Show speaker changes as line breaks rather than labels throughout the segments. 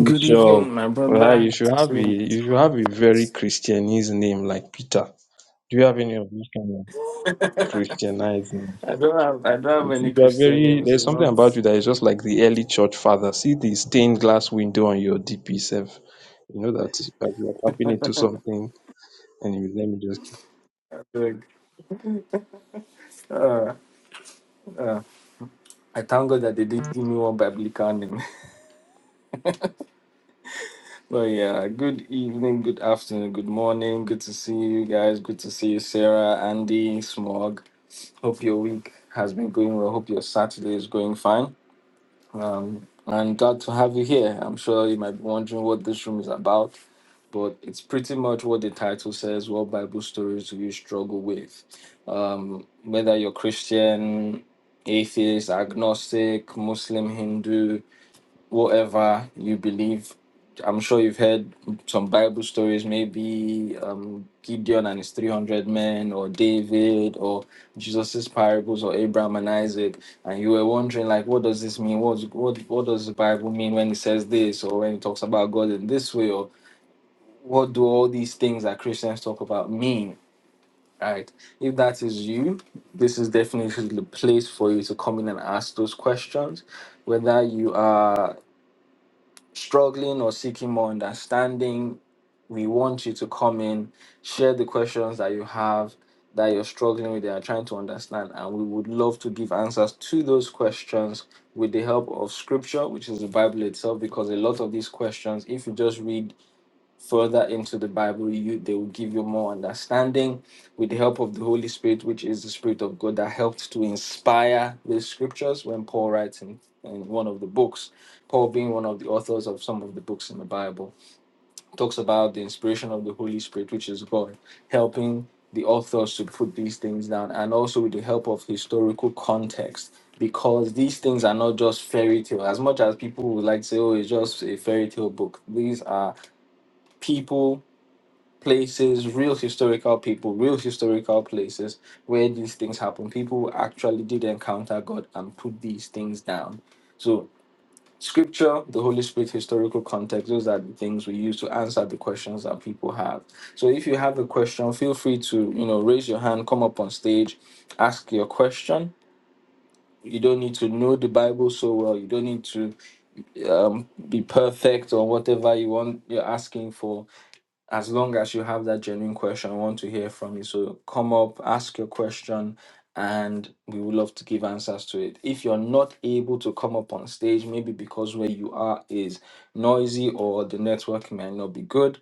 Good evening, my
right?
brother.
you should have a
I
you should have a very Christianese name like Peter. Do you have any of these kind of Christianized names?
don't have I don't have
You
any
see, you are
Christian
very
names.
there's
It's
something
not
about you that is just like the early church father. See the stained glass window on your DP self. You know that you are tapping into something and you let me just keep
like uh, uh, I thank God that they didn't give me one biblical name. but yeah, good evening, good afternoon, good morning. Good to see you guys. Good to see you, Sarah, Andy, Smog. Hope your week has been going well. Hope your Saturday is going fine. Um, i glad to have you here. I'm sure you might be wondering what this room is about, but it's pretty much what the title says what Bible stories do you struggle with? Um, whether you're Christian, atheist, agnostic, Muslim, Hindu, whatever you believe. I'm sure you've heard some Bible stories, maybe um, Gideon and his 300 men, or David, or Jesus's parables, or Abraham and Isaac, and you were wondering, like, what does this mean? What, what, what does the Bible mean when it says this, or when it talks about God in this way, or what do all these things that Christians talk about mean? Right. If that is you, this is definitely the place for you to come in and ask those questions. Whether you are struggling or seeking more understanding, we want you to come in, share the questions that you have that you're struggling with, that you're trying to understand, and we would love to give answers to those questions with the help of scripture, which is the Bible itself, because a lot of these questions, if you just read further into the Bible, you they will give you more understanding with the help of the Holy Spirit, which is the Spirit of God that helped to inspire the scriptures when Paul writes in, in one of the books. Paul being one of the authors of some of the books in the Bible talks about the inspiration of the Holy Spirit, which is God helping the authors to put these things down, and also with the help of historical context, because these things are not just fairy tale. As much as people would like to say, oh, it's just a fairy tale book, these are people places, real historical people, real historical places where these things happen. People actually did encounter God and put these things down. So, scripture, the Holy Spirit, historical context, those are the things we use to answer the questions that people have. So, if you have a question, feel free to, you know, raise your hand, come up on stage, ask your question. You don't need to know the Bible so well. You don't need to um, be perfect or whatever you want you're asking for as long as you have that genuine question, I want to hear from you. So come up, ask your question, and we would love to give answers to it. If you're not able to come up on stage, maybe because where you are is noisy or the network might not be good,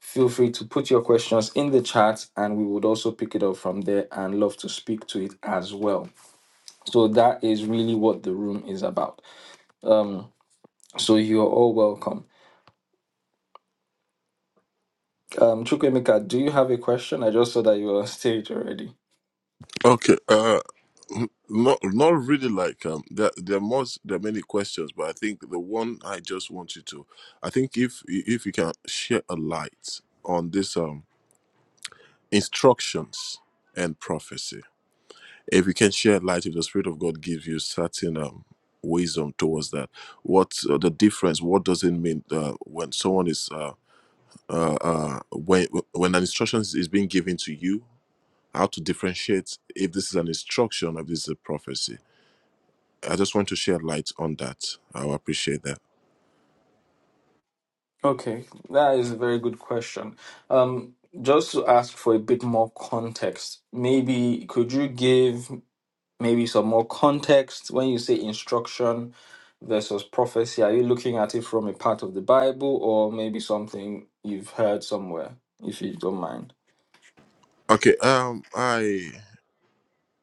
feel free to put your questions in the chat and we would also pick it up from there and love to speak to it as well. So that is really what the room is about. Um, so you're all welcome. Um, Chukwemeka, do you have a question? I just saw that you were on stage already.
Okay, uh, not not really like um, there there must there are many questions, but I think the one I just want you to, I think if if you can share a light on this um instructions and prophecy, if you can share light, if the Spirit of God gives you certain um wisdom towards that, what's uh, the difference? What does it mean uh, when someone is uh, uh uh when when an instruction is being given to you? How to differentiate if this is an instruction or if this is a prophecy? I just want to share light on that. I will appreciate that.
Okay, that is a very good question. Um, just to ask for a bit more context, maybe could you give maybe some more context when you say instruction versus prophecy? Are you looking at it from a part of the Bible or maybe something you've heard somewhere, if you don't mind?
Okay. Um. I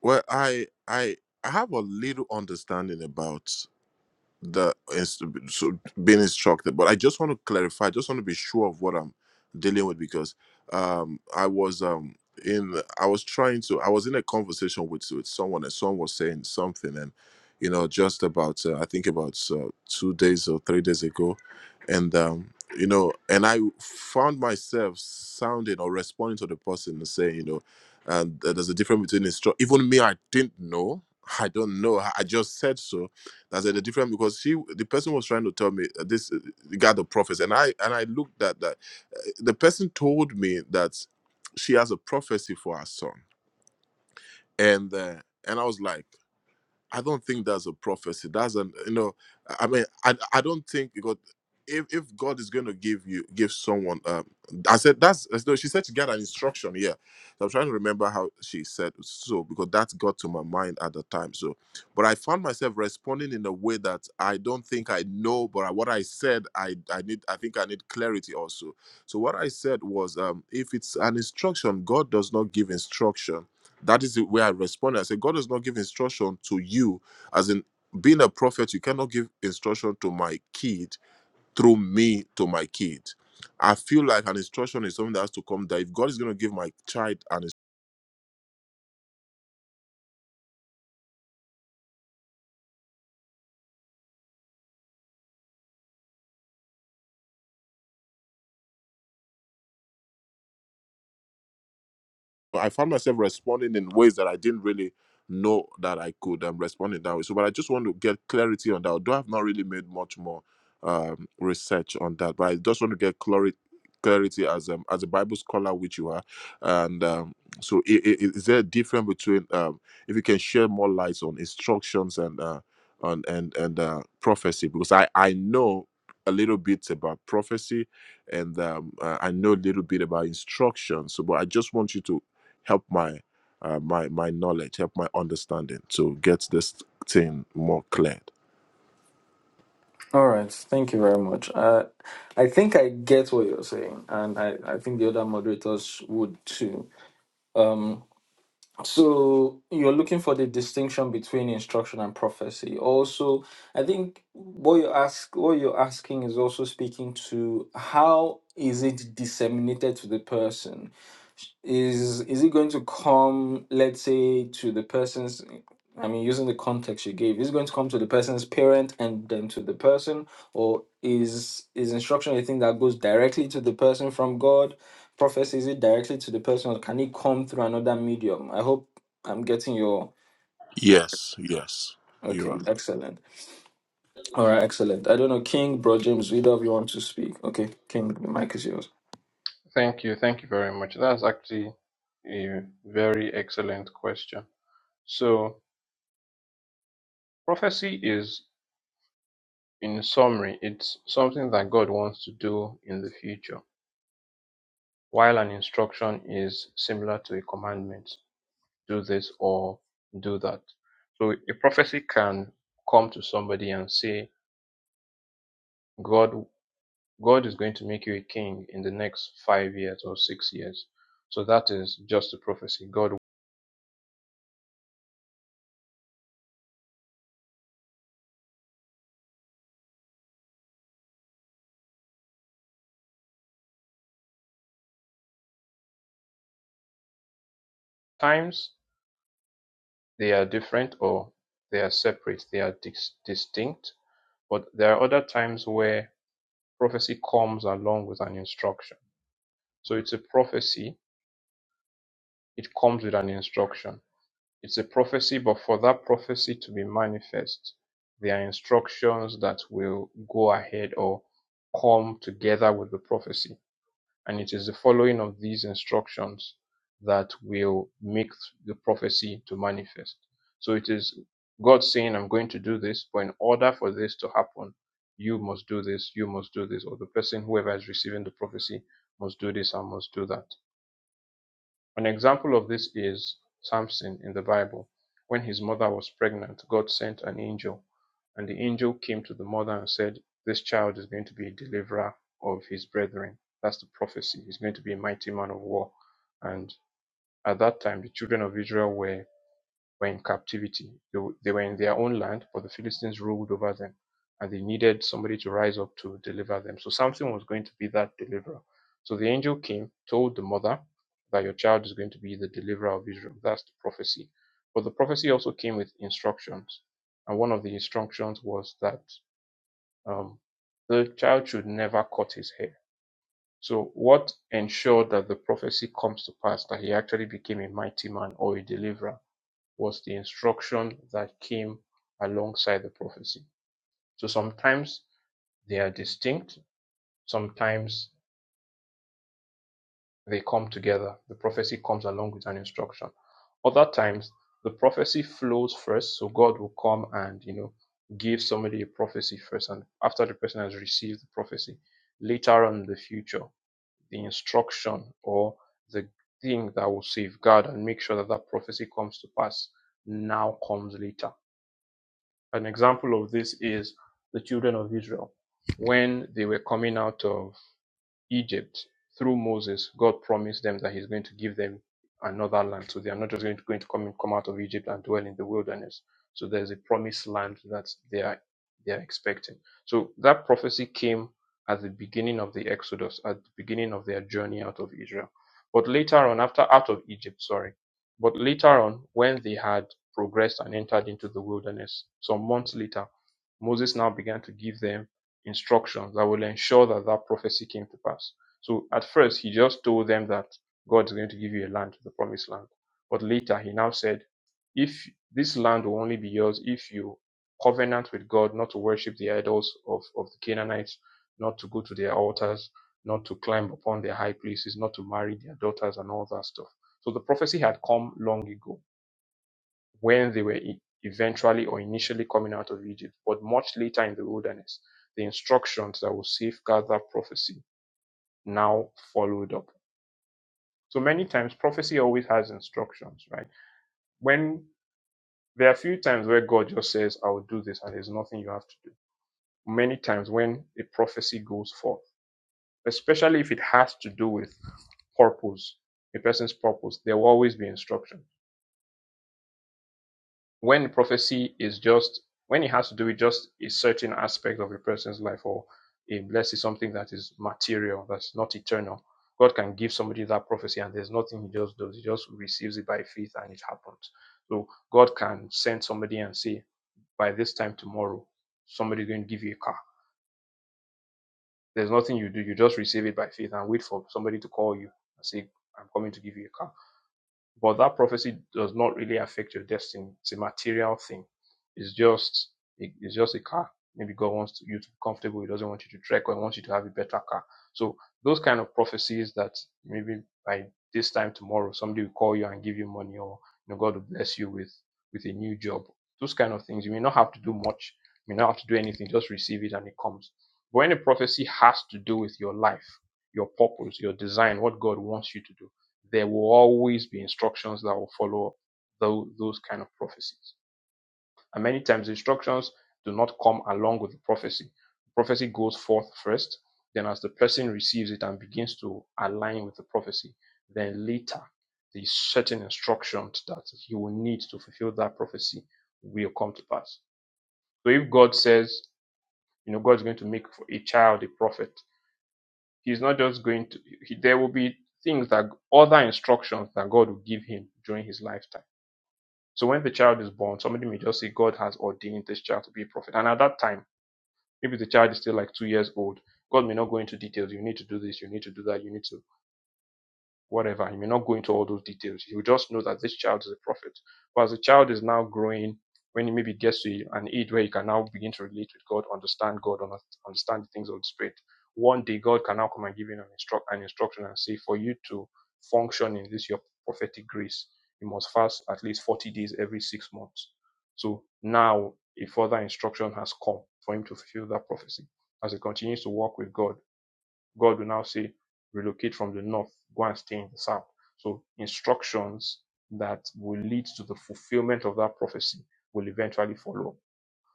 well. I I I have a little understanding about. the is so being instructed but i just want to clarify i just want to be sure of what i'm dealing with because um i was um in i was trying to i was in a conversation with with someone and someone was saying something and you know just about uh, i think about uh, two days or three days ago and um you know and i found myself sounding or responding to the person and saying you know and uh, there's a difference between instruct even me i didn't know i don't know i I just said so I said the different because she the person was trying to tell me uh, this uh, the God of prophets and I and I looked at that Uh, the person told me that she has a prophecy for her son and uh, and I was like I don't think that's a prophecy. That's an you know, I I mean, I I don't think God. If, if God is going to give you give someone, um, I said that's no. She said she got an instruction. Yeah, so I'm trying to remember how she said so because that got to my mind at the time. So, but I found myself responding in a way that I don't think I know. But I- what I said, I I need. I think I need clarity also. So what I said was, um, if it's an instruction, God does not give instruction that is the way I responded. I said, God does not give instruction to you. As in, being a prophet, you cannot give instruction to my kid through me to my kid. I feel like an instruction is something that has to come that if God is going to give my child an I found myself responding in ways that I didn't really know that I could um, respond in that way. So, but I just want to get clarity on that. Although I've not really made much more um, research on that, but I just want to get clarity clarity as um, as a bible scholar which you are and um, so i- i- is there a difference between um, if you can share more light on instructions and uh, on and and uh, prophecy because i i know a little bit about prophecy and um, uh, I know a little bit about instruction. So, but I just want you to help my uh, my my knowledge, help my understanding to get this thing more cleared.
All right, thank you very much. Uh, I think I get what you're saying, and I, I think the other moderators would too. So you're looking for the distinction between instruction and prophecy. Also, I think what you ask, what you're asking is also speaking to how is it disseminated to the person is is it going to come let's say to the person's i mean using the context you gave is it going to come to the person's parent and then to the person or is is instruction a thing that goes directly to the person from god prophecy is it directly to the person or can it come through another medium i hope i'm getting your
Yes, yes, you
okay
are.
excellent all right excellent i don't know king bro james either of you want to speak okay king the mic is yours
Thank you. Thank you very much. That's actually a very excellent question. So, prophecy is In summary, it's something that God wants to do in the future, while an instruction is similar to a commandment do this or do that. So a prophecy can come to somebody and say, God, God is going to make you a king in the next five years or six years. So that is just a prophecy. God times they are different or they are separate, they are dis- distinct, but there are other times where prophecy comes along with an instruction So it's a prophecy. It comes with an instruction. It's a prophecy, but for that prophecy to be manifest, there are instructions that will go ahead or come together with the prophecy. And it is the following of these instructions that will make the prophecy to manifest. So it is God saying, I'm going to do this, but in order for this to happen, you must do this, you must do this, or the person, whoever is receiving the prophecy, must do this and must do that. An example of this is Samson in the Bible. When his mother was pregnant, God sent an angel, and the angel came to the mother and said, This child is going to be a deliverer of his brethren. That's the prophecy. He's going to be a mighty man of war. And at that time, the children of Israel were were in captivity. They, they were in their own land, but the Philistines ruled over them, and they needed somebody to rise up to deliver them. So Samson was going to be that deliverer. So the angel came, told the mother that your child is going to be the deliverer of Israel. That's the prophecy. But the prophecy also came with instructions, and one of the instructions was that um, the child should never cut his hair. So, what ensured that the prophecy comes to pass, that he actually became a mighty man or a deliverer? was the instruction that came alongside the prophecy. So sometimes they are distinct, sometimes they come together. The prophecy comes along with an instruction. Other times the prophecy flows first, so God will come and you know give somebody a prophecy first, and after the person has received the prophecy, later on in the future, the instruction or the thing that will safeguard and make sure that that prophecy comes to pass now comes later An example of this is the children of Israel when they were coming out of Egypt through Moses, God promised them that He's going to give them another land. So they are not just going to, going to come, in, come out of Egypt and dwell in the wilderness. So there's a promised land that they are they are expecting. So that prophecy came at the beginning of the Exodus, at the beginning of their journey out of Israel. But later on, after out of Egypt, sorry, but later on, when they had progressed and entered into the wilderness, some months later, Moses now began to give them instructions that will ensure that that prophecy came to pass. So at first, he just told them that God is going to give you a land, the promised land. But later, he now said, if this land will only be yours if you covenant with God not to worship the idols of, of the Canaanites, not to go to their altars, not to climb upon their high places, not to marry their daughters, and all that stuff. So the prophecy had come long ago when they were e- eventually or initially coming out of Egypt, but much later in the wilderness, the instructions that will safeguard that prophecy now followed up. So many times, prophecy always has instructions, right? When there are a few times where God just says, I will do this, and there's nothing you have to do. Many times when a prophecy goes forth, especially if it has to do with purpose, a person's purpose, there will always be instruction when prophecy is just when it has to do with just a certain aspect of a person's life or a blessing, something that is material, that's not eternal. God can give somebody that prophecy and there's nothing he just does. He just receives it by faith and it happens. So God can send somebody and say, by this time tomorrow, somebody's going to give you a car. There's nothing you do. You just receive it by faith and wait for somebody to call you and say, I'm coming to give you a car but that prophecy does not really affect your destiny. It's a material thing. It's just it's just a car. Maybe God wants you to be comfortable. He doesn't want you to trek or he wants you to have a better car. So those kind of prophecies that maybe by this time tomorrow somebody will call you and give you money or you know God will bless you with with a new job. Those kind of things. You may not have to do much. You may not have to do anything. Just receive it and it comes. But when a prophecy has to do with your life, your purpose, your design, what God wants you to do there will always be instructions that will follow those, those kind of prophecies. And many times, instructions do not come along with the prophecy. The prophecy goes forth first, then, as the person receives it and begins to align with the prophecy, then later, the certain instructions that he will need to fulfill that prophecy will come to pass. So, if God says, you know, God is going to make for a child a prophet, He's not just going to, he, there will be things that other instructions that God will give him during his lifetime. So when the child is born, somebody may just say, God has ordained this child to be a prophet. And at that time, maybe the child is still like two years old. God may not go into details. You need to do this, you need to do that, you need to whatever. He may not go into all those details. He will just know that this child is a prophet. But as the child is now growing, when he maybe gets to an age where he can now begin to relate with God, understand God, understand the things of the Spirit, one day God can now come and give him an, instruct, an instruction and say, for you to function in this your prophetic grace, you must fast at least 40 days every six months. So now a further instruction has come for him to fulfill that prophecy. As he continues to walk with God, God will now say, relocate from the north, go and stay in the south. So instructions that will lead to the fulfillment of that prophecy will eventually follow.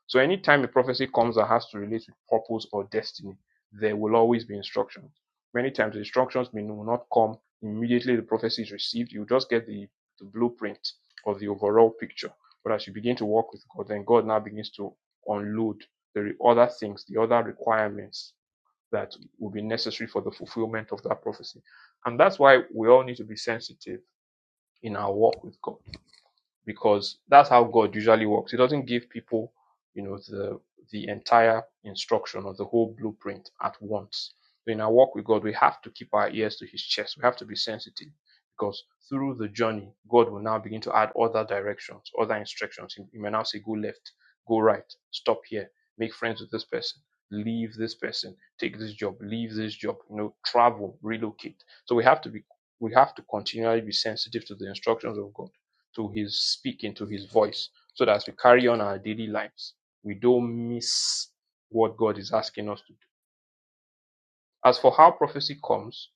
So anytime a prophecy comes that has to relate with purpose or destiny, there will always be instructions. Many times the instructions may will not come immediately the prophecy is received. You just get the, the blueprint or the overall picture. But as you begin to walk with God, then God now begins to unload the other things, the other requirements that will be necessary for the fulfillment of that prophecy. And that's why we all need to be sensitive in our walk with God because that's how God usually works. He doesn't give people, you know, the the entire instruction or the whole blueprint at once. So in our walk with God, we have to keep our ears to His chest. We have to be sensitive because through the journey, God will now begin to add other directions, other instructions. He, he may now say, "Go left, go right, stop here, make friends with this person." Leave this person, take this job, leave this job, you know, travel, relocate. So we have to be we have to continually be sensitive to the instructions of God to his speaking, to his voice, so that as we carry on our daily lives, we don't miss what God is asking us to do. As for how prophecy comes,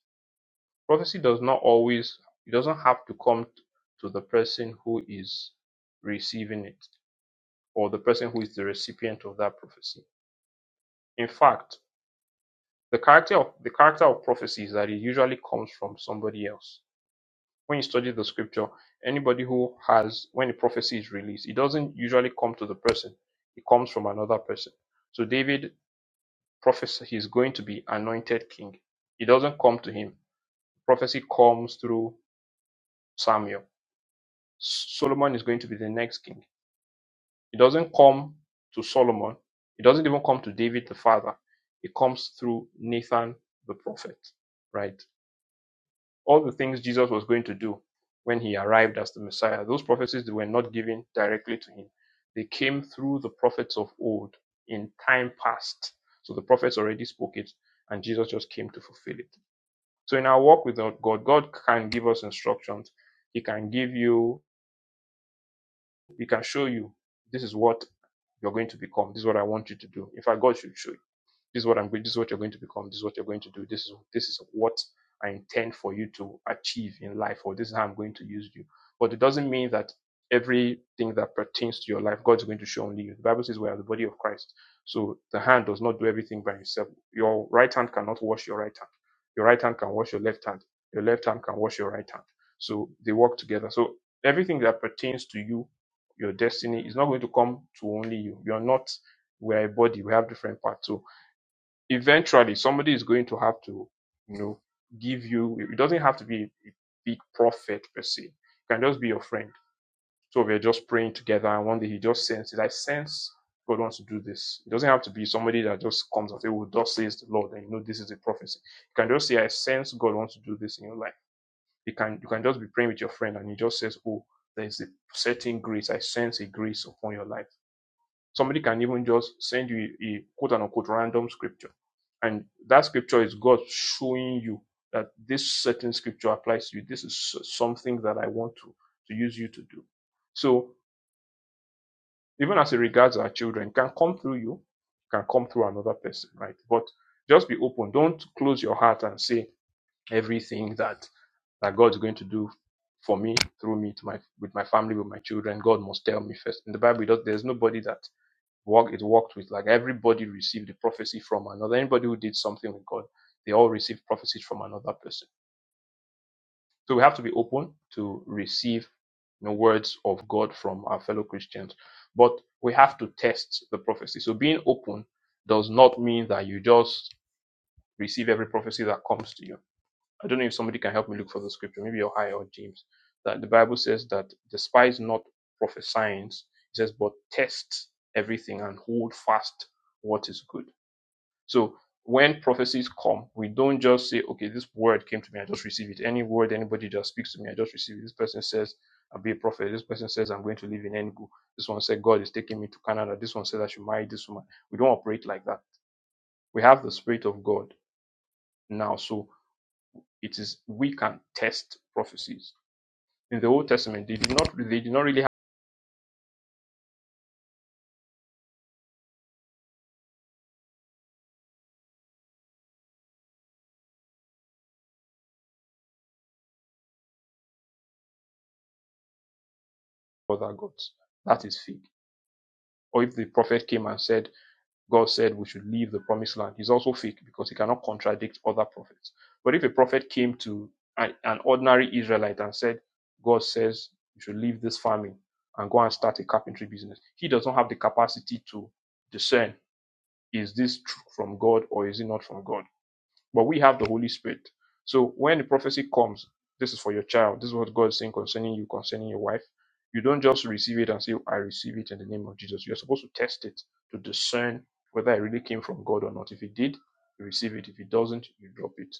prophecy does not always, it doesn't have to come to the person who is receiving it or the person who is the recipient of that prophecy. In fact, the character of the character of prophecy is that it usually comes from somebody else when you study the scripture, anybody who has, when a prophecy is released, it doesn't usually come to the person, it comes from another person. So David prophesied he's going to be anointed king. It doesn't come to him. Prophecy comes through Samuel. S- Solomon is going to be the next king. It doesn't come to Solomon. It doesn't even come to David the father. It comes through Nathan the prophet, right? all the things Jesus was going to do when he arrived as the Messiah. Those prophecies were not given directly to him, they came through the prophets of old in time past. So the prophets already spoke it, and Jesus just came to fulfill it. So in our walk with God, God can give us instructions. He can give you, He can show you this is what you're going to become. This is what I want you to do. In fact, God should show you. This is what I'm going. This is what you're going to become. This is what you're going to do. This is this is what I intend for you to achieve in life, or this is how I'm going to use you. But it doesn't mean that everything that pertains to your life, God's going to show only you. The Bible says we are the body of Christ. So the hand does not do everything by itself. Your right hand cannot wash your right hand. Your right hand can wash your left hand. Your left hand can wash your right hand. So they work together. So everything that pertains to you, your destiny, is not going to come to only you. You're not, we're a body, we have different parts. So eventually somebody is going to have to you know give you it doesn't have to be a big prophet per se it can just be your friend so we're just praying together and one day he just senses i sense god wants to do this it doesn't have to be somebody that just comes and say well thus says the lord and you know this is a prophecy you can just say i sense god wants to do this in your life you can you can just be praying with your friend and he just says oh there's a certain grace i sense a grace upon your life Somebody can even just send you a, a quote unquote random scripture. And that scripture is God showing you that this certain scripture applies to you. This is something that I want to, to use you to do. So even as it regards our children, can come through you, can come through another person, right? But just be open. Don't close your heart and say everything that, that God's going to do for me, through me, to my with my family, with my children. God must tell me first. In the Bible, there's nobody that Work it worked with like everybody received the prophecy from another. Anybody who did something with God, they all received prophecies from another person. So we have to be open to receive the words of God from our fellow Christians. But we have to test the prophecy. So being open does not mean that you just receive every prophecy that comes to you. I don't know if somebody can help me look for the scripture, maybe your high or James. That the Bible says that despise not prophesying, it says, but test everything and hold fast what is good. So when prophecies come, we don't just say, okay, this word came to me, I just receive it. Any word anybody just speaks to me, I just receive it. This person says, I'll be a prophet. This person says, I'm going to live in Enugu. This one said, God is taking me to Canada. This one said, I should marry this woman. We don't operate like that. We have the Spirit of God now. So it is, we can test prophecies. In the Old Testament, they did not, they did not really have other gods. That is fake. Or if the prophet came and said, God said we should leave the promised land is also fake because he cannot contradict other prophets. But if a prophet came to an an ordinary Israelite and said, God says you should leave this farming and go and start a carpentry business, he does not have the capacity to discern is this from God or is it not from God? But we have the Holy Spirit. So when the prophecy comes, this is for your child. This is what God is saying concerning you, concerning your wife. You don't just receive it and say, "Oh, I receive it in the name of Jesus. You're supposed to test it to discern whether it really came from God or not. If it did, you receive it. If it doesn't, you drop it.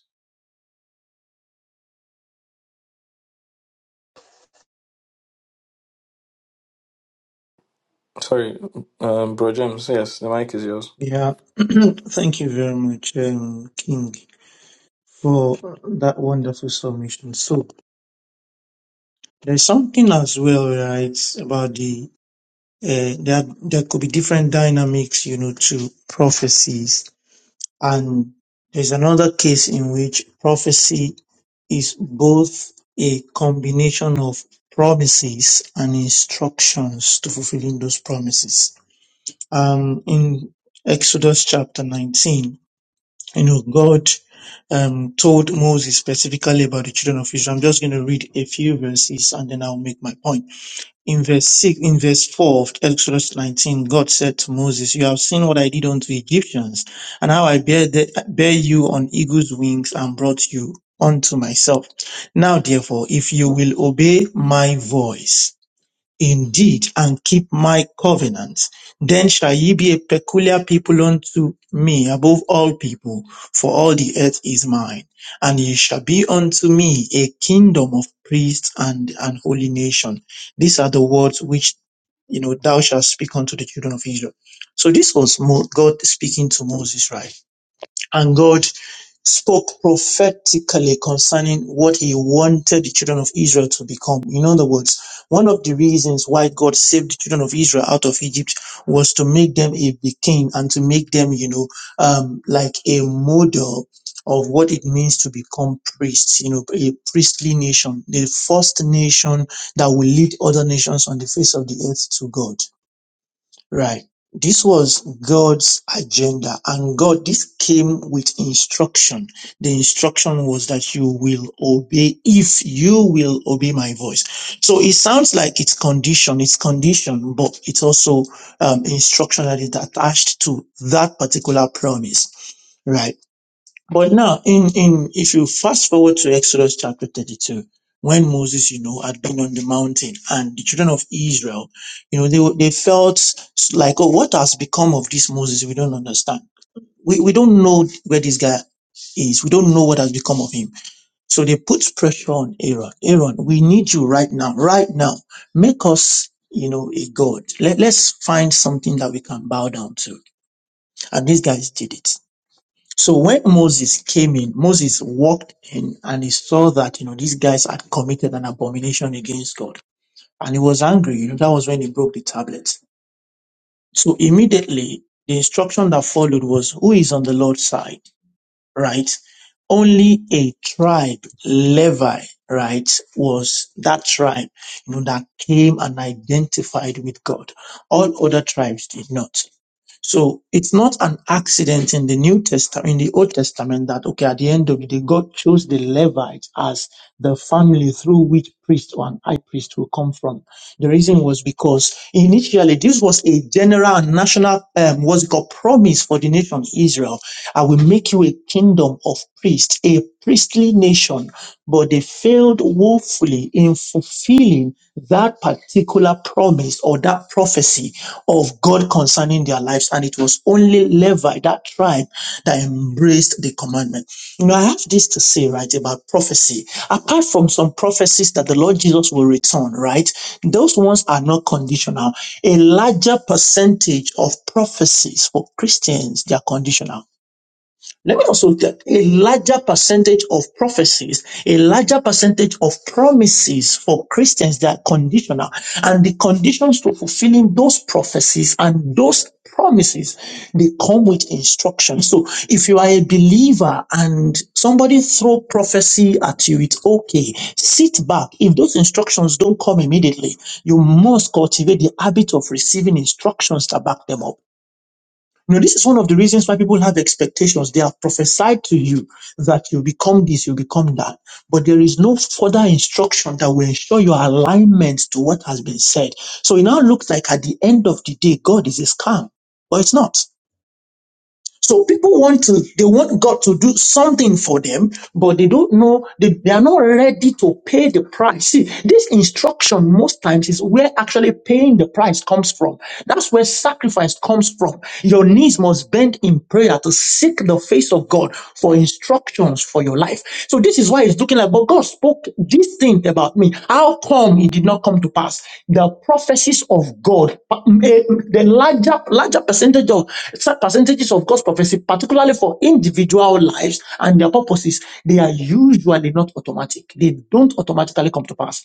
sorry um bro james yes the mic is yours
Yeah, thank you very much, um, King, for that wonderful submission. So there's something as well, right, about the uh, that there could be different dynamics, you know, to prophecies, and there's another case in which prophecy is both a combination of promises and instructions to fulfilling those promises. Um, in Exodus chapter 19. You know, God um, told Moses specifically about the children of Israel. I'm just going to read a few verses and then I'll make my point. In verse 6, in verse 4 of Exodus 19, God said to Moses, You have seen what I did unto the Egyptians and how I bear, the, bear you on eagle's wings and brought you unto myself. Now therefore, if you will obey my voice, indeed, and keep my covenant, then shall ye be a peculiar people unto me above all people, for all the earth is mine. And ye shall be unto me a kingdom of priests and an holy nation. These are the words which, you know, thou shalt speak unto the children of Israel. So this was Mo- God speaking to Moses, right? And God spoke prophetically concerning what he wanted the children of Israel to become. In other words, one of the reasons why God saved the children of Israel out of Egypt was to make them a king and to make them, you know, um, like a model of what it means to become priests, you know, a priestly nation, the first nation that will lead other nations on the face of the earth to God. Right. This was God's agenda, and God, this came with instruction. The instruction was that you will obey if you will obey my voice. So it sounds like it's condition, it's condition, but it's also um, instruction that is attached to that particular promise. Right. But now, in, in if you fast forward to Exodus chapter 32, when Moses, you know, had been on the mountain and the children of Israel, you know, they, were- they felt like, oh, what has become of this Moses? We don't understand. We, we don't know where this guy is. We don't know what has become of him. So they put pressure on Aaron. Aaron, we need you right now, right now. Make us, you know, a God. Let, let's find something that we can bow down to. And these guys did it so when Moses came in, Moses walked in and he saw that, you know, these guys had committed an abomination against God. And he was angry. You know, that was when he broke the tablets. So immediately the instruction that followed was who is on the Lord's side, right? Only a tribe, Levi, right, was that tribe, you know, that came and identified with God. All other tribes did not. So it's not an accident in the New Testament, in the Old Testament, that okay, at the end of the day, God chose the Levites as the family through which priest or an high priest will come from. The reason was because initially this was a general and national um, what's it called promise for the nation Israel. I will make you a kingdom of priests, a priestly nation, but they failed woefully in fulfilling that particular promise or that prophecy of God concerning their lives. And it was only Levi, that tribe, that embraced the commandment. You know, I have this to say, right, about prophecy. Apart from some prophecies that the Lord Jesus will return, right, those ones are not conditional. A larger percentage of prophecies for Christians, they are conditional. Let me also get a larger percentage of prophecies, a larger percentage of promises for Christians that are conditional. And the conditions to fulfilling those prophecies and those promises, they come with instructions. So if you are a believer and somebody throw prophecy at you, it's okay. Sit back. If those instructions don't come immediately, you must cultivate the habit of receiving instructions to back them up. You know, this is one of the reasons why people have expectations. They are prophesied to you that you become this, you become that. But there is no further instruction that will ensure your alignment to what has been said. So it now looks like at the end of the day, God is a scam, but it's not. So people want to, they want God to do something for them, but they don't know, they, they are not ready to pay the price. See, this instruction most times is where actually paying the price comes from. That's where sacrifice comes from. Your knees must bend in prayer to seek the face of God for instructions for your life life. So this is why it's looking like, but God spoke this thing about me. How come it did not come to pass? The prophecies of God, uh, eh, the larger, larger percentage of percentages of God's prophecy, particularly for individual lives and their purposes, they are usually not automatic. They don't automatically come to pass.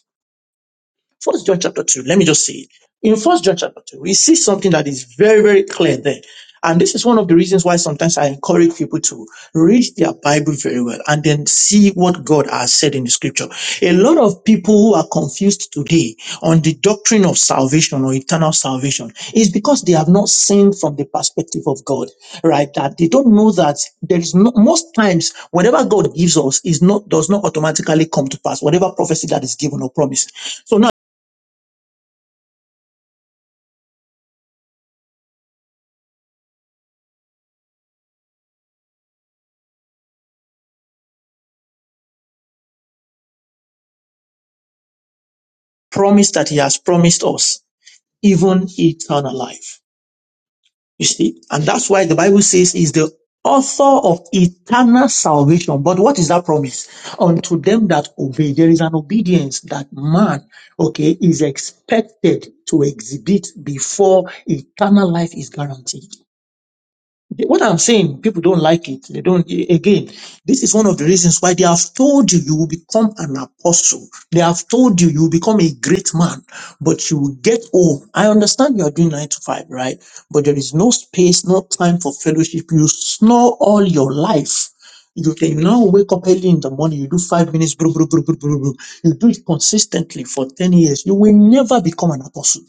First John chapter 2, let me just say it. In First John chapter 2, we see something that is very, very clear there. And this is one of the reasons why sometimes I encourage people to read their Bible very well and then see what God has said in the scripture. A lot of people who are confused today on the doctrine of salvation or eternal salvation is because they have not seen from the perspective of God, right? That they don't know that there is no, most times whatever God gives us is not, does not automatically come to pass, whatever prophecy that is given or promised. So now promise that he has promised us, even eternal life. You see? And that's why the Bible says he's the author of eternal salvation. But what is that promise? Unto them that obey. There is an obedience that man, okay, is expected to exhibit before eternal life is guaranteed. The- What I'm saying, people don't like it. They don't, a- again, this is one of the reasons why they have told you you will become an apostle. They have told you you will become a great man, but you will get old. I understand you are doing nine to five, right? But there is no space, no time for fellowship. You snore all your life. You can now wake up early in the morning, you do five minutes, bro, bro, bro, bro, bro, bro. you do it consistently for 10 years. You will never become an apostle.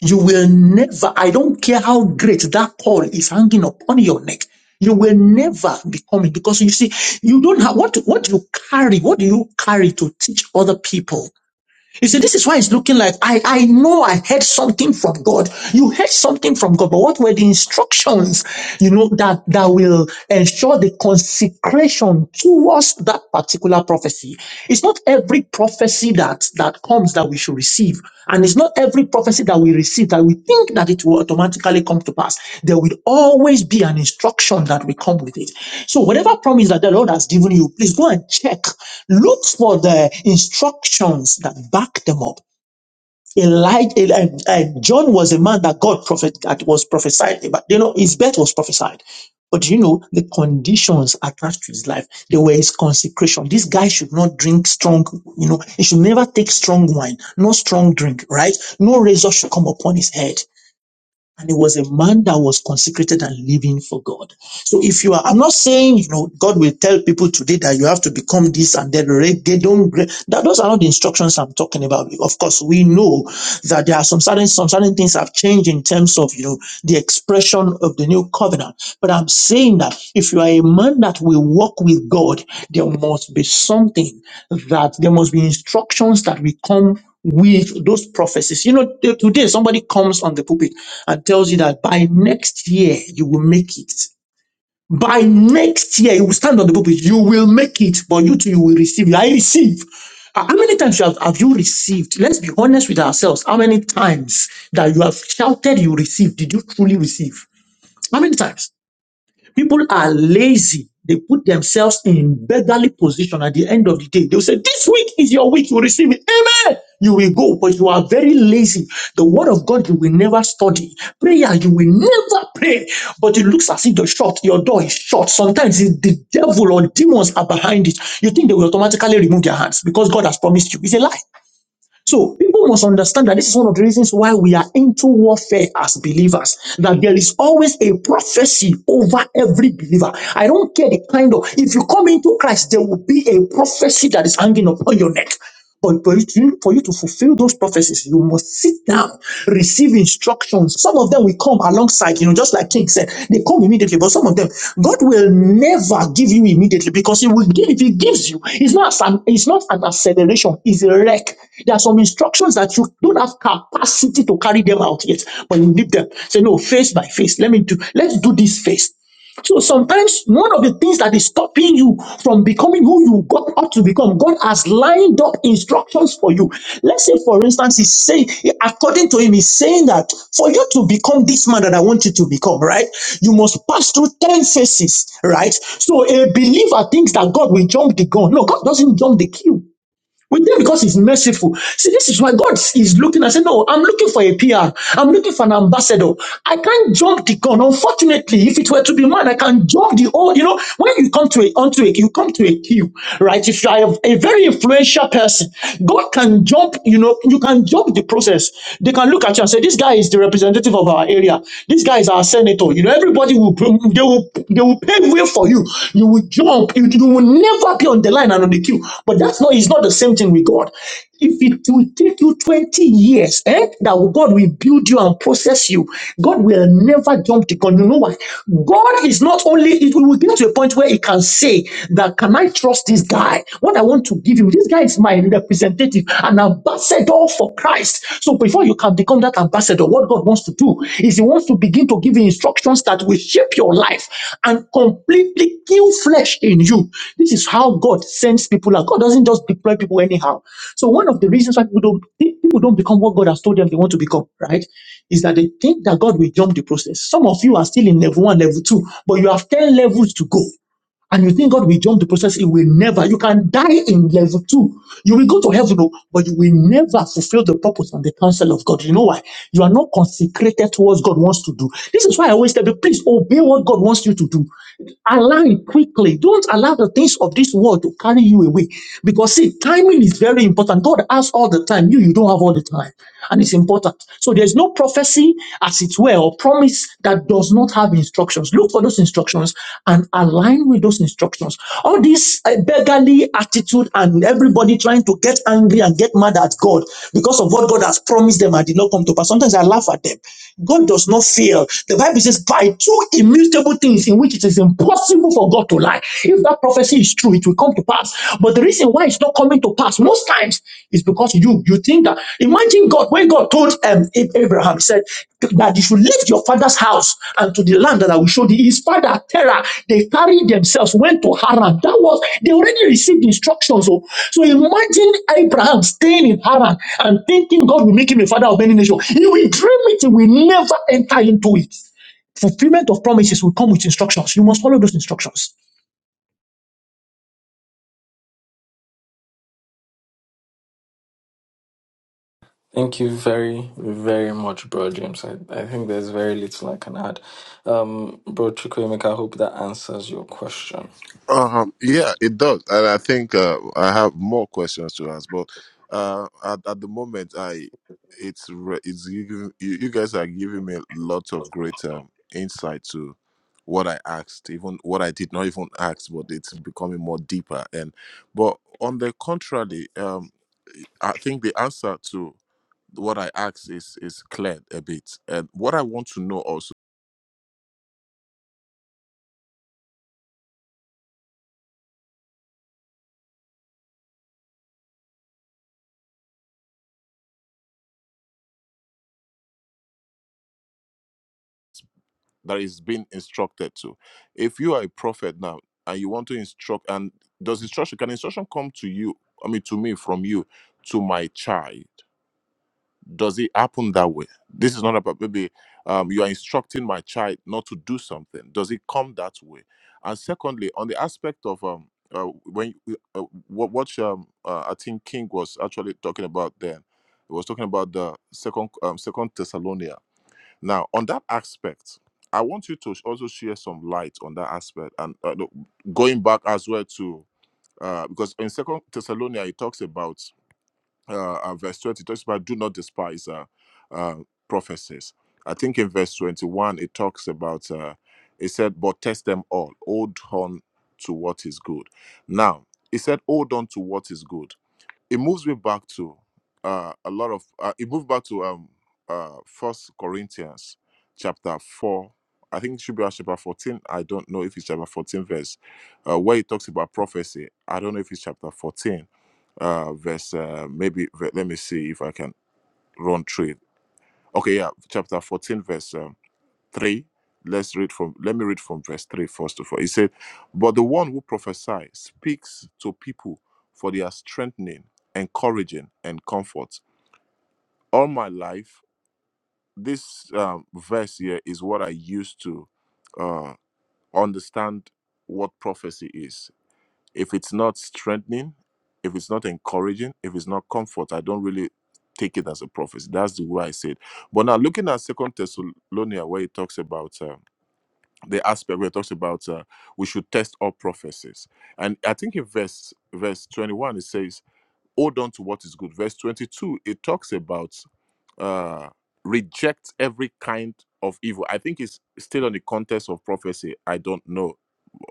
You will never, I don't care how great that call is hanging upon your neck, you will never become it because you see, you don't have what, what you carry, what do you carry to teach other people? You see, this is why it's looking like I, I know I heard something from God. You heard something from God, but what were the instructions, you know, that, that will ensure the consecration towards that particular prophecy? It's not every prophecy that, that comes ones that we should receive. And it's not every prophecy that we receive that we think that it will automatically come to pass. There will always be an instruction that will come with it. So whatever promise that the Lord has given you, please go and check. Look for the instructions that back them up. Elijah, Eli- uh, John was a man that God prophet that was prophesied about. You know, his birth was prophesied. But you know, the conditions attached to his life, they were his consecration. This guy should not drink strong, you know, he should never take strong wine, no strong drink, right? No razor should come upon his head and he was a man that was consecrated and living for God. So if you are, I'm not saying, you know, God will tell people today that you have to become this and that, right? they don't, that those are not the instructions I'm talking about. Of course, we know that there are some certain, some certain things have changed in terms of, you know, the expression of the new covenant. But I'm saying that if you are a man that will walk with God, there must be something that, there must be instructions that will come with those prophecies. You know, t- today somebody comes on the pulpit and tells you that by next year you will make it. By next year you will stand on the pulpit, you will make it, but you too you will receive. I receive. How how many times you have, have you received? Let's be honest with ourselves. How many times that you have shouted you received? Did you truly receive? How many times? People are lazy. They put themselves in beggarly position at the end of the day. They'll say, this week is your week. You receive it. Amen. You will go, but you are very lazy. The word of God, you will never study. Prayer, you will never pray. But it looks as if the shut, your door is shut. Sometimes it's the devil or demons are behind it. You think they will automatically remove their hands because God has promised you. It's a lie. So people must understand that this is one of the reasons why we are into warfare as believers, that there is always a prophecy over every believer. I don't care the kind of, if you come into Christ, there will be a prophecy that is hanging upon your neck. But for you, to, for you to fulfill those prophecies, you must sit down, receive instruction actions. Some of them will come alongside, you know, just like King said, they come immediately, but some of them, God will never give you immediately because He will give, if He gives you, it's not an, it's not an acceleration, it's a wreck. There are some instructions that you don't have capacity to carry them out yet, but you need them. Say, no, face by face, let me do, let's do this face. So sometimes one of the things that is stopping you from becoming who you got up to become, God has lined up instructions for you. Let's say, for instance, He's saying, according to Him, He's saying that for you to become this man that I want you to become, right? You must pass through 10 phases, right? So a believer thinks that God will jump the gun. No, God doesn't jump the queue. With him because he's merciful. See, this is why God is looking. I said, No, I'm looking for a PR. I'm looking for an ambassador. I can't jump the gun. Unfortunately, if it were to be mine, I can jump the old. You know, when you come to a onto a you come to a queue, right? If you are a, a very influential person, God can jump, you know, you can jump the process. They can look at you and say, This guy is the representative of our area. This guy is our senator. You know, everybody will they will they will pave way for you. You will jump. You, you will never be on the line and on the queue. But that's not it's not the same thing with God. If it will take you 20 years, eh, that God will build you and process you, God will never jump the gun. You know why? God is not only it will get to a point where he can say that can I trust this guy? What I want to give him, this guy is my representative, an ambassador ambassador for Christ. So before you can become that ambassador, what God wants to do is He wants to begin to give you instructions that will shape your life and completely kill flesh in you. This is how God sends people out. God doesn't just deploy people anyhow. So one of the reasons why people don't people don't become what God has told them they want to become, right? Is that they think that God will jump the process. Some of you are still in level one, level two, but you have 10 levels to go and you think God will jump the process, It will never. You can die in level two. You will go to heaven, oh, but you will never fulfill the purpose and the counsel of God. You know why? You are not consecrated towards God wants to do. This is why I always tell you, please obey what God wants you to do allow it quickly. Don't allow the things of this world to carry you away. Because see, timing is very important. God has all the time. You, you don't have all the time. And it's important. So there's no prophecy, as it were, or promise that does not have instructions. Look for those instructions and align with those instructions. All this uh, beggarly attitude and everybody trying to get angry and get mad at God because of what God has promised them and did not come to pass. Sometimes I laugh at them. God does not fail. The Bible says, by two immunity." immutable things in which it is impossible for God to lie. If that prophecy is true, it will come to pass. But the reason why it's not coming to pass most times is because you you think that. Imagine God when God told um, Abraham, He said that you should leave your father's house and to the land that I will show thee. His father Terah, they carried themselves went to Haran. That was they already received instructions. So, so imagine Abraham staying in Haran and thinking God will make him a father of many nations. He will dream it. He will never enter into it. Fulfillment of promises will come with instructions. You must follow those instructions.
Thank you very, very much, Bro James. I, I think there's very little I can add. Um, Bro Chukwemeka, I hope that answers your question.
Um, yeah, it does, and I think uh, I have more questions to ask, but uh, at, at the moment, I it's re- it's giving, you, you guys are giving me lots of great um, insight to what I asked, even what I did not even ask, but it's becoming more deeper. And but on the contrary, um, I think the answer to what I asked is is cleared a bit. And what I want to know also that is being instructed to. If you are a prophet now and you want to instruct and does instruction can instruction come to you, I mean to me from you to my child? does it happen that way? This is not about maybe um, you are instructing my child not to do something. Does it come that way? And secondly, on the aspect of um, uh, when you- uh, what what um, uh, I think King was actually talking about then, he was talking about the second um, second Thessalonians. Now, on that aspect, I want you to also share some light on that aspect and uh, no, going back as well to uh, because in second Thessalonians it talks about uh, uh, verse 20 talks about do not despise uh, uh, prophecies. I think in verse 21 it talks about uh, it said, but test them all, hold on to what is good. Now, it said, hold on to what is good. It moves me back to uh, a lot of, uh, it moved back to um, uh, First Corinthians chapter 4. I think it should be around chapter 14. I don't know if it's chapter 14 verse, uh, where it talks about prophecy. I don't know if it's chapter 14 uh, verse, uh, maybe, ve- let me see if I can run through it. Okay, yeah, chapter 14, verse um, 3. Let's read from, let me read from verse 3 first of all. He said, But the one who prophesies speaks to people for their strengthening, encouraging, and comfort. All my life, this um, verse here is what I used to uh, understand what prophecy is If it's not strengthening, if it's not encouraging, if it's not comfort, I don't really take it as a prophecy. That's the way I say it. But now looking at Second Thessalonians, where it talks about uh, the aspect where it talks about uh, we should test all prophecies, and I think in verse verse twenty one it says, "Hold on to what is good." Verse twenty two it talks about uh, rejects every kind of evil. I think it's still on the context of prophecy. I don't know.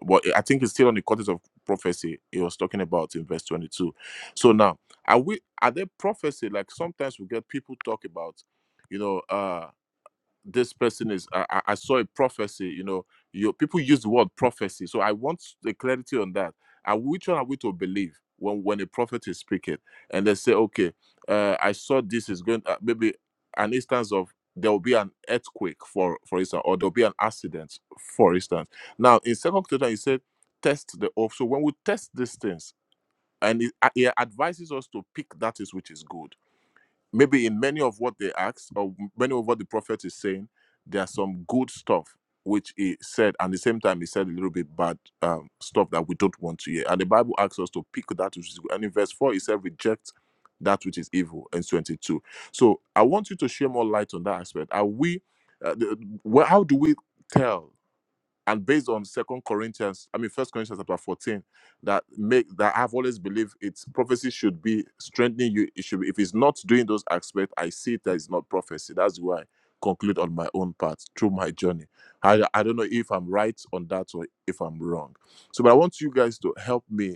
But I think it's still on the context of prophecy he was talking about in verse 22. So now, are we are there prophecy? Like sometimes we get people talk about, you know, uh this person is I, I I saw a prophecy you know you people use the word prophecy so i want the clarity on that and which one are we to believe when when a prophet is speaking and they say okay uh, i saw this is going uh, maybe an instance of there will be an earthquake for for instance or there'll be an accident for instance now in second Peter, he said test the oath so when we test these things and it, uh, he advises us to pick that is which is good maybe in many of what they ask or many of what the prophet is saying, there's some good stuff which he said, and at the same time he said a little bit bad um, stuff that we don't want to hear. And the Bible asks us to pick that which is good. And in verse four, he said, "Reject that which is evil." In twenty-two, so I want you to share more light on that aspect. Are we? Uh, the, well, how do we tell? and based on second corinthians i mean first corinthians chapter 14 that make that i've always believed it's prophecy should be strengthening you it should be, if it's not doing those aspects i see it that it's not prophecy that's why i conclude on my own part through my journey I, I don't know if i'm right on that or if i'm wrong so but i want you guys to help me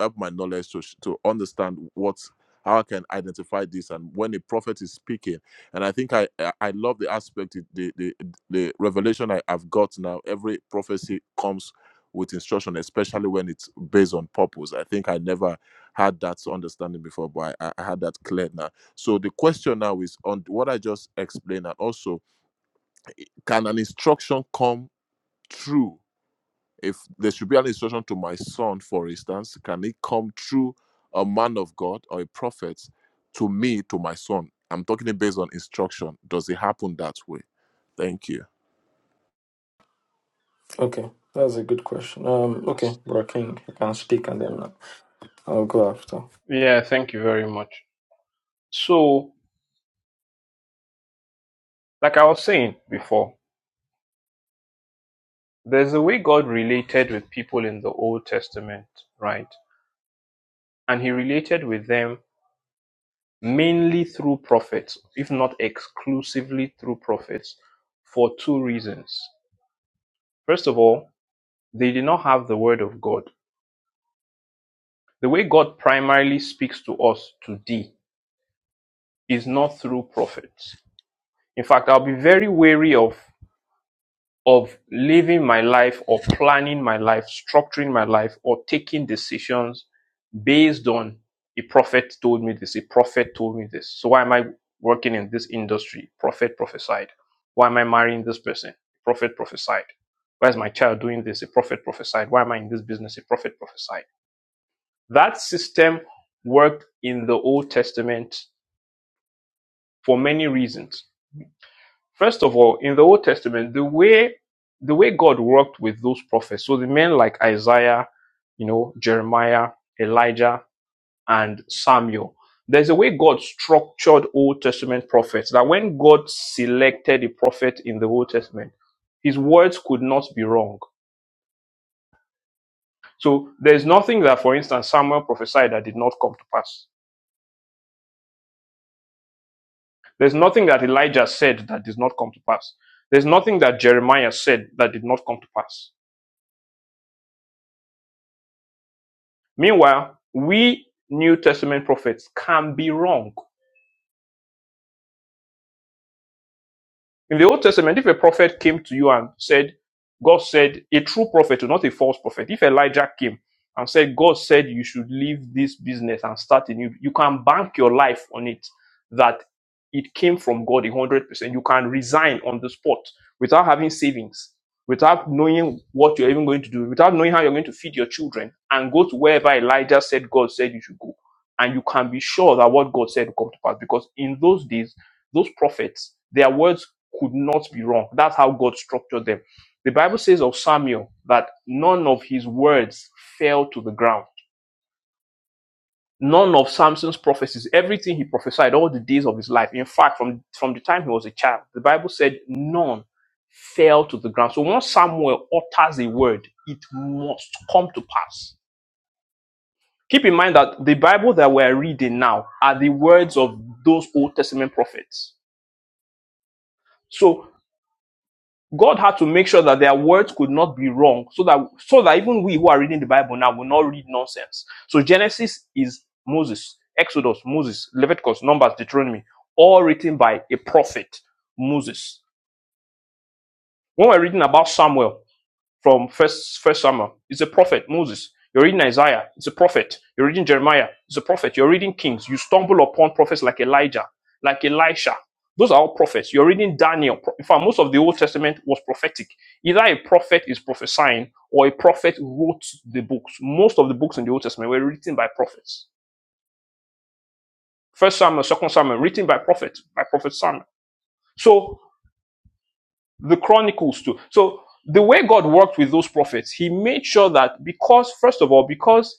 up my knowledge to to understand what how I can identify this and when a prophet is speaking. And I think I I I love the aspect the the the revelation I've got now. Every prophecy comes with instruction, especially when it's based on purpose. I think I never had that understanding before, but I, I had that clear now. So the question now is on what I just explained, and also can an instruction come true if there should be an instruction to my son, for instance, can it come through a man of God or a prophet to me, to my son? I'm talking based on instruction. Does it happen that way? Thank you.
Okay, that's a good question. Um, okay, Bro King, you can speak and then I'll go after.
Yeah, thank you very much. So, like I was saying before, there's a way God related with people in the Old Testament, right? And he related with them mainly through prophets, if not exclusively through prophets, for two reasons. First of all, they did not have the word of God. The way God primarily speaks to us today is not through prophets. In fact, I'll be very wary of of living my life or planning my life, structuring my life, or taking decisions based on a prophet told me this, a prophet told me this. So why am I working in this industry? Prophet prophesied. Why am I marrying this person? Prophet prophesied. Why is my child doing this? A prophet prophesied. Why am I in this business? A prophet prophesied. That system worked in the Old Testament for many reasons. First of all, in the Old Testament, the way the way God worked with those prophets, so the men like Isaiah, you know, Jeremiah, Elijah, and Samuel. There's a way God structured Old Testament prophets that when God selected a prophet in the Old Testament, his words could not be wrong. So there's nothing that, for instance, Samuel prophesied that did not come to pass. There's nothing that Elijah said that did not come to pass. There's nothing that Jeremiah said that did not come to pass. Meanwhile, we New Testament prophets can be wrong In the Old Testament, if a prophet came to you and said, God said, a true prophet, not a false prophet, if Elijah came and said, God said you should leave this business and start a new, you can bank your life on it that it came from God 100%. You can resign on the spot without having savings, without knowing what you're even going to do, without knowing how you're going to feed your children, and go to wherever Elijah said God said you should go. And you can be sure that what God said will come to pass because in those days, those prophets, their words could not be wrong. That's how God structured them. The Bible says of Samuel that none of his words fell to the ground. None of Samson's prophecies, everything he prophesied all the days of his life. In fact, from, from the time he was a child, the Bible said none fell to the ground. So once Samuel utters a word, it must come to pass. Keep in mind that the Bible that we're reading now are the words of those Old Testament prophets. So God had to make sure that their words could not be wrong, so that so that even we who are reading the Bible now will not read nonsense. So Genesis is Moses, Exodus Moses, Leviticus, Numbers, Deuteronomy, all written by a prophet Moses. When we're reading about Samuel, from first first Samuel. It's a prophet, Moses. You're reading Isaiah, it's a prophet. You're reading Jeremiah, it's a prophet. You're reading Kings. You stumble upon prophets like Elijah, like Elisha. Those are all prophets. You're reading Daniel. In fact, most of the Old Testament was prophetic. Either a prophet is prophesying or a prophet wrote the books. Most of the books in the Old Testament were written by prophets. First Samuel, Second Samuel, written by prophets, by Prophet Samuel. So the chronicles too so the way god worked with those prophets he made sure that because first of all because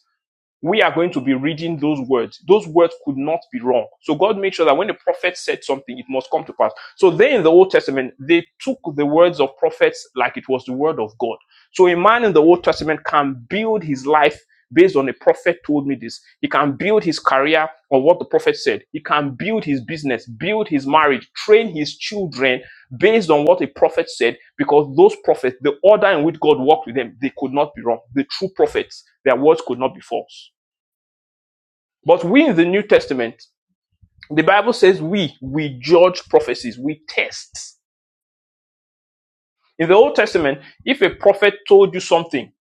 we are going to be reading those words. Those words could not be wrong. So God made sure that when the prophet said something, it must come to pass. So they in the Old Testament, they took the words of prophets like it was the word of God. So a man in the Old Testament can build his life based on a prophet told me this. He can build his career on what the prophet said. He can build his business, build his marriage, train his children based on what a prophet said, because those prophets, the order in which God worked with them, they could not be wrong. The true prophets, their words could not be false. But we in the New Testament, the Bible says we, we judge prophecies, we test. In the Old Testament, if a prophet told you something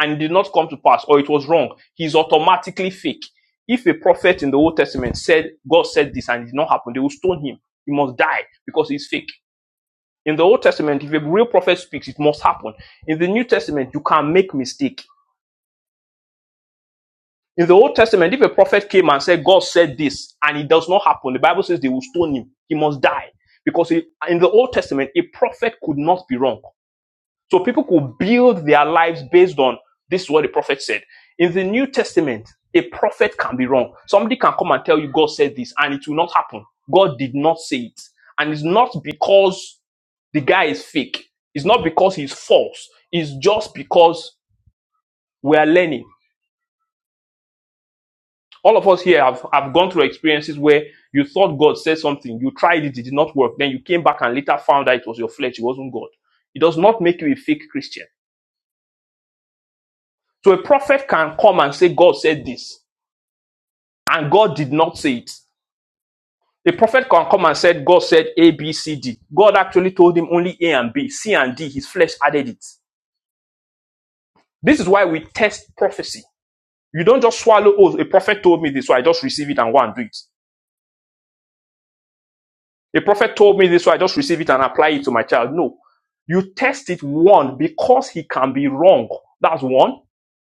and it did not come to pass or it was wrong, he's automatically fake. If a prophet in the Old Testament said, God said this and it did not happen, they will stone him. He must die because he's fake. In the Old Testament, if a real prophet speaks, it must happen. In the New Testament, you can make mistake In the Old Testament, if a prophet came and said, God said this, and it does not happen, the Bible says they will stone him. He must die. Because he- in the Old Testament, a prophet could not be wrong. So people could build their lives based on this is what the prophet said. In the New Testament, a prophet can be wrong. Somebody can come and tell you, God said this, and it will not happen. God did not say it. And it's not because the guy is fake. It's not because he's false. It's just because we are learning. All of us here have, have gone through experiences where you thought God said something, you tried it, it did not work. Then you came back and later found out it was your flesh, it wasn't God. It does not make you a fake Christian. So a prophet can come and say, God said this, and God did not say it. A prophet can come and say God said A, B, C, D. God actually told him only A and B, C and D. His flesh added it. This is why we test prophecy. You don't just swallow, oh, a prophet told me this, so I just receive it and go and do it. A prophet told me this, so I just receive it and apply it to my child. No. You test it one, because he can be wrong. That's one.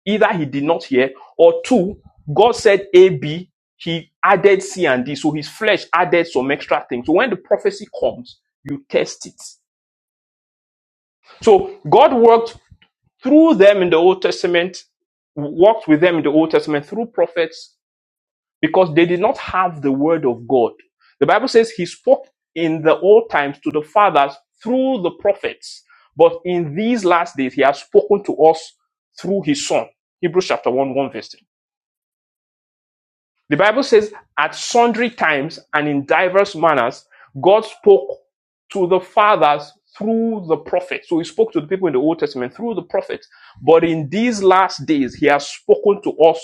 Either he did not hear, or two, God said A, B, he added C and D. So his flesh added some extra things. So when the prophecy comes, you test it. So God worked through them in the Old Testament, worked with them in the Old Testament through prophets because they did not have the word of God. The Bible says he spoke in the old times to the fathers through the prophets, but in these last days he has spoken to us through his son. Hebrews chapter 1, 1 verse 3. The Bible says, At sundry times and in diverse manners, God spoke to the fathers through the prophets. So he spoke to the people in the Old Testament through the prophets. But in these last days, he has spoken to us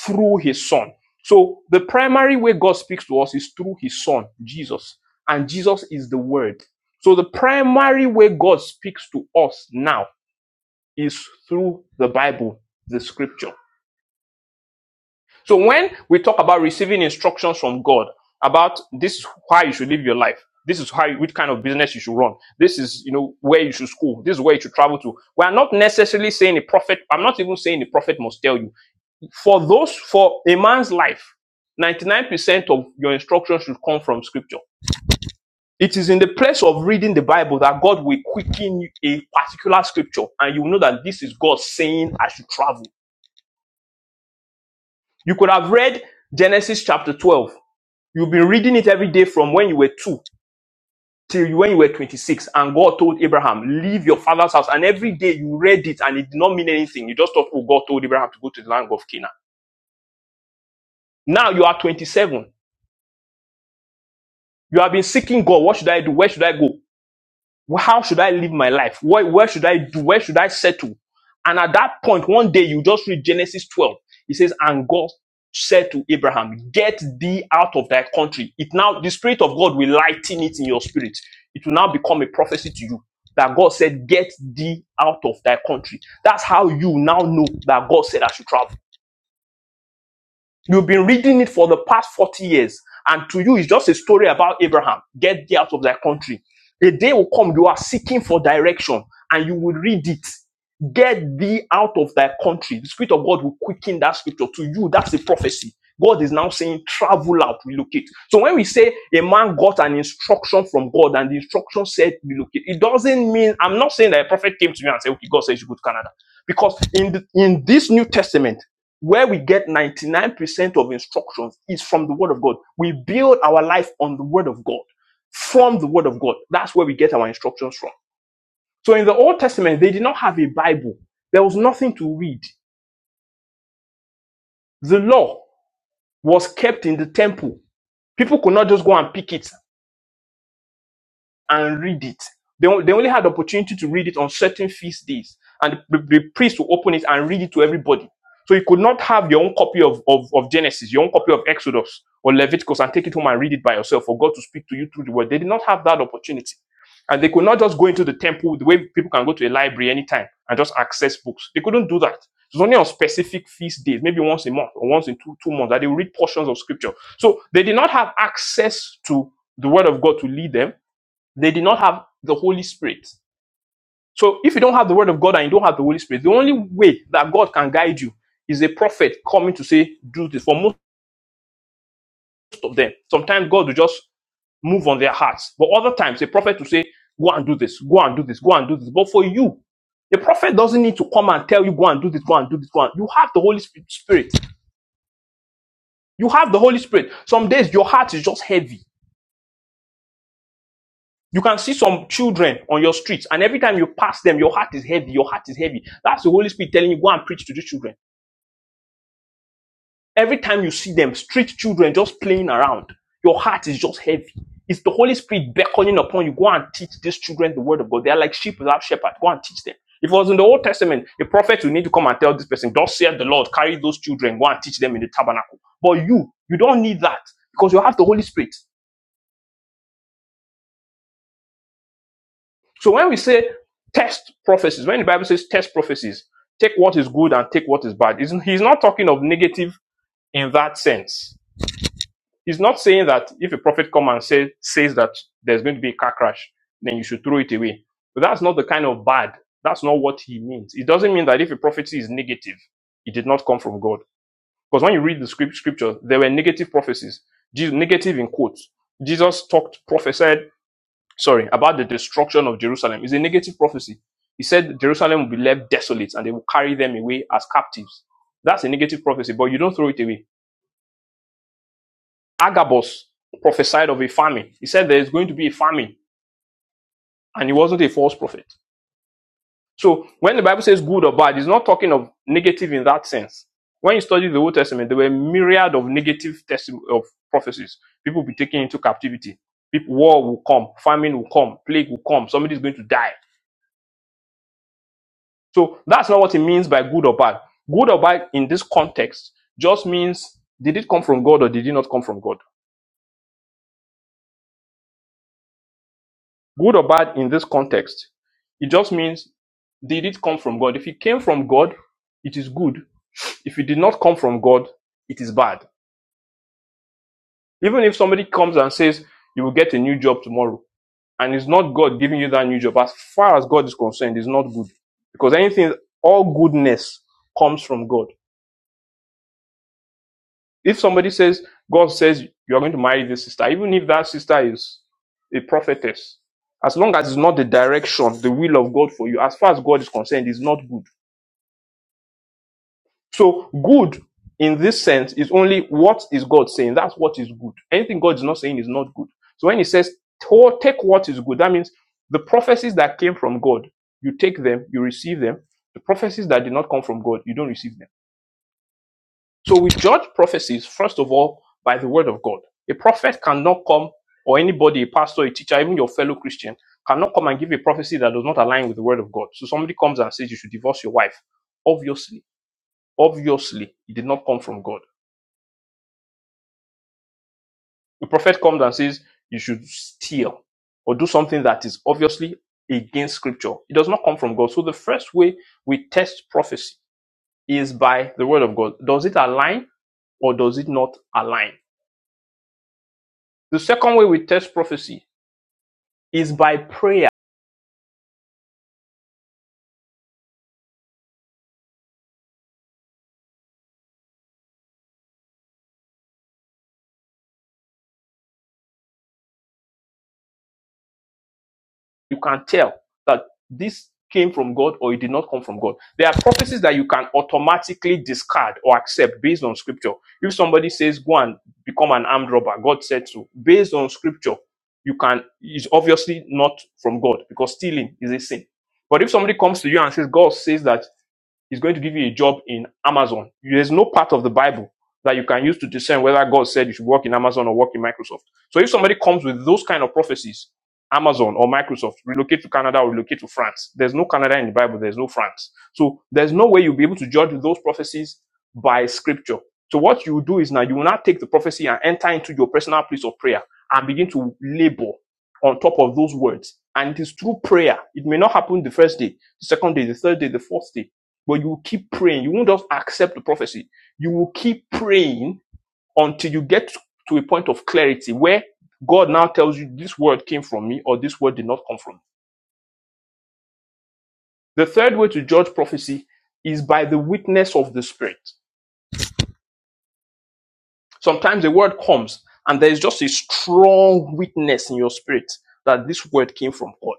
through his son. So the primary way God speaks to us is through his son, Jesus. And Jesus is the word. So the primary way God speaks to us now is through the Bible, the scripture. So when we talk about receiving instructions from God about this is why you should live your life, this is how which kind of business you should run, this is you know where you should school, this is where you should travel to. We are not necessarily saying a prophet. I'm not even saying the prophet must tell you. For those, for a man's life, 99% of your instructions should come from Scripture. It is in the place of reading the Bible that God will quicken a particular scripture, and you will know that this is God saying I should travel. You could have read Genesis chapter 12 You've been reading it every day from when you were two till when you were 26. And God told Abraham, leave your father's house. And every day you read it and it did not mean anything. You just thought, oh, God told Abraham to go to the land of Canaan. Now you are 27. You have been seeking God. What should I do? Where should I go? How should I live my life? Where, where should I do? Where should I settle? And at that point, one day you just read Genesis 12. It says, And God said to Abraham, Get thee out of thy country. It now, the Spirit of God will lighten it in your spirit. It will now become a prophecy to you that God said, Get thee out of thy country. That's how you now know that God said I should travel. You've been reading it for the past 40 years, and to you, it's just a story about Abraham. Get thee out of thy country. A day will come, you are seeking for direction, and you will read it. Get thee out of thy country. The Spirit of God will quicken that scripture. To you, that's the prophecy. God is now saying, travel out, relocate. So when we say a man got an instruction from God and the instruction said relocate, it doesn't mean, I'm not saying that a prophet came to me and said, okay, God says you go to Canada. Because in, the, in this New Testament, where we get 99% of instructions is from the word of God. We build our life on the word of God, from the word of God. That's where we get our instructions from. So in the Old Testament, they did not have a Bible. There was nothing to read. The law was kept in the temple. People could not just go and pick it and read it. They, on- they only had the opportunity to read it on certain feast days, and the, the priest will open it and read it to everybody. So you could not have your own copy of, of, of Genesis, your own copy of Exodus or Leviticus, and take it home and read it by yourself for God to speak to you through the word. They did not have that opportunity. And they could not just go into the temple the way people can go to a library anytime and just access books. They couldn't do that. It was only on specific feast days, maybe once a month or once in two, two months, that they would read portions of scripture. So they did not have access to the word of God to lead them they did not have the Holy Spirit. So if you don't have the Word of God and you don't have the Holy Spirit, the only way that God can guide you is a prophet coming to say, do this. For most of them, sometimes God will just move on their hearts. But other times, a prophet will say, go and do this, go and do this, go and do this. But for you, the prophet doesn't need to come and tell you, go and do this, go and do this, go and. You have the Holy Spirit. You have the Holy Spirit. Some days your heart is just heavy You can see some children on your streets, and every time you pass them, your heart is heavy. Your heart is heavy. That's the Holy Spirit telling you, go and preach to the children. Every time you see them, street children just playing around, your heart is just heavy. It's the Holy Spirit beckoning upon you. Go and teach these children the word of God. They are like sheep without shepherd. Go and teach them. If it was in the Old Testament, a prophet would need to come and tell this person, Thus saith the Lord, carry those children, go and teach them in the tabernacle. But you, you don't need that because you have the Holy Spirit. So when we say test prophecies, when the Bible says test prophecies, take what is good and take what is bad, he's not talking of negative in that sense. He's not saying that if a prophet come and say, says that there's going to be a car crash, then you should throw it away. But that's not the kind of bad. That's not what he means. It doesn't mean that if a prophecy is negative, it did not come from God. Because when you read the script, scripture, there were negative prophecies, Je- negative in quotes. Jesus talked, prophesied sorry, about the destruction of Jerusalem It's a negative prophecy. He said Jerusalem will be left desolate and they will carry them away as captives. That's a negative prophecy, but you don't throw it away. Agabus prophesied of a famine. He said there is going to be a famine, and he wasn't a false prophet. So when the Bible says good or bad, it's not talking of negative in that sense. When you study the Old Testament, there were myriad of negative of prophecies. People will be taken into captivity. People, war will come, famine will come, plague will come, somebody's going to die So that's not what it means by good or bad. Good or bad in this context just means did it come from God or did it not come from God? Good or bad in this context, it just means did it come from God? If it came from God, it is good. If it did not come from God, it is bad. Even if somebody comes and says you will get a new job tomorrow and it's not God giving you that new job, as far as God is concerned, it's not good. Because anything, all goodness comes from God. If somebody says, God says you are going to marry this sister, even if that sister is a prophetess, as long as it's not the direction, the will of God for you, as far as God is concerned, is not good. So good in this sense is only what is God saying. That's what is good. Anything God is not saying is not good. So when he says "To- take what is good, that means the prophecies that came from God, you take them, you receive them. The prophecies that did not come from God, you don't receive them. So we judge prophecies, first of all, by the word of God. A prophet cannot come, or anybody, a pastor, a teacher, even your fellow Christian, cannot come and give a prophecy that does not align with the word of God. So somebody comes and says you should divorce your wife. Obviously, obviously, it did not come from God. A prophet comes and says you should steal or do something that is obviously against scripture. It does not come from God. So the first way we test prophecy is by the word of God. Does it align or does it not align? The second way we test prophecy is by prayer. You can tell that this came from God or it did not come from God. There are prophecies that you can automatically discard or accept based on scripture. If somebody says, go and become an armed robber, God said so. Based on scripture, you can, it's obviously not from God because stealing is a sin. But if somebody comes to you and says, God says that Is going to give you a job in Amazon. There's no part of the Bible that you can use to discern whether God said you should work in Amazon or work in Microsoft. So if somebody comes with those kind of prophecies, Amazon or Microsoft, relocate to Canada or relocate to France. There's no Canada in the Bible. There's no France. So there's no way you'll be able to judge those prophecies by scripture. So what you do is now you will now take the prophecy and enter into your personal place of prayer and begin to labor on top of those words. And it is through prayer. It may not happen the first day, the second day, the third day, the fourth day. But you will keep praying. You won't just accept the prophecy. You will keep praying until you get to a point of clarity where God now tells you this word came from me or this word did not come from me. The third way to judge prophecy is by the witness of the Spirit. Sometimes a word comes and there is just a strong witness in your spirit that this word came from God.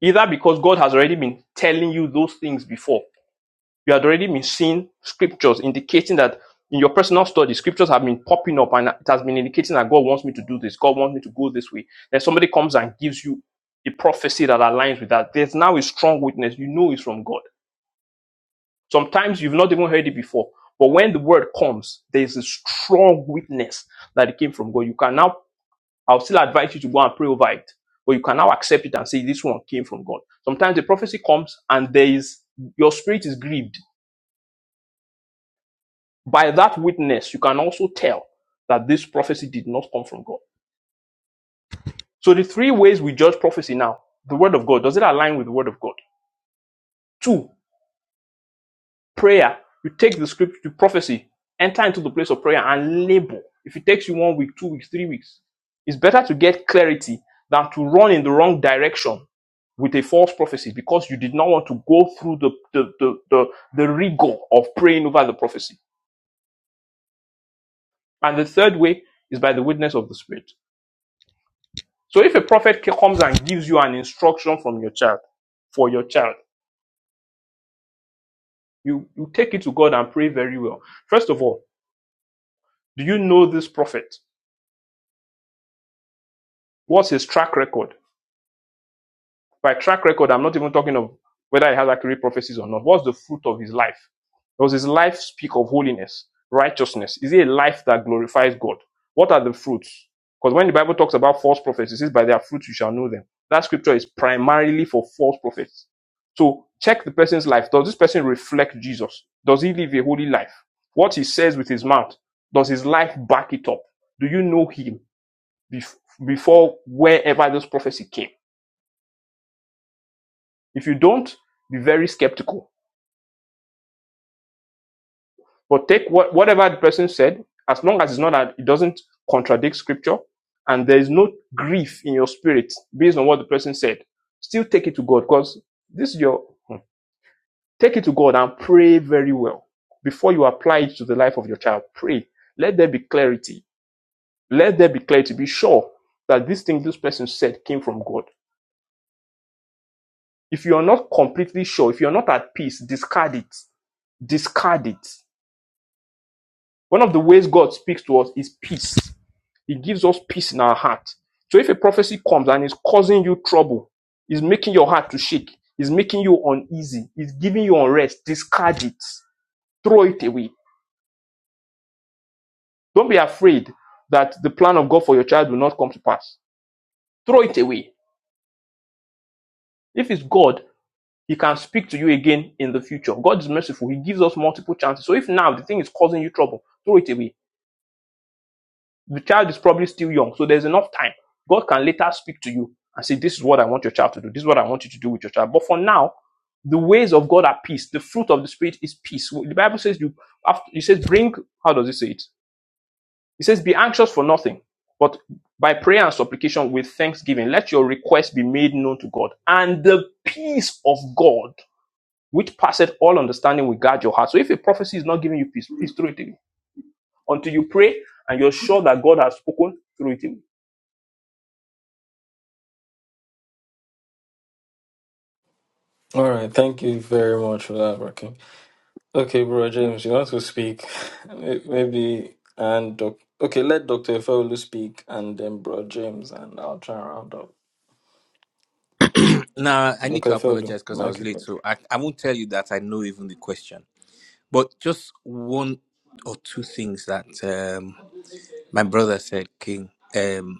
Either because God has already been telling you those things before you had already been seeing scriptures indicating that in your personal study, scriptures have been popping up and it has been indicating that God wants me to do this, God wants me to go this way. Then somebody comes and gives you a prophecy that aligns with that. There's now a strong witness. You know it's from God. Sometimes you've not even heard it before. But when the word comes, there's a strong witness that it came from God. You can now, I'll still advise you to go and pray over it, but you can now accept it and say, this one came from God. Sometimes the prophecy comes and there is, your spirit is grieved By that witness, you can also tell that this prophecy did not come from God. So the three ways we judge prophecy now. The word of God, does it align with the word of God? Two, prayer. You take the script, the prophecy, enter into the place of prayer and labor. If it takes you one week, two weeks, three weeks, it's better to get clarity than to run in the wrong direction with a false prophecy because you did not want to go through the, the, the, the, the rigor of praying over the prophecy. And the third way is by the witness of the Spirit. So if a prophet comes and gives you an instruction from your child, for your child, you, you take it to God and pray very well. First of all, do you know this prophet? What's his track record? By track record, I'm not even talking of whether he has accurate prophecies or not. What's the fruit of his life? Does his life speak of holiness, righteousness? Is it a life that glorifies God? What are the fruits? Because when the Bible talks about false prophets, it says, By their fruits you shall know them. That scripture is primarily for false prophets. So check the person's life. Does this person reflect Jesus? Does he live a holy life? What he says with his mouth, does his life back it up? Do you know him before wherever this prophecy came? If you don't, be very skeptical. But take what, whatever the person said, as long as it's not that it doesn't contradict scripture, and there is no grief in your spirit based on what the person said, still take it to God because this is your hmm. take it to God and pray very well before you apply it to the life of your child. Pray. Let there be clarity. Let there be clarity. Be sure that this thing this person said came from God. If you are not completely sure, if you are not at peace, discard it. Discard it. One of the ways God speaks to us is peace. He gives us peace in our heart. So if a prophecy comes and is causing you trouble, is making your heart to shake, is making you uneasy, is giving you unrest, discard it, throw it away. Don't be afraid that the plan of God for your child will not come to pass. Throw it away. If it's God, He can speak to you again in the future. God is merciful. He gives us multiple chances. So if now the thing is causing you trouble, throw it away the child is probably still young, so there's enough time. God can later speak to you and say, This is what I want your child to do. This is what I want you to do with your child. But for now, the ways of God are peace. The fruit of the Spirit is peace. Well, The Bible says, You, after, it says, bring, how does it say it? It says, Be anxious for nothing, but by prayer and supplication with thanksgiving, let your requests be made known to God. And the peace of God, which passeth all understanding, will guard your heart. So if a prophecy is not giving you peace, please throw it away until you pray and you're sure that God has spoken through it away.
All right, thank you very much for that, Bro King. Okay, Bro James, you want to speak? May- Maybe, and doc- okay, let Dr. Efeolu speak and then Bro James, and I'll try and round up.
Now I need
Dr.
to
Efeolu,
apologize
the
because I was
mic is yours.
late, so I, I won't tell you that I know even the question. But just one or two things that um, my brother said, King, um,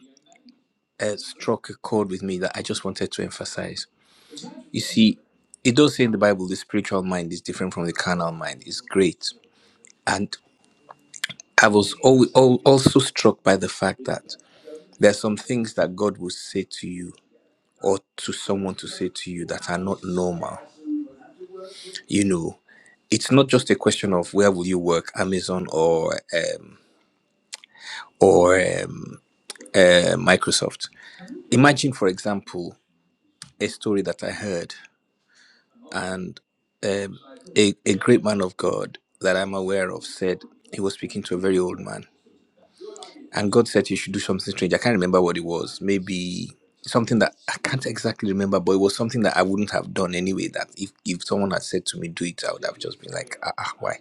uh, struck a chord with me that I just wanted to emphasize. You see, it does say in the Bible the spiritual mind is different from the carnal mind. It's great, and I was al- al- also struck by the fact that there are some things that God will say to you or to someone to say to you that are not normal you know it's not just a question of where will you work amazon or um, or um, uh, microsoft imagine for example a story that i heard and um, a, a great man of god that i'm aware of said he was speaking to a very old man and god said he should do something strange i can't remember what it was maybe something that i can't exactly remember but it was something that i wouldn't have done anyway that if, if someone had said to me do it i would have just been like ah, ah, why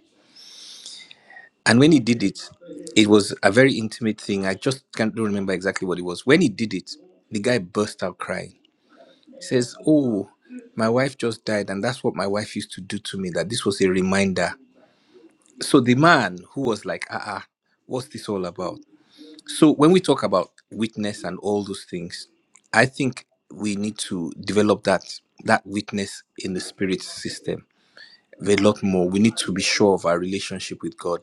And when he did it, it was a very intimate thing. I just can't don't remember exactly what it was. When he did it, the guy burst out crying. He says, Oh, my wife just died, and that's what my wife used to do to me, that this was a reminder. So the man who was like, ah, ah, what's this all about? So when we talk about witness and all those things, I think we need to develop that that witness in the spirit system a lot more. We need to be sure of our relationship with God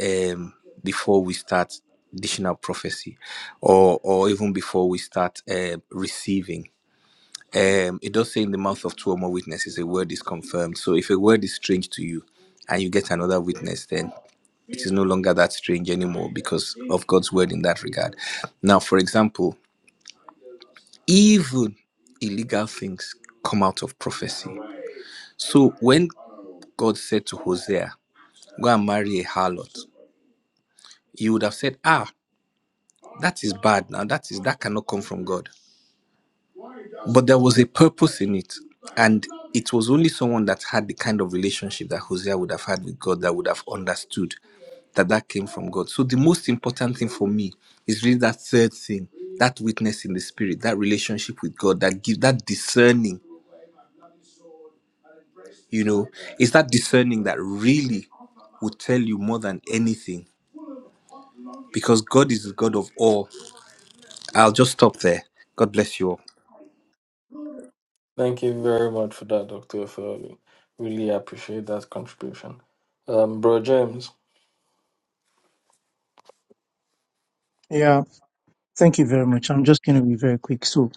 um before we start dishing out prophecy or or even before we start uh, receiving um it does say in the mouth of two or more witnesses a word is confirmed so if a word is strange to you and you get another witness then it is no longer that strange anymore because of god's word in that regard now for example even illegal things come out of prophecy so when god said to hosea go and marry a harlot you would have said, ah, That is bad now. That is that cannot come from God. But there was a purpose in it. And it was only someone that had the kind of relationship that Hosea would have had with God that would have understood that that came from God. So the most important thing for me is really that third thing, that witness in the spirit, that relationship with God, that give that discerning. You know, it's that discerning that really would tell you more than anything, because God is the God of all. I'll just stop there. God bless you all.
Thank you very much for that, Dr. Ofeoli. Really appreciate that contribution. Um, bro James,
Yeah, thank you very much. I'm just going to be very quick. So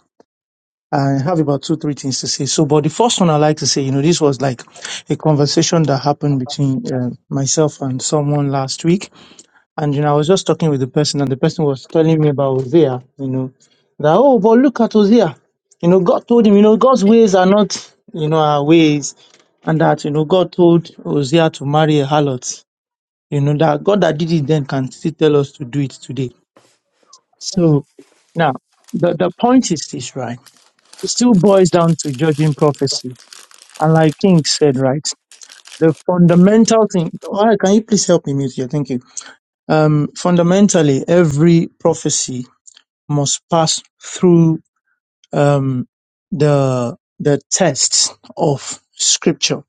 I have about two, three things to say. So, but the first one I like to say, you know, this was like a conversation that happened between uh, myself and someone last week. And, you know, I was just talking with the person and the person was telling me about Hosea, you know, that, oh, but look at Hosea. You know, God told him, you know, God's ways are not, you know, our ways. And that, you know, God told Hosea to marry a harlot You know, that God that did it then can still tell us to do it today. So now the, the point is this, right? It still boils down to judging prophecy. And like King said, right? The fundamental thing, why can you please help me mute here? Thank you. Um, fundamentally, every prophecy must pass through, um, the, the test of scripture.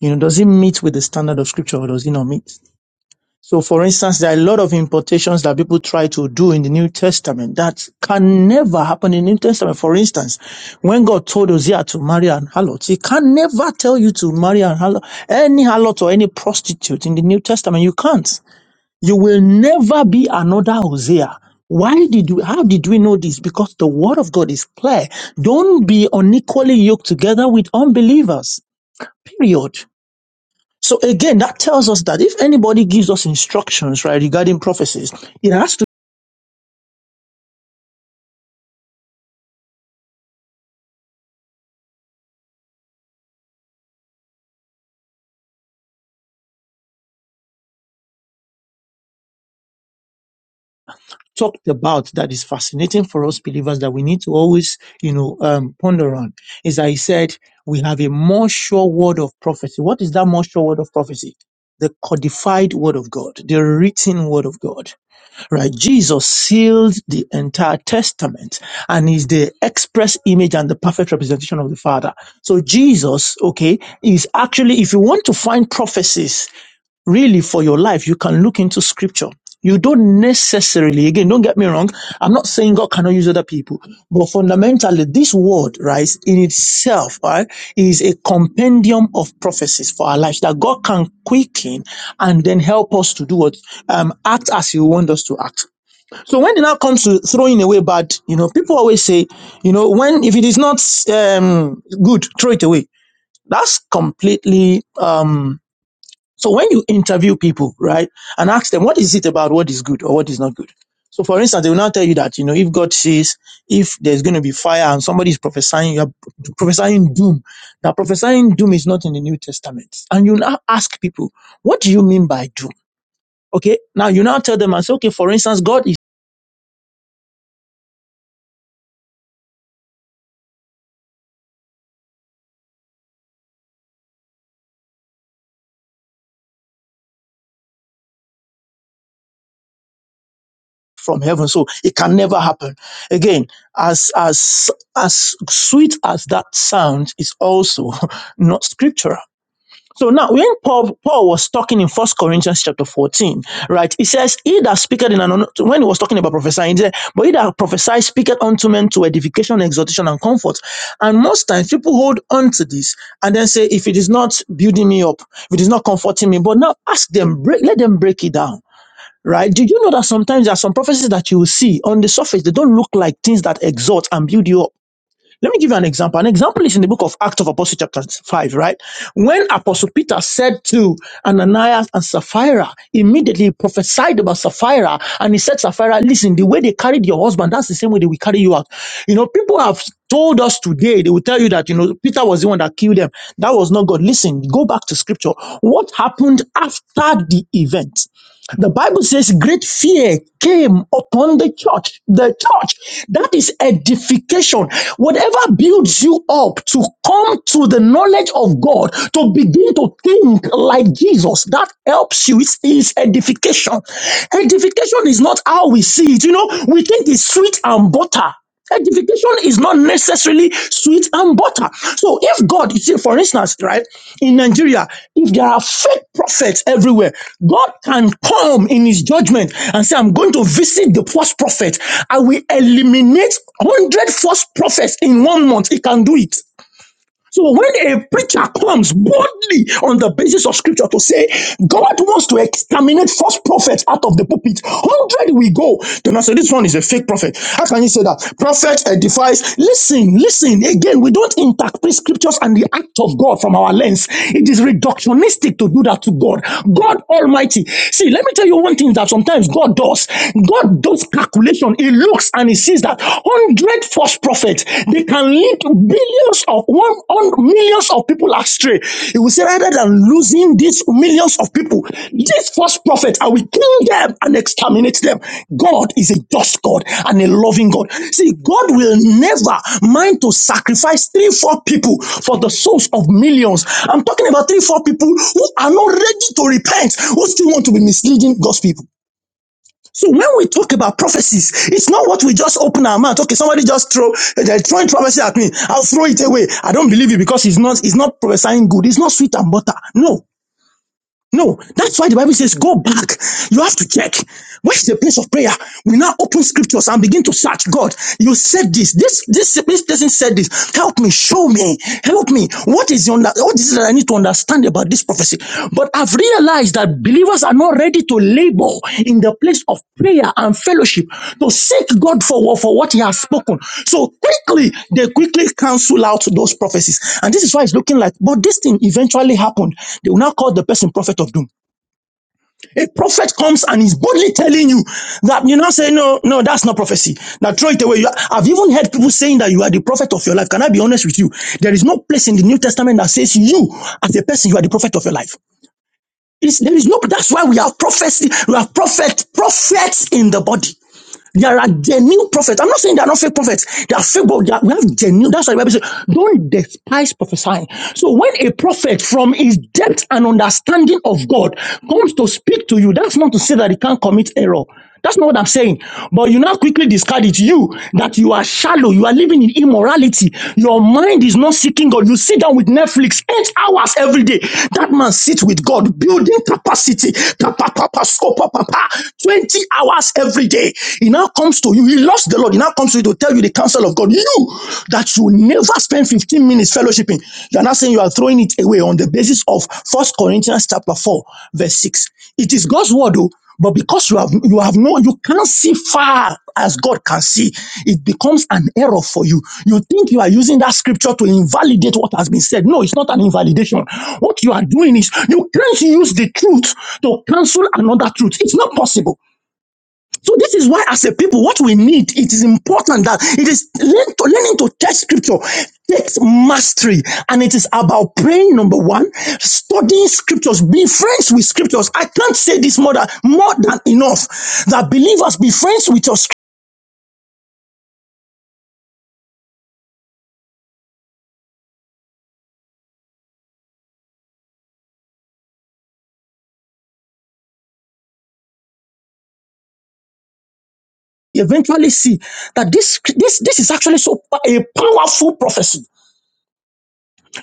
You know, does it meet with the standard of scripture or does it not meet? So for instance, there are a lot of importations that people try to do in the New Testament that can never happen in the New Testament. For instance, when God told Hosea to marry an harlot, he can never tell you to marry an harlot, any harlot or any prostitute in the New Testament. You can't. You will never be another Hosea. Why did we, how did we know this? Because the word of God is clear. Don't be unequally yoked together with unbelievers. Period. So again, that tells us that if anybody gives us instructions, right, regarding prophecies, it has to be talked about that is fascinating for us believers that we need to always, you know, um, ponder on. Is that he said we have a more sure word of prophecy. What is that more sure word of prophecy? The codified word of God, the written word of God. Right? Jesus sealed the entire testament and is the express image and the perfect representation of the Father. So Jesus, okay, is actually, if you want to find prophecies really for your life, you can look into scripture. You don't necessarily, again, don't get me wrong. I'm not saying God cannot use other people, but fundamentally, this word, right, in itself, right, is a compendium of prophecies for our lives that God can quicken and then help us to do what, um, act as He wants us to act. So when it now comes to throwing away bad, you know, people always say, you know, when if it is not um, good, throw it away. That's completely. Um, so when you interview people, right, and ask them what is it about what is good or what is not good. So for instance, they will now tell you that you know if God says if there's going to be fire and somebody is prophesying, you're prophesying doom. Now prophesying doom is not in the New Testament, and you now ask people, what do you mean by doom? Okay, now you now tell them and say, okay, for instance, God from heaven. So it can never happen. Again, as as as sweet as that sound is also not scriptural. So now when Paul, Paul was talking in First Corinthians chapter 14, right, he says, He that speaketh in an unknown when he was talking about prophesying, he said, But he that prophesies speaketh unto men to edification, exhortation, and comfort. And most times people hold on to this and then say, if it is not building me up, if it is not comforting me, but now ask them, break, let them break it down right? Do you know that sometimes there are some prophecies that you will see on the surface, they don't look like things that exhort and build you up. Let me give you an example. An example is in the book of Acts of Apostles, chapter 5, right? When Apostle Peter said to Ananias and Sapphira, immediately he prophesied about Sapphira, and he said, Sapphira, listen, the way they carried your husband, that's the same way they will carry you out. You know, people have told us today, they will tell you that, you know, Peter was the one that killed them. That was not God. Listen, go back to scripture. What happened after the event? The Bible says great fear came upon the church. The church. That is edification. Whatever builds you up to come to the knowledge of God, to begin to think like Jesus, that helps you. It's, edification. Edification is not how we see it. You know, we think it's sweet and butter. Edification is not necessarily sweet and butter. So if God, you see, for instance, right, in Nigeria, if there are fake prophets everywhere, God can come in his judgment and say, I'm going to visit the false prophet. I will eliminate 100 false prophets in one month. He can do it. So when a preacher comes boldly on the basis of scripture to say God wants to exterminate false prophets out of the pulpit, hundred we go. Then I say this one is a fake prophet. How can you say that? Prophet edifies. Listen, listen. Again, we don't interpret scriptures and the act of God from our lens. It is reductionistic to do that to God. God Almighty. See, let me tell you one thing that sometimes God does. God does calculation. He looks and he sees that. 100 false prophets. They can lead billions of one on millions of people astray. He will say, rather than losing these millions of people, these false prophets, I will kill them and exterminate them. God is a just God and a loving God. See, God will never mind to sacrifice three, four people for the souls of millions. I'm talking about three, four people who are not ready to repent, who still want to be misleading God's people. So when we talk about prophecies, it's not what we just open our mouth. Okay, somebody just throw they're throwing prophecy at me. I'll throw it away. I don't believe it because it's not it's not prophesying good. It's not sweet and butter. No. No, that's why the Bible says, go back. You have to check. Where's the place of prayer? We now open scriptures and begin to search God. You said this. This this this person said this. Help me, show me, help me. What is the under, what is it that I need to understand about this prophecy? But I've realized realize that believers are not ready to labor in the place of prayer and fellowship to seek God for, for what He has spoken. So quickly, they quickly cancel out those prophecies. And this is why it's looking like, but this thing eventually happened. They will now call the person prophet of doom. A prophet comes and is boldly telling you that you now say, No, no, that's not prophecy. Now throw it away. You are- I've even heard people saying that you are the prophet of your life. Can I be honest with you? There is no place in the New Testament that says you, as a person, you are the prophet of your life. It is, there is no, that's why we have prophecy, we have prophet, prophets in the body. There are genuine prophets. I'm not saying they are not fake prophets. They are fake, but they are- we have genuine. That's why the Bible says, don't despise prophesying. So when a prophet from his depth and understanding of God comes to speak to you, that's not to say that he can't commit error. That's not what I'm saying. But you now quickly discard it. You, that you are shallow. You are living in immorality. Your mind is not seeking God. You sit down with Netflix eight hours every day. That man sits with God, building capacity. Pa, pa, pa, pa, sco, pa, pa, pa. 20 hours every every day. He now comes to you. He lost the Lord. He now comes to you to tell you the counsel of God. You that you never spend 15 minutes fellowshipping. You are not saying you are throwing it away on the basis of First Corinthians chapter 4, verse 6. It is God's word, though, but because you have you have no, you can't see far as God can see, it becomes an error for you. You think you are using that scripture to invalidate what has been said. No, it's not an invalidation. What you are doing is you can't use the truth to cancel another truth. It's not possible. So this is why, as a people, what we need, it is important that it is learn to, learning to test scripture takes mastery. And it is about praying, number one, studying scriptures, being friends with scriptures. I can't say this more than, more than enough that believers be friends with your scripture. Eventually see that this, this, this is actually so a powerful prophecy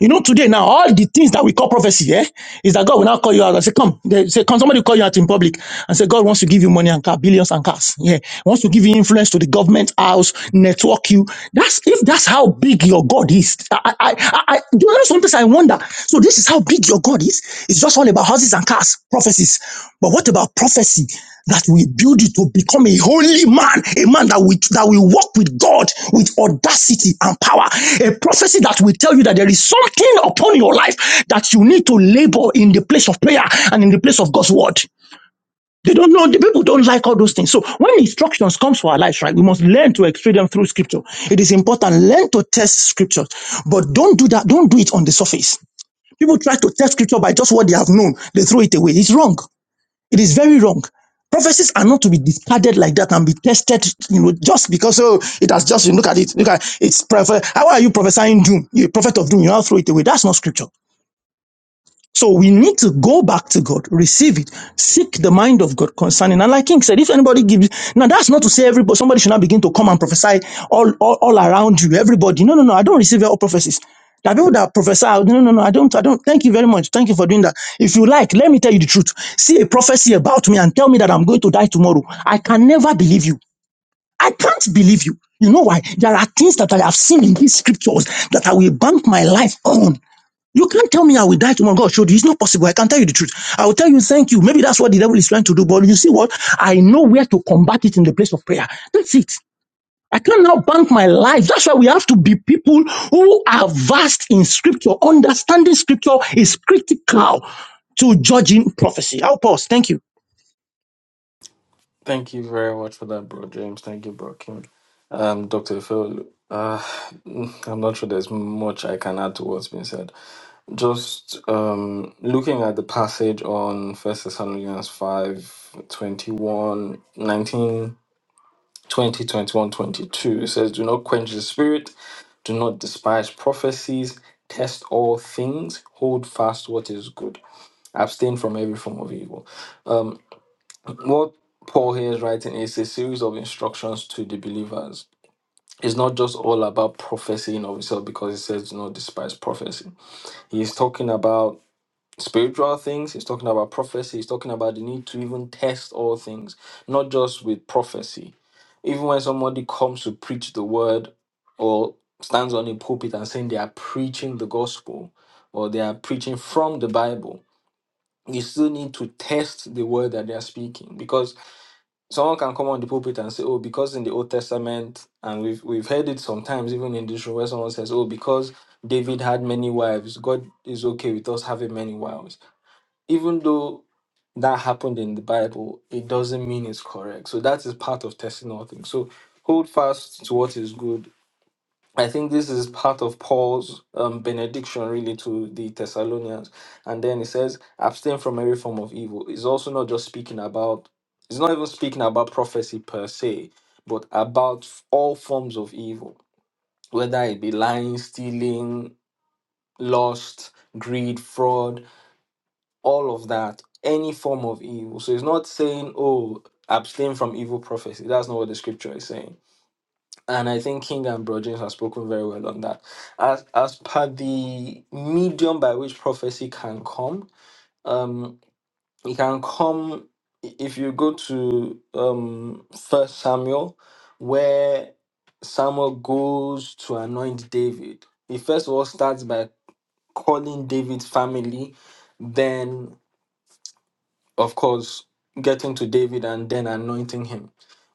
You know, today now, all the things that we call prophecy, eh, is that God will now call you out and say, Come, they say, come. somebody call you out in public and say, God wants to give you money and car, billions and cars. Yeah. Wants to give you influence to the government house, network you. That's if that's how big your God is. I, I, I, I do you know sometimes I wonder. So this is how big your God is. It's just all about houses and cars, prophecies. But what about prophecy? that will build you to become a holy man, a man that will, that will walk with God with audacity and power. A prophecy that will tell you that there is something upon your life that you need to labor in the place of prayer and in the place of God's word. They don't know, the people don't like all those things. So when instructions comes for our lives, right, we must learn to explain them through scripture. It is important, learn to test scriptures, but don't do that, don't do it on the surface. People try to test scripture by just what they have known. They throw it away. It's wrong. It is very wrong. Prophecies are not to be discarded like that and be tested, you know, just because oh, it has just you look at it, look at it's prophet. How are you prophesying doom? You're a prophet of doom. You now throw it away. That's not scripture. So we need to go back to God, receive it, seek the mind of God concerning. And like King said, if anybody gives now that's not to say everybody somebody should not begin to come and prophesy all, all, all around you, everybody. No, no, no, I don't receive all prophecies. There are people that prophesy, no, no, no, I don't, I don't. Thank you very much. Thank you for doing that. If you like, let me tell you the truth. See a prophecy about me and tell me that I'm going to die tomorrow. I can never believe you. I can't believe you. You know why? There are things that I have seen in these scriptures that I will bank my life on. You can't tell me I will die tomorrow. God showed you. It's not possible. I can tell you the truth. I will tell you thank you. Maybe that's what the devil is trying to do. But you see what? I know where to combat it in the place of prayer. That's it. I can now bank my life. That's why we have to be people who are vast in scripture. Understanding scripture is critical to judging prophecy. I'll pause. Thank you.
thank you very much for that, bro James. Thank you, bro King. Um, Dr. Ofeolu, uh, I'm not sure there's much I can add to what's been said. Just um, looking at the passage on First Thessalonians 5 21 19 20 21 22 it says, Do not quench the spirit Do not despise prophecies. Test all things. Hold fast what is good. Abstain from every form of evil. Um, what Paul here is writing is a series of instructions to the believers. It's not just all about prophecy in of itself because it says do not despise prophecy. He's talking about spiritual things, he's talking about prophecy, he's talking about the need to even test all things, not just with prophecy even when somebody comes to preach the word or stands on a pulpit and saying they are preaching the gospel or they are preaching from the Bible, you still need to test the word that they are speaking because someone can come on the pulpit and say, "Oh, because in the Old Testament," and we've we've heard it sometimes even in this room where someone says, "Oh, because David had many wives, God is okay with us having many wives." even though that happened in the Bible, it doesn't mean it's correct. So that is part of testing all things. So hold fast to what is good. I think this is part of Paul's um, benediction, really, to the Thessalonians. And then he says, abstain from every form of evil. It's also not just speaking about, it's not even speaking about prophecy per se, but about all forms of evil, whether it be lying, stealing, lust, greed, fraud, all of that, any form of evil. So it's not saying, oh, abstain from evil prophecy. That's not what the scripture is saying. And I think King and Bro James have spoken very well on that. As as per the medium by which prophecy can come, um, it can come i- if you go to um First Samuel, where Samuel goes to anoint David. He first of all starts by calling David's family, then. of course, getting to David and then anointing him.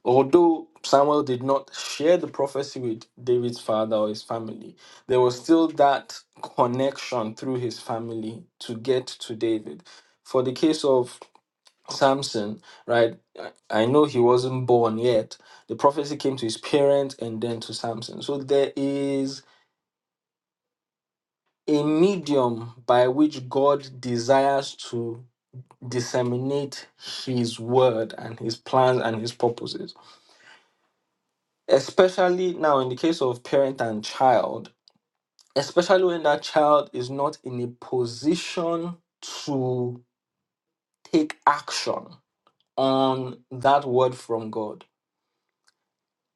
Although Samuel did not share the prophecy with David's father or his family, there was still that connection through his family to get to David. For the case of Samson, right, I I know he wasn't born yet. The prophecy came to his parents and then to Samson. So there is a medium by which God desires to disseminate his word and his plans and his purposes especially now in the case of parent and child especially when that child is not in a position to take action on that word from god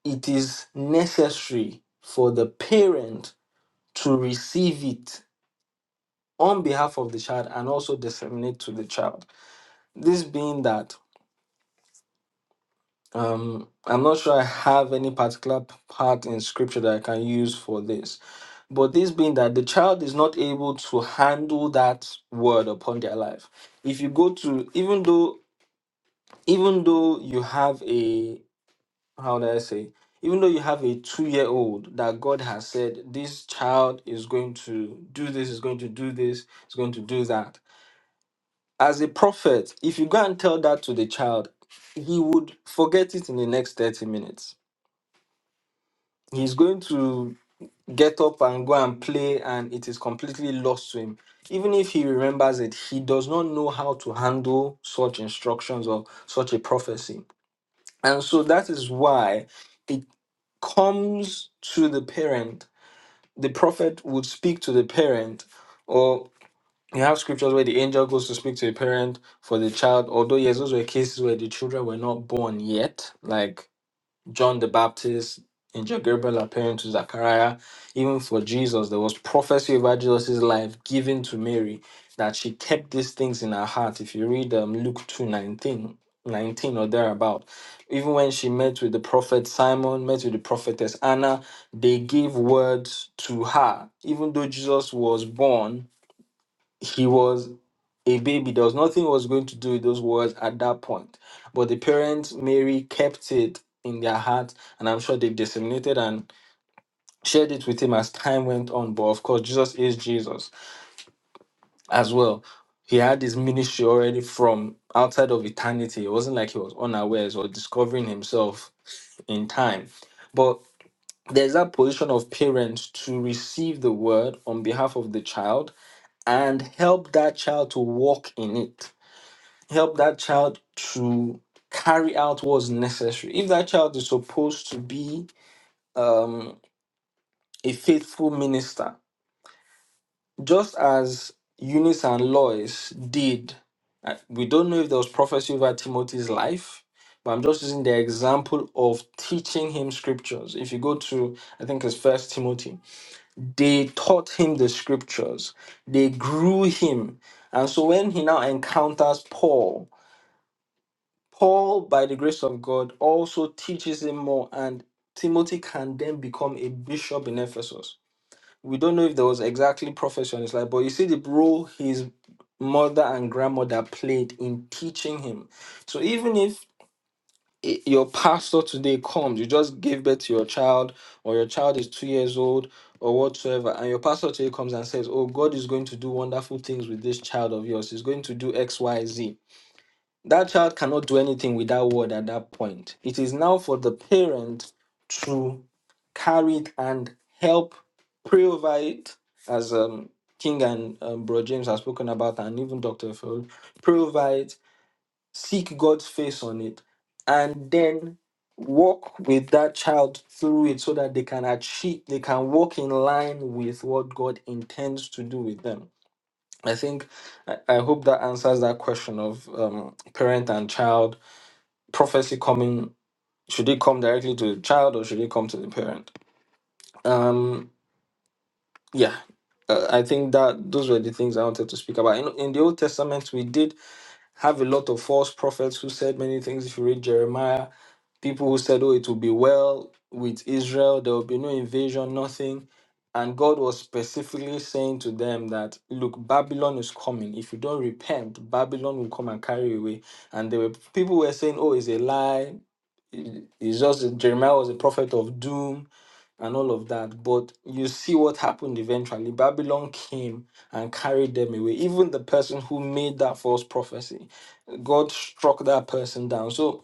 it is necessary for the parent to receive it on behalf of the child and also disseminate to the child this being that Um, I'm not sure I have any particular p- part in scripture that I can use for this. But this being that the child is not able to handle that word upon their life. If you go to even though even though you have a how do I say even though you have a two year old that God has said this child is going to do this, is going to do this, is going to do that. As a prophet, if you go and tell that to the child, he would forget it in the next 30 minutes he's going to get up and go and play and it is completely lost to him even if he remembers it he does not know how to handle such instructions or such a prophecy and so that is why it comes to the parent the prophet would speak to the parent or you have scriptures where the angel goes to speak to the parent for the child although yes those were cases where the children were not born yet like John the Baptist, angel Gabriel appearing to Zachariah. Even for Jesus, there was prophecy about Jesus' life given to Mary that she kept these things in her heart. If you read um, Luke 2 19, 19 or thereabout, even when she met with the prophet Simon, met with the prophetess Anna, they gave words to her. Even though Jesus was born, he was a baby. There was nothing he was going to do with those words at that point. But the parents, Mary, kept it in their heart, and I'm sure they disseminated and shared it with him as time went on. But of course, Jesus is Jesus as well. He had his ministry already from outside of eternity. It wasn't like he was unawares or discovering himself in time. But there's that position of parents to receive the word on behalf of the child and help that child to walk in it help that child to carry out what's necessary. If that child is supposed to be um, a faithful minister, just as Eunice and Lois did, uh, we don't know if there was prophecy over Timothy's life, but I'm just using the example of teaching him scriptures. If you go to, I think it's First Timothy, they taught him the scriptures, they grew him. And so when he now encounters Paul, Paul, by the grace of God, also teaches him more, and Timothy can then become a bishop in Ephesus. We don't know if there was exactly prophecy on his life, but you see the role his mother and grandmother played in teaching him. So even if i- your pastor today comes, you just gave birth to your child, or your child is two years old, or whatsoever, and your pastor today comes and says, Oh, God is going to do wonderful things with this child of yours. He's going to do X, Y, Z." That child cannot do anything with that word at that point. It is now for the parent to carry it and help pray over it, as um, King and um, Bro James has spoken about, and even Dr. Phil, pray over it, seek God's face on it, and then walk with that child through it so that they can achieve, they can walk in line with what God intends to do with them I think I, I hope that answers that question of um, parent and child prophecy coming. Should it come directly to the child or should it come to the parent? Um, yeah, uh, I think that those were the things I wanted to speak about. In, in the Old Testament, we did have a lot of false prophets who said many things. If you read Jeremiah, people who said, Oh, it will be well with Israel, there will be no invasion, nothing. And God was specifically saying to them that, Look, Babylon is coming. If you don't repent, Babylon will come and carry you away. And there were people who were saying, Oh, it's a lie. It- It's just that Jeremiah was a prophet of doom and all of that. But you see what happened eventually. Babylon came and carried them away. Even the person who made that false prophecy, God struck that person down. So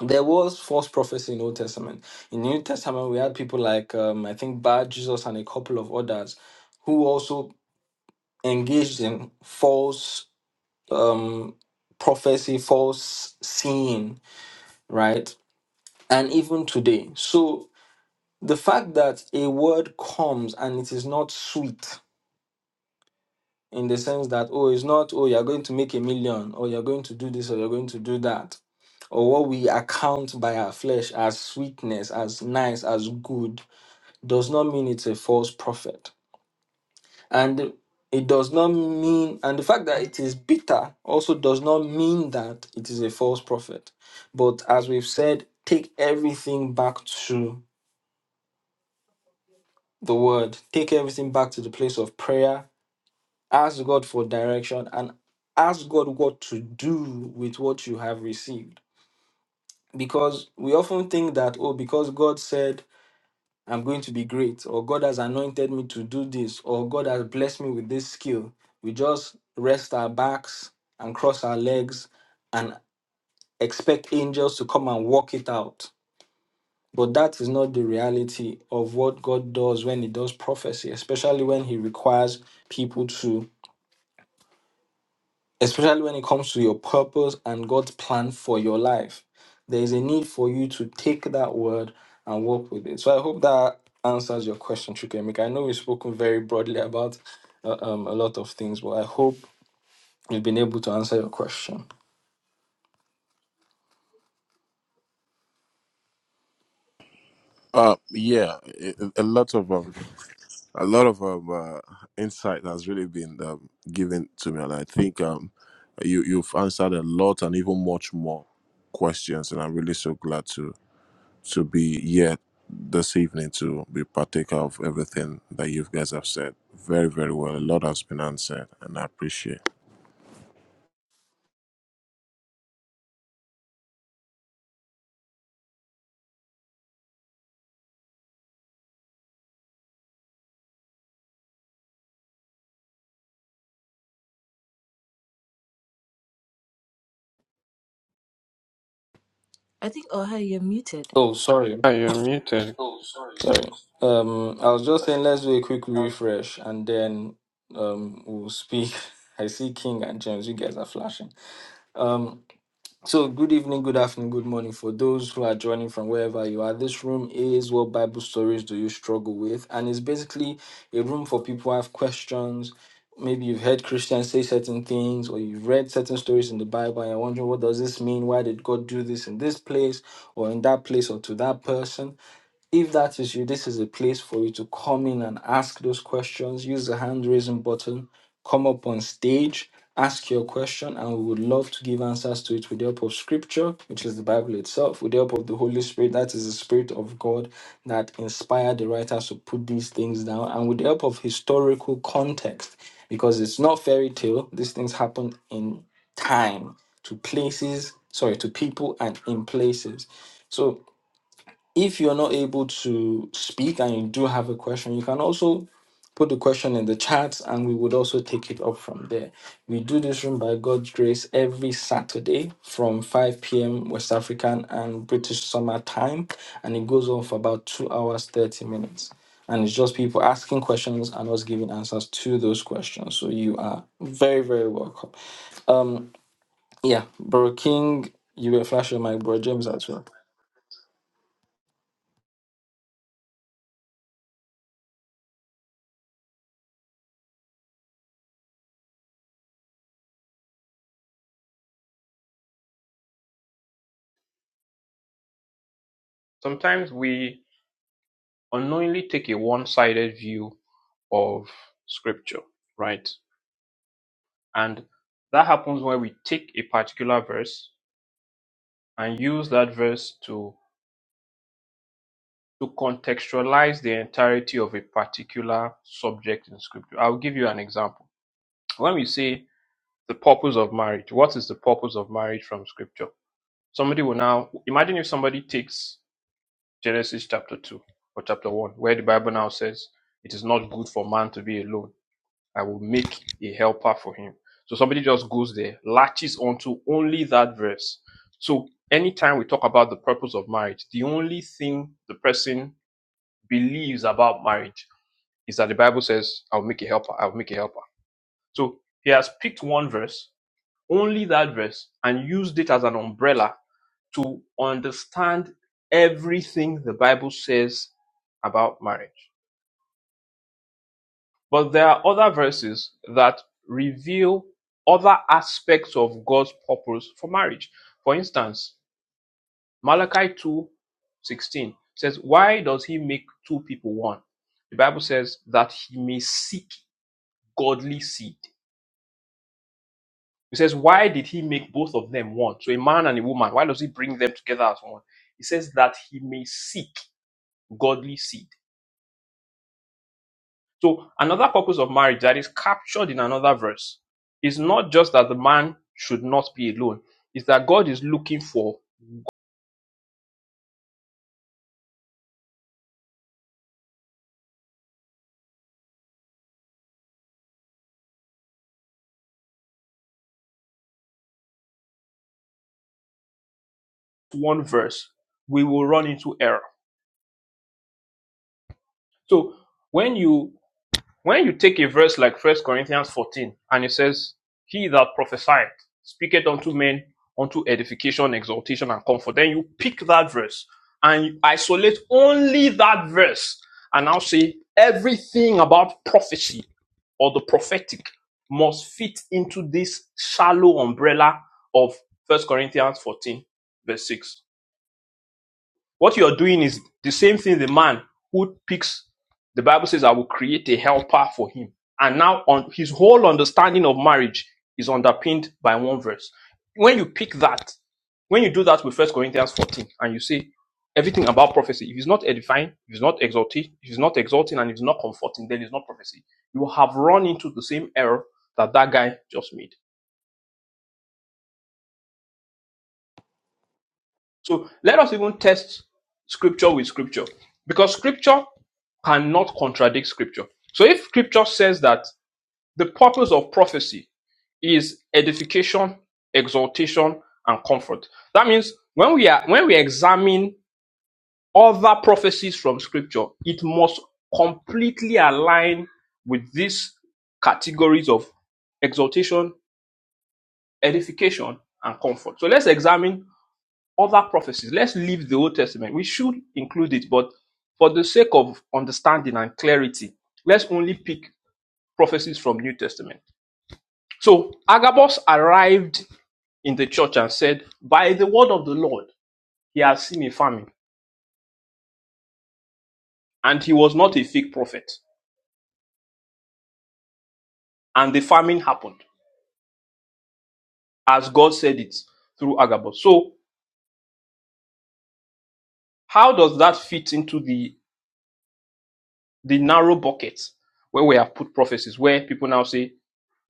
there was false prophecy in Old Testament. In New Testament, we had people like um, I think Bar Jesus and a couple of others who also engaged in false um, prophecy, false seeing, right? And even today, so the fact that a word comes and it is not sweet in the sense that oh it's not oh you're going to make a million or you're going to do this or you're going to do that or what we account by our flesh as sweetness as nice as good does not mean it's a false prophet and it does not mean and the fact that it is bitter also does not mean that it is a false prophet but as we've said take everything back to the word take everything back to the place of prayer Ask God for direction and ask God what to do with what you have received. Because we often think that, oh, because God said, I'm going to be great, or God has anointed me to do this, or God has blessed me with this skill, we just rest our backs and cross our legs and expect angels to come and work it out. But that is not the reality of what God does when He does prophecy, especially when He requires people to especially when it comes to your purpose and God's plan for your life. There is a need for you to take that word and work with it. So I hope that answers your question, Chukemika. I know we've spoken very broadly about uh, um, a lot of things, but I hope we've been able to answer your question.
Uh, yeah, a, a lot of um, a lot of um, uh, insight has really been um, given to me, and I think um, you you've answered a lot and even much more questions, and I'm really so glad to. to be here this evening to be partaker of everything that you guys have said. Very, very well. A lot has been answered, and I appreciate.
I think Oha, you're muted.
Oh, sorry,
Oh, sorry.
sorry. Um, I was just
sorry.
saying let's do a quick refresh and then um we'll speak. I see King and James. You guys are flashing. Um. So, good evening, good afternoon, good morning for those who are joining from wherever you are. This room is what Bible stories do you struggle with? And it's basically a room for people who have questions. Maybe you've heard Christians say certain things, or you've read certain stories in the Bible, and you're wondering, what does this mean? Why did God do this in this place, or in that place, or to that person? If that is you, this is a place for you to come in and ask those questions. Use the hand raising button, come up on stage, ask your question, and we would love to give answers to it with the help of scripture, which is the Bible itself, with the help of the Holy Spirit. That is the Spirit of God that inspired the writers to put these things down, and with the help of historical context, because it's not fairy tale. These things happen in time, to places, sorry, to people, and in places. So if you're not able to speak and you do have a question, you can also put the question in the chat and we would also take it up from there. We do this room by God's grace every Saturday from 5 p.m. West African and British summer time, and it goes on for about two hours, 30 minutes. And it's just people asking questions and us giving answers to those questions. So you are very, very welcome. Um, yeah, Bro King, you were flashing my bro James as well.
Sometimes we unknowingly take a one-sided view of scripture, right? And that happens when we take a particular verse and use that verse to to contextualize the entirety of a particular subject in scripture. I'll give you an example. When we say the purpose of marriage, what is the purpose of marriage from scripture? Somebody will now imagine if somebody takes Genesis chapter 2 or chapter 1, where the Bible now says, It is not good for man to be alone. I will make a helper for him. So somebody just goes there, latches onto only that verse. So anytime we talk about the purpose of marriage, the only thing the person believes about marriage is that the Bible says, I'll make a helper, I'll make a helper. So he has picked one verse, only that verse, and used it as an umbrella to understand everything the Bible says about marriage. But there are other verses that reveal other aspects of God's purpose for marriage. For instance, Malachi two sixteen says, Why does he make two people one? The Bible says that he may seek godly seed. It says, Why did he make both of them one? So a man and a woman, why does he bring them together as one? It says that he may seek godly seed. So another purpose of marriage that is captured in another verse is not just that the man should not be alone, it's that God is looking for one verse. We will run into error. So when you When you take a verse like First Corinthians 14, and it says, He that prophesieth speaketh unto men unto edification, exhortation, and comfort, then you pick that verse and you isolate only that verse and now say everything about prophecy or the prophetic must fit into this shallow umbrella of First Corinthians 14, verse 6 what you're doing is the same thing the man who picks, the Bible says, I will create a helper for him. And now on his whole understanding of marriage is underpinned by one verse. When you pick that, when you do that with First Corinthians 14 and you say everything about prophecy, if it's not edifying, if it's not exalting, if it's not exalting and it's not comforting, then it's not prophecy. You have run into the same error that that guy just made. So let us even test scripture with scripture because scripture cannot contradict scripture. So if scripture says that the purpose of prophecy is edification, exhortation, and comfort, that means when we are when we examine other prophecies from scripture, it must completely align with these categories of exhortation, edification, and comfort. So let's examine other prophecies. Let's leave the Old Testament. We should include it, but for the sake of understanding and clarity, let's only pick prophecies from New Testament. So Agabus arrived in the church and said, By the word of the Lord, he has seen a famine, and he was not a fake prophet. And the famine happened, as God said it through Agabus. So how does that fit into the the narrow bucket where we have put prophecies, where people now say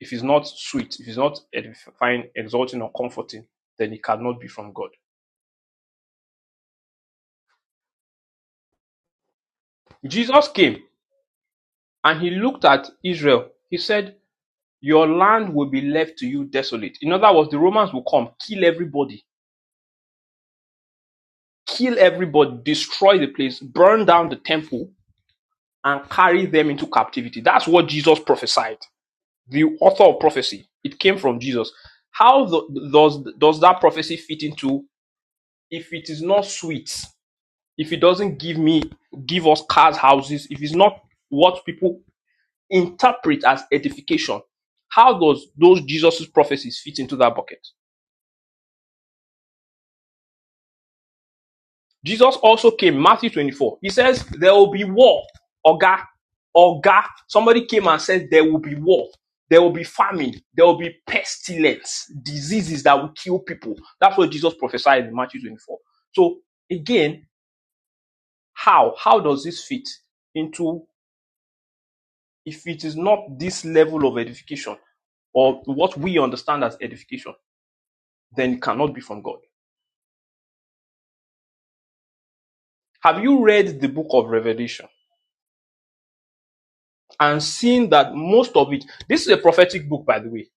If it's not sweet, if it's not edifying, exalting, or comforting, then it cannot be from God. Jesus came and he looked at Israel. He said, Your land will be left to you desolate. In other words, the Romans will come, kill everybody, kill everybody, destroy the place, burn down the temple, and carry them into captivity. That's what Jesus prophesied. The author of prophecy. It came from Jesus. How th- does, does that prophecy fit into if it is not sweet? if he doesn't give me give us cars, houses, if it's not what people interpret as edification, how does those Jesus' prophecies fit into that bucket? Jesus also came, Matthew 24. He says there will be war. Oga, Oga. Somebody came and said there will be war. There will be famine. There will be pestilence, diseases that will kill people. That's what Jesus prophesied in Matthew 24. So again, how? How does this fit into If it is not this level of edification or what we understand as edification, then it cannot be from God. Have you read the book of Revelation and seen that most of it, this is a prophetic book, by the way,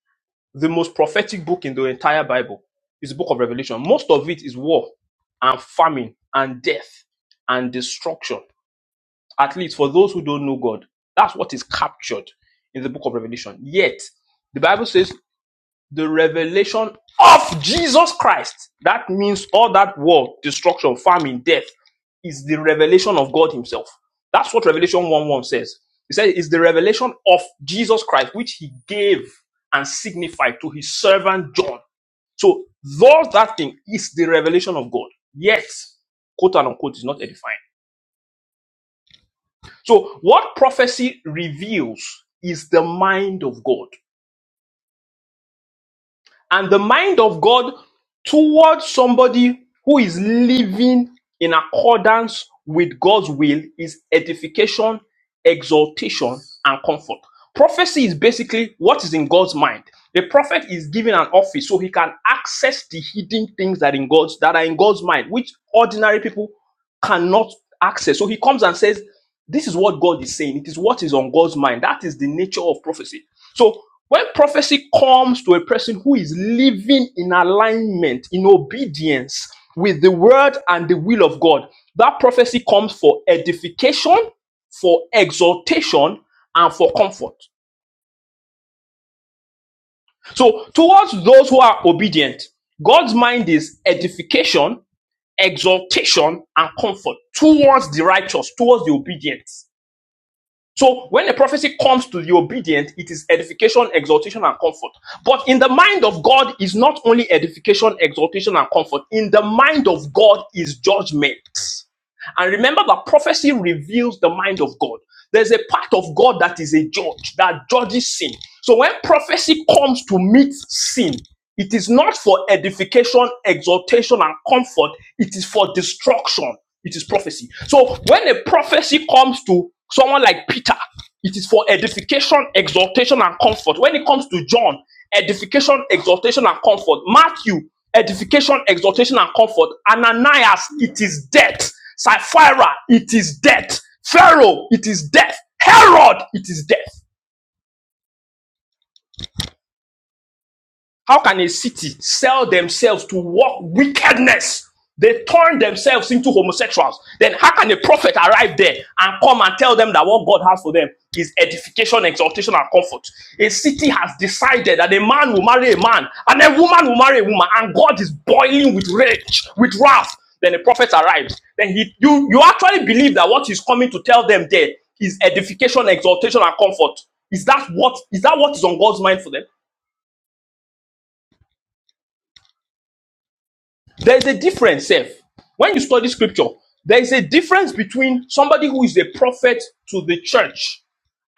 the most prophetic book in the entire Bible is the book of Revelation. Most of it is war and famine and death and destruction, at least for those who don't know God. That's what is captured in the book of Revelation. Yet, the Bible says the revelation of Jesus Christ. That means all that war, destruction, famine, death is the revelation of God Himself. That's what Revelation 1 1 says. It says it's the revelation of Jesus Christ, which He gave and signified to His servant John. So, though that thing is the revelation of God, yet, quote and unquote, is not edifying. So, what prophecy reveals is the mind of God. and the mind of God towards somebody who is living in accordance with God's will is edification, exaltation, and comfort. Prophecy is basically what is in God's mind. The prophet is given an office so he can access the hidden things that in God's that are in God's mind, which ordinary people cannot access. So he comes and says, This is what God is saying. It is what is on God's mind. That is the nature of prophecy. So when prophecy comes to a person who is living in alignment, in obedience with the word and the will of God, that prophecy comes for edification, for exaltation, and for comfort. So towards those who are obedient, God's mind is edification, exaltation, and comfort towards the righteous, towards the obedient. So when a prophecy comes to the obedient, it is edification, exhortation, and comfort. But in the mind of God is not only edification, exhortation, and comfort. In the mind of God is judgment. And remember that prophecy reveals the mind of God. There's a part of God that is a judge, that judges sin. So when prophecy comes to meet sin, it is not for edification, exhortation, and comfort. It is for destruction. It is prophecy. So when a prophecy comes to someone like Peter, it is for edification, exhortation, and comfort. When it comes to John, edification, exhortation, and comfort. Matthew, edification, exhortation, and comfort. Ananias, it is death. Sapphira, it is death. Pharaoh, it is death. Herod, it is death. How can a city sell themselves to walk wickedness? They turn themselves into homosexuals. Then how can a prophet arrive there and come and tell them that what God has for them is edification, exaltation, and comfort? A city has decided that a man will marry a man and a woman will marry a woman, and God is boiling with rage, with wrath. Then a prophet arrives. Then he, you, you actually believe that what he's coming to tell them there is edification, exaltation, and comfort. Is that what is that what is on God's mind for them? There is a difference, Seth. When you study scripture, there is a difference between somebody who is a prophet to the church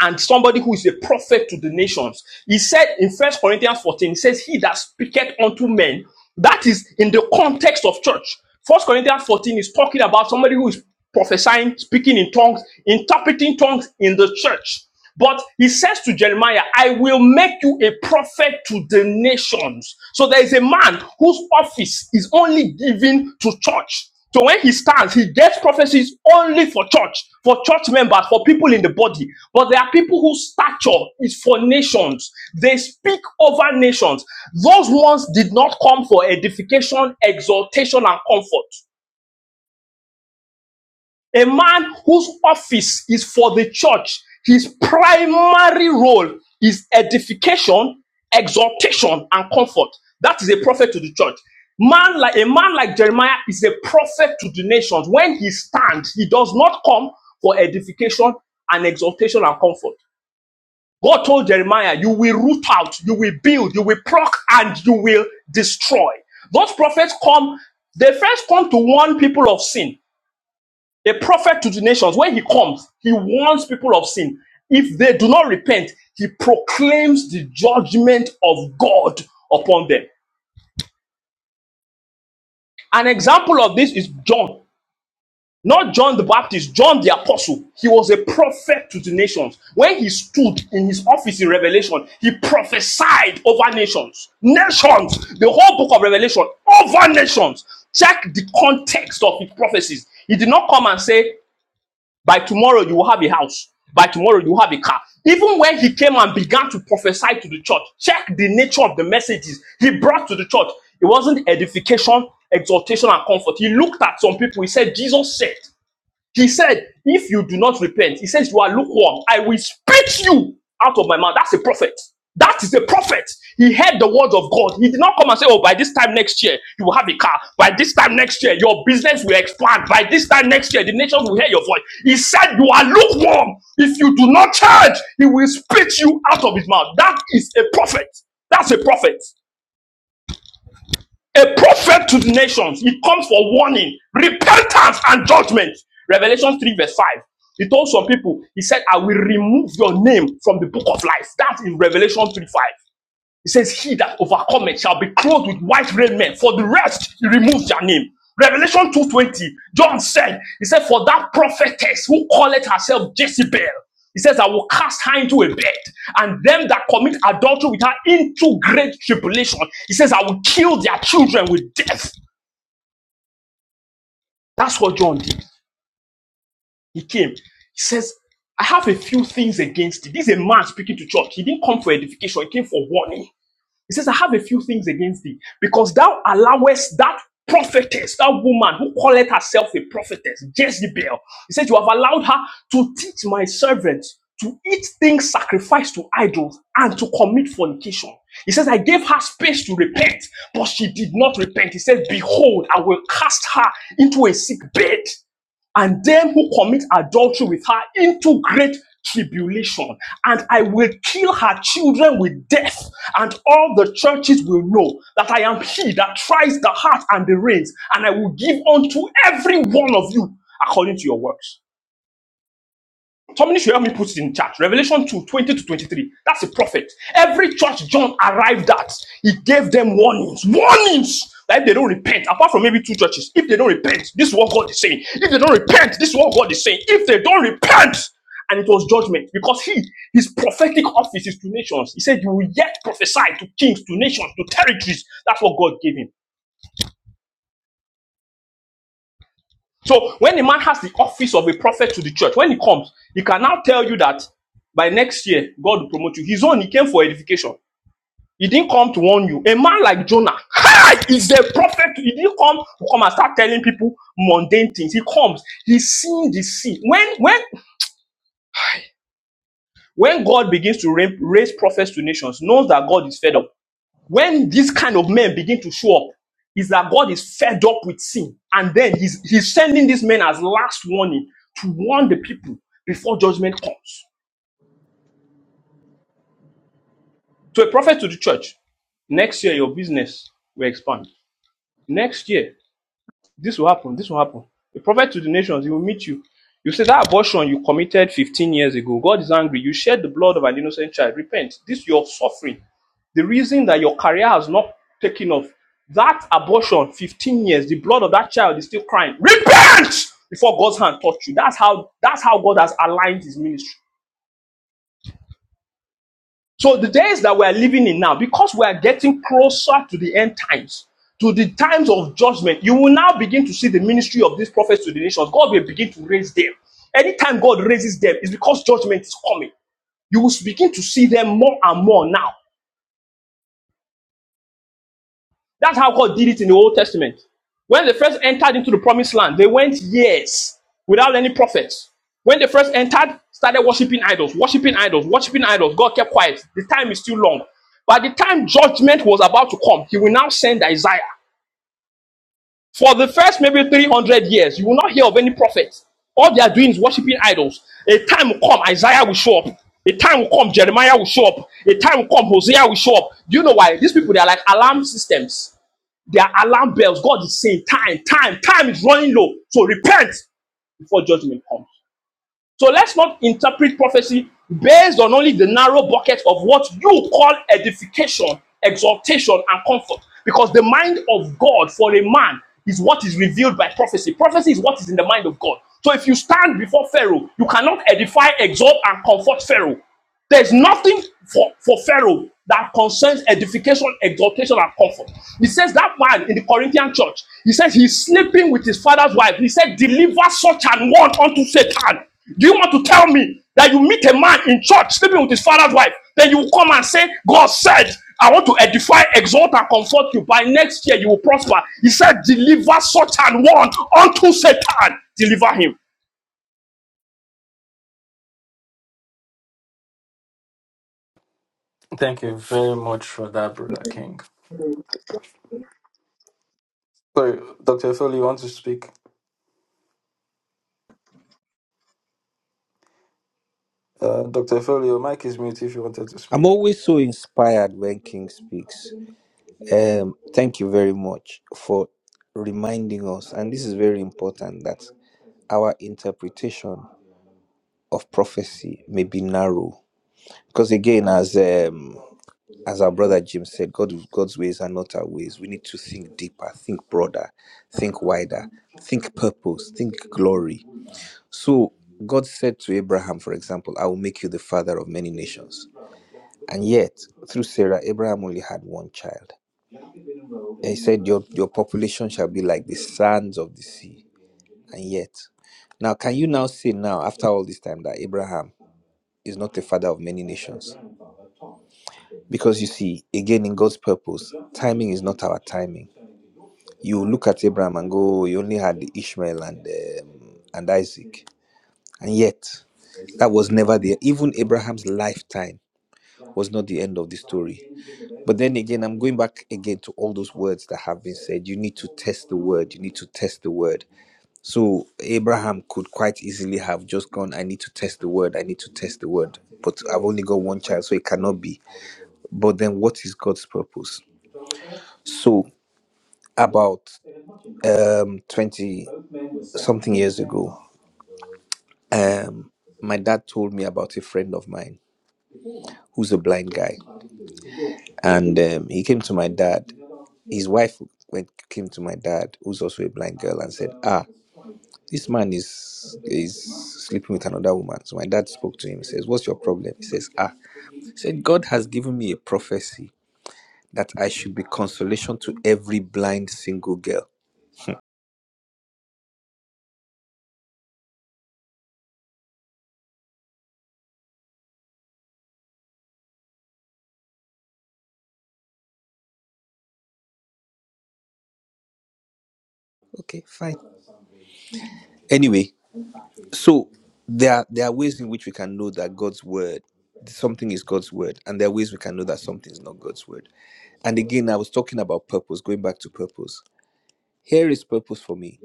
and somebody who is a prophet to the nations. He said in First Corinthians 14, he says, He that speaketh unto men. That is in the context of church. First Corinthians 14 is talking about somebody who is prophesying, speaking in tongues, interpreting tongues in the church. But he says to Jeremiah, I will make you a prophet to the nations. So there is a man whose office is only given to church. So when he stands, he gets prophecies only for church, for church members, for people in the body. But there are people whose stature is for nations. They speak over nations. Those ones did not come for edification, exaltation, and comfort. A man whose office is for the church, his primary role is edification, exhortation, and comfort. That is a prophet to the church. Man like a man like Jeremiah is a prophet to the nations. When he stands, he does not come for edification and exhortation and comfort. God told Jeremiah, You will root out, you will build, you will pluck, and you will destroy. Those prophets come, they first come to warn people of sin. A prophet to the nations, when he comes, he warns people of sin. If they do not repent, he proclaims the judgment of God upon them. An example of this is John. Not John the Baptist, John the Apostle. He was a prophet to the nations. When he stood in his office in Revelation, he prophesied over nations. Nations! The whole book of Revelation, over nations. Check the context of his prophecies. He did not come and say, By tomorrow, you will have a house. By tomorrow, you will have a car. Even when he came and began to prophesy to the church, check the nature of the messages he brought to the church. It wasn't edification, exhortation, and comfort. He looked at some people. He said, Jesus said. He said, If you do not repent, he says, You are lukewarm. I will spit you out of my mouth. That's a prophet. That is a prophet. He heard the words of God. He did not come and say, Oh, by this time next year, you will have a car. By this time next year, your business will expand. By this time next year, the nations will hear your voice. He said, You are lukewarm. If you do not change, he will spit you out of his mouth. That is a prophet. That's a prophet. A prophet to the nations. He comes for warning, repentance, and judgment. Revelation 3, verse 5. He told some people, he said, I will remove your name from the book of life. That's in Revelation 3 5. He says, He that overcometh shall be clothed with white raiment. For the rest, he removes their name. Revelation 2.20, John said, He said, For that prophetess who calleth herself Jezebel, he says, I will cast her into a bed, and them that commit adultery with her into great tribulation. He says, I will kill their children with death. That's what John did. He came. He says, I have a few things against it.' This is a man speaking to church. He didn't come for edification, he came for warning. He says, I have a few things against thee, because thou allowest that prophetess, that woman who calleth herself a prophetess, Jezebel. He says, You have allowed her to teach my servants to eat things sacrificed to idols and to commit fornication. He says, I gave her space to repent, but she did not repent. He says, Behold, I will cast her into a sick bed and them who commit adultery with her into great tribulation. And I will kill her children with death, and all the churches will know that I am he that tries the heart and the reins, and I will give unto every one of you according to your works. Somebody should help me put it in chat. Revelation 2 20 to 23. That's a prophet. Every church John arrived at, he gave them warnings. Warnings! That if they don't repent, apart from maybe two churches, if they don't repent, this is what God is saying. If they don't repent, this is what God is saying. If they don't repent, and it was judgment because he, his prophetic office is to nations. He said, You will yet prophesy to kings, to nations, to territories. That's what God gave him. So when a man has the office of a prophet to the church, when he comes, he can now tell you that by next year God will promote you. His own, he came for edification. He didn't come to warn you. A man like Jonah hi, is the prophet. He didn't come to come and start telling people mundane things. He comes. He's seeing the sea. When when when God begins to raise prophets to nations, knows that God is fed up. When these kind of men begin to show up, is that God is fed up with sin. And then he's, he's sending these men as last warning to warn the people before judgment comes. To a prophet to the church, next year your business will expand. Next year, this will happen, this will happen. A prophet to the nations, he will meet you. You say that abortion you committed 15 years ago, God is angry. You shed the blood of an innocent child. Repent. This your suffering The reason that your career has not taken off, that abortion, 15 years, the blood of that child is still crying. Repent before God's hand touched you. That's how that's how God has aligned his ministry. So the days that we are living in now, because we are getting closer to the end times, to the times of judgment, you will now begin to see the ministry of these prophets to the nations. God will begin to raise them. Anytime God raises them, it's because judgment is coming. You will begin to see them more and more now. That's how God did it in the Old Testament. When they first entered into the promised land, they went years without any prophets. When they first entered, started worshiping idols, worshiping idols, worshiping idols. God kept quiet. The time is still long. By the time judgment was about to come, he will now send Isaiah. For the first maybe 300 years, you will not hear of any prophets. All they are doing is worshiping idols. A time will come, Isaiah will show up. A time will come, Jeremiah will show up. A time will come, Hosea will show up. Do you know why? These people, they are like alarm systems. There are alarm bells. God is saying, time, time, time is running low. So repent before judgment comes. So let's not interpret prophecy based on only the narrow bucket of what you call edification, exaltation, and comfort. Because the mind of God for a man is what is revealed by prophecy. Prophecy is what is in the mind of God. So if you stand before Pharaoh, you cannot edify, exalt, and comfort Pharaoh. There's nothing for, for Pharaoh that concerns edification, exaltation, and comfort. He says that man in the Corinthian church, he says he's sleeping with his father's wife. He said, Deliver such an one unto Satan. Do you want to tell me that you meet a man in church sleeping with his father's wife? Then you come and say, God said, I want to edify, exalt, and comfort you. By next year, you will prosper. He said, Deliver such an one unto Satan. Deliver him.
Thank you very much for that, Brother King. Sorry, Dr. Foley, you want to speak? Uh, Dr. Foley, your mic is mute if you wanted to
I'm
speak.
always so inspired when King speaks. Um, thank you very much for reminding us, and this is very important that our interpretation of prophecy may be narrow. Because again, as um, as our brother Jim said, God, God's ways are not our ways. We need to think deeper, think broader, think wider, think purpose, think glory. So God said to Abraham, for example, I will make you the father of many nations. And yet, through Sarah, Abraham only had one child. And he said, your, your population shall be like the sands of the sea. And yet, now can you now say now, after all this time, that Abraham is not the father of many nations? Because you see, again, in God's purpose, timing is not our timing. You look at Abraham and go, you only had Ishmael and, um, and Isaac. And yet, that was never the, even Abraham's lifetime was not the end of the story. But then again, I'm going back again to all those words that have been said. You need to test the word. You need to test the word. So Abraham could quite easily have just gone, I need to test the word. I need to test the word. But I've only got one child, so it cannot be. But then what is God's purpose? So about um 20 something years ago, um, my dad told me about a friend of mine who's a blind guy. And um, he came to my dad his wife went came to my dad, who's also a blind girl, and said, "Ah, this man is is sleeping with another woman." So my dad spoke to him. He says, "What's your problem?" He says, "Ah, he said God has given me a prophecy that I should be consolation to every blind single girl." Okay, fine. Anyway, so there are, there are ways in which we can know that God's word something is God's word, and there are ways we can know that something is not God's word. And again, I was talking about purpose, going back to purpose. Here is purpose for me.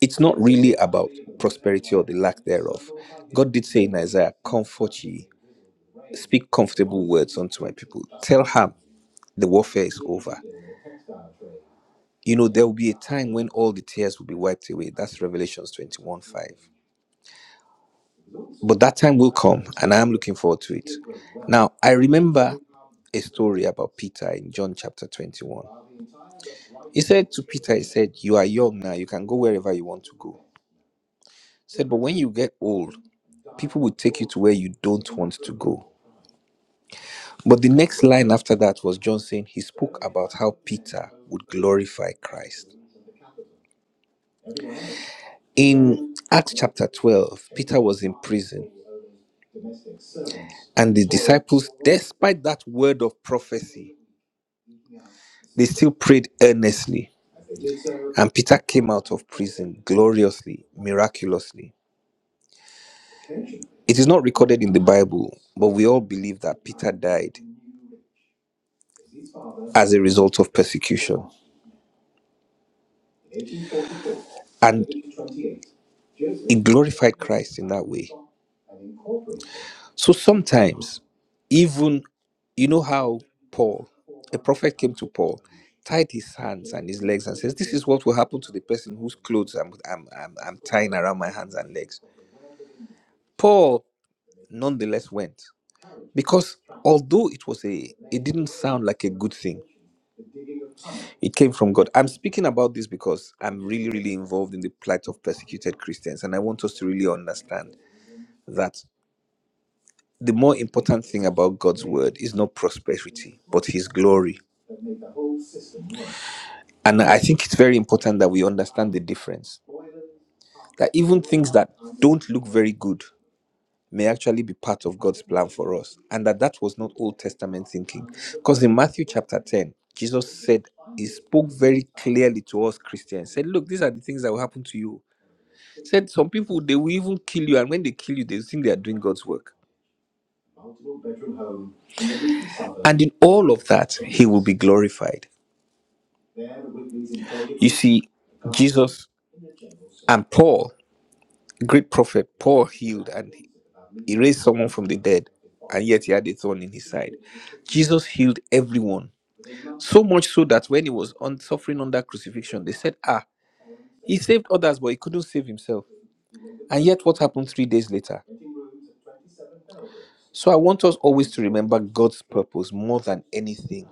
it's not really about prosperity or the lack thereof. God did say in Isaiah, Comfort ye, speak comfortable words unto my people. Tell her the warfare is over. You know, there will be a time when all the tears will be wiped away. That's Revelations 21 5. But that time will come, and I am looking forward to it. Now, I remember a story about Peter in John chapter 21. He said to Peter, He said, You are young now, you can go wherever you want to go. He said, But when you get old, people will take you to where you don't want to go. But the next line after that was John saying he spoke about how Peter would glorify Christ. In Acts chapter 12, Peter was in prison, and the disciples, despite that word of prophecy, they still prayed earnestly. And Peter came out of prison gloriously, miraculously. It is not recorded in the Bible, but we all believe that Peter died as a result of persecution. And it glorified Christ in that way. So sometimes, even you know how Paul, a prophet came to Paul, tied his hands and his legs and says, This is what will happen to the person whose clothes I'm, I'm, I'm, I'm tying around my hands and legs. Paul nonetheless went because although it was a it didn't sound like a good thing it came from god i'm speaking about this because i'm really really involved in the plight of persecuted christians and i want us to really understand that the more important thing about God's word is not prosperity, but his glory. And I think it's very important that we understand the difference. That even things that don't look very good may actually be part of God's plan for us. And that that was not Old Testament thinking. Because in Matthew chapter 10, Jesus said, He spoke very clearly to us Christians. Said, Look, these are the things that will happen to you. Said, Some people, they will even kill you. And when they kill you, they think they are doing God's work. And in all of that, He will be glorified. You see, Jesus and Paul, great prophet, Paul healed and he raised someone from the dead, and yet he had a thorn in his side. Jesus healed everyone, so much so that when he was on, suffering under crucifixion, they said, Ah, he saved others, but he couldn't save himself. And yet, what happened three days later? So, I want us always to remember God's purpose more than anything.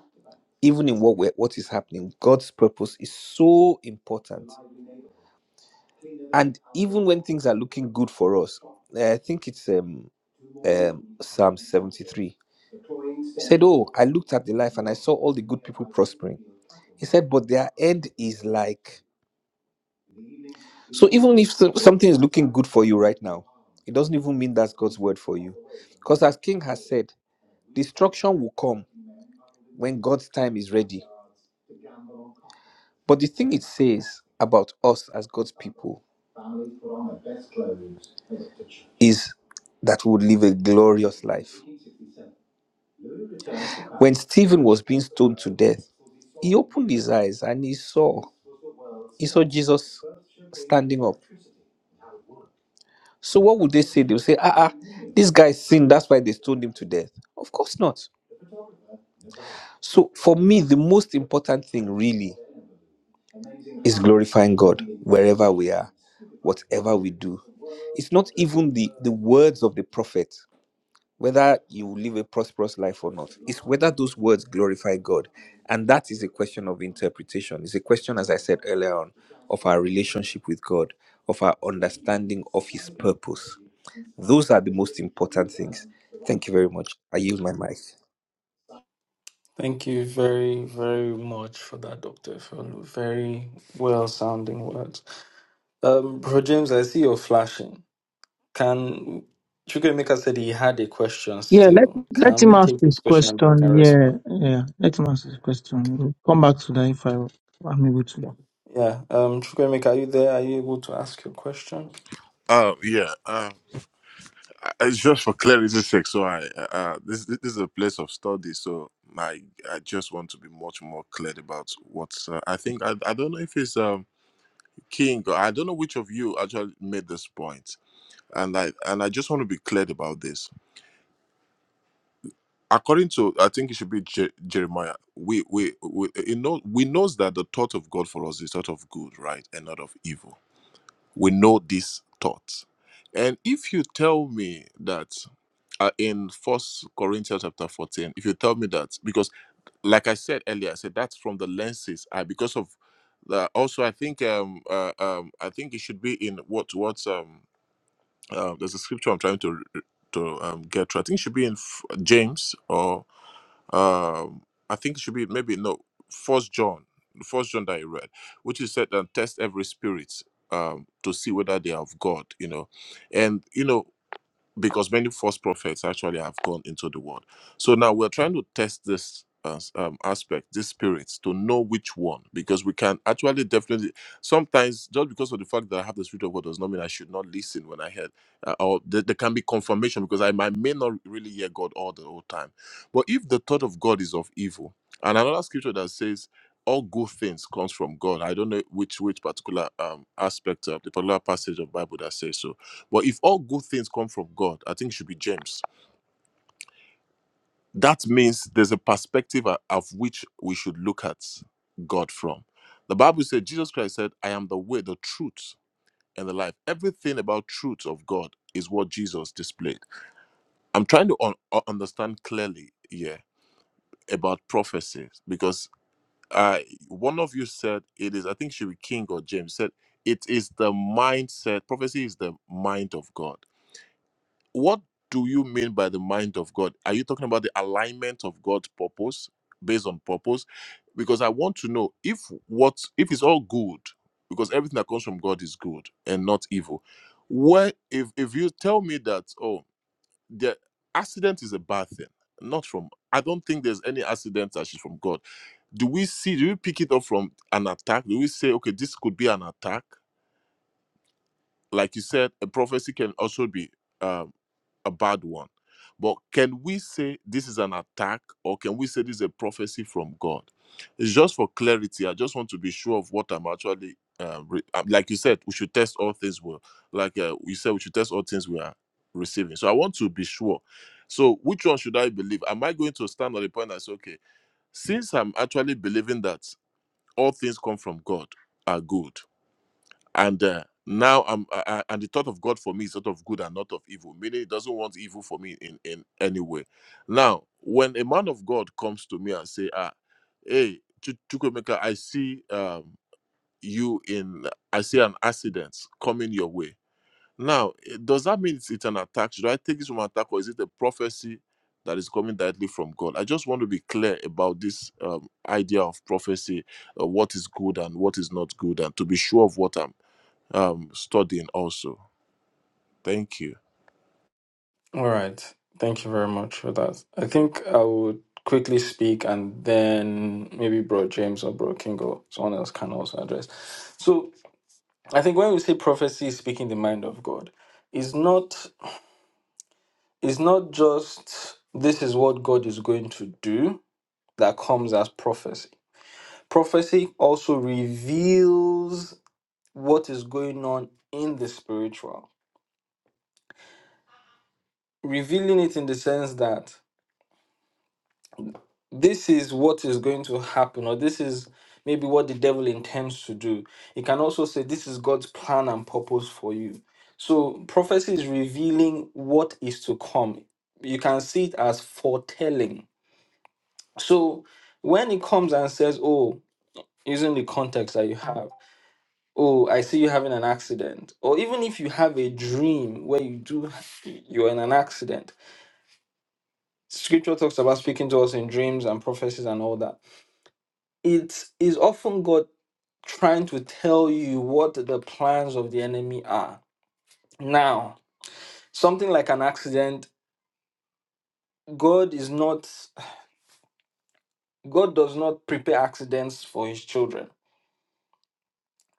Even in what we're, what is happening, God's purpose is so important. And even when things are looking good for us, eh, I think it's um, um, Psalm 73. He said, Oh, I looked at the life and I saw all the good people prospering. He said, But their end is like. So even if so- something is looking good for you right now, it doesn't even mean that's God's word for you. Because as King has said, destruction will come when God's time is ready. But the thing it says about us as God's people is that we would live a glorious life. When Stephen was being stoned to death, he opened his eyes and he saw. He saw Jesus standing up. So what would they say? They would say, ah, ah, this guy sinned. That's why they stoned him to death. Of course not. So for me, the most important thing really is glorifying God wherever we are, whatever we do. It's not even the, the words of the prophet, whether you live a prosperous life or not. It's whether those words glorify God. And that is a question of interpretation. It's a question, as I said earlier on, of our relationship with God, of our understanding of his purpose. Those are the most important things. Thank you very much. I yield my mic.
Thank you very, very much for that, Dr. Foley. Very well sounding words. Um, Bro James, I see you're flashing. Can Chukwemeka said he had a question
Yeah, let
still.
let
Can
him
we
ask
take
his
this question and then we can
question. Yeah,
respond?
yeah. Let him ask his
Okay.
question. We'll come back to that if I, I'm able to.
Yeah. Yeah, Um, Chukwemeka, are you there? Are you able to ask your question?
Uh, yeah. Um, I- it's just for clarity's sake. So I, uh, uh, this this is a place of study. So I, I just want to be much more clear about what's. Uh, I think I, I don't know if it's um King or I don't know which of you actually made this point, and I and I just want to be clear about this. according to i think it should be Je- jeremiah we we we it know, we knows that the thought of god for us is thought of good right and not of evil we know this thought and if you tell me that uh, in first corinthians chapter 14 if you tell me that because like i said earlier i said that's from the lenses i because of the also i think um uh, um i think it should be in what what um uh, there's a scripture i'm trying to to um, get to i think it should be in F- james um i think it should be maybe no first john the first john that i read which is said and test every spirit um to see whether they are of god you know and you know because many false prophets actually have gone into the world. So now we're trying to test this uh, um, aspect, these spirits, to know which one, because we can actually definitely sometimes just because of the fact that I have the spirit of God does not mean I should not listen when I heard, uh, or there, there can be confirmation because I, might may not really hear God all the whole time. But if the thought of God is of evil, and another scripture that says all good things comes from God. I don't know which which particular um, aspect of the particular passage of Bible that says so but if all good things come from God, I think it should be James. That means there's a perspective o- of which we should look at God from. The Bible said, Jesus Christ said, I am the way, the truth, and the life. Everything about truth of God is what Jesus displayed. I'm trying to un- u- understand clearly here about prophecies because uh, one of you said it is, I think it should be King or James said, it is the mindset, prophecy is the mind of God what do you mean by the mind of God? Are you talking about the alignment of God's purpose based on purpose? Because I want to know if what if it's all good, because everything that comes from God is good and not evil. Where if if you tell me that oh the accident is a bad thing, not from I don't think there's any accident that is from God. Do we see? Do we pick it up from an attack? Do we say okay this could be an attack? like you said, a prophecy can also be um, a bad one. But can we say this is an attack or can we say this is a prophecy from God? It's just for clarity. I just want to be sure of what I'm actually, uh, re- uh, like you said, we should test all things well. Like uh, you said, we should test all things we are receiving. So I want to be sure. So which one should I believe? Am I going to stand on the point that's okay? Since I'm actually believing that all things come from God are good, and uh, now I'm I, I- and the thought of God for me is sort of good and not of evil, meaning He doesn't want evil for me in in any way. Now, when a man of God comes to me and say, "Ah, hey, Ch- Chukwemeka, I see um, you in, I see an accident coming your way." Now, eh, does that mean it's, it's an attack? Should I take this from an attack, or is it a prophecy that is coming directly from God? I just want to be clear about this um, idea of prophecy, uh, what is good and what is not good, and to be sure of what I'm um, studying also. Thank you.
All right. Thank you very much for that. I think I would quickly speak and then maybe Bro James or Bro King or someone else can also address. So I think when we say prophecy is speaking the mind of God, it's not it's not just this is what God is going to do that comes as prophecy. Prophecy also reveals what is going on in the spiritual. Revealing it in the sense that this is what is going to happen, or this is maybe what the devil intends to do. You can also say, This is God's plan and purpose for you. So, prophecy is revealing what is to come. You can see it as foretelling. So, when it comes and says, Oh, using the context that you have, oh, I see you having an accident, or even if you have a dream where you do, you're in an accident, scripture talks about speaking to us in dreams and prophecies and all that it is often God trying to tell you what the plans of the enemy are. Now, something like an accident, God is not God does not prepare accidents for his children,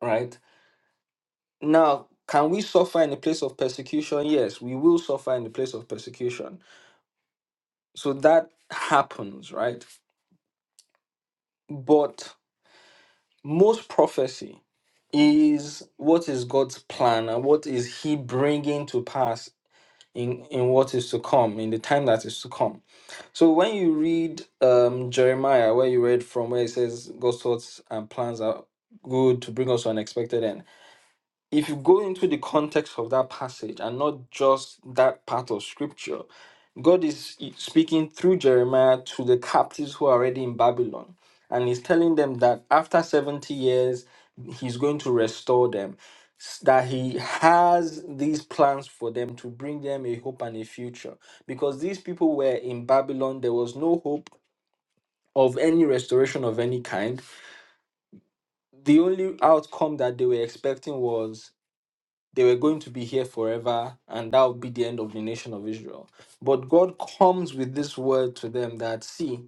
right? Now, can we suffer in the place of persecution? Yes, we will suffer in the place of persecution. So that happens, right? But most prophecy is what is God's plan and what is he bringing to pass in in what is to come in the time that is to come so when you read um jeremiah where you read from where it says god's thoughts and plans are good to bring us to an expected end if you go into the context of that passage and not just that part of scripture, God is speaking through Jeremiah to the captives who are already in Babylon. And he's telling them that after 70 years, he's going to restore them, s- that he has these plans for them to bring them a hope and a future. Because these people were in Babylon, there was no hope of any restoration of any kind. The only outcome that they were expecting was they were going to be here forever and that would be the end of the nation of Israel. But God comes with this word to them that, see,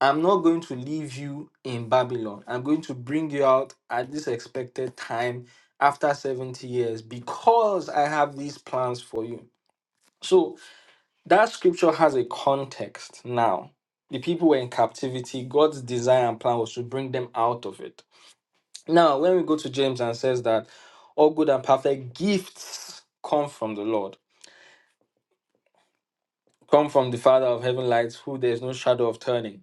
I'm not going to leave you in Babylon. I'm going to bring you out at this expected time after 70 years because I have these plans for you. So that scripture has a context now. The people were in captivity. God's design and plan was to bring them out of it. Now, when we go to James and says that all good and perfect gifts come from the Lord, come from the Father of heaven lights, who there is no shadow of turning,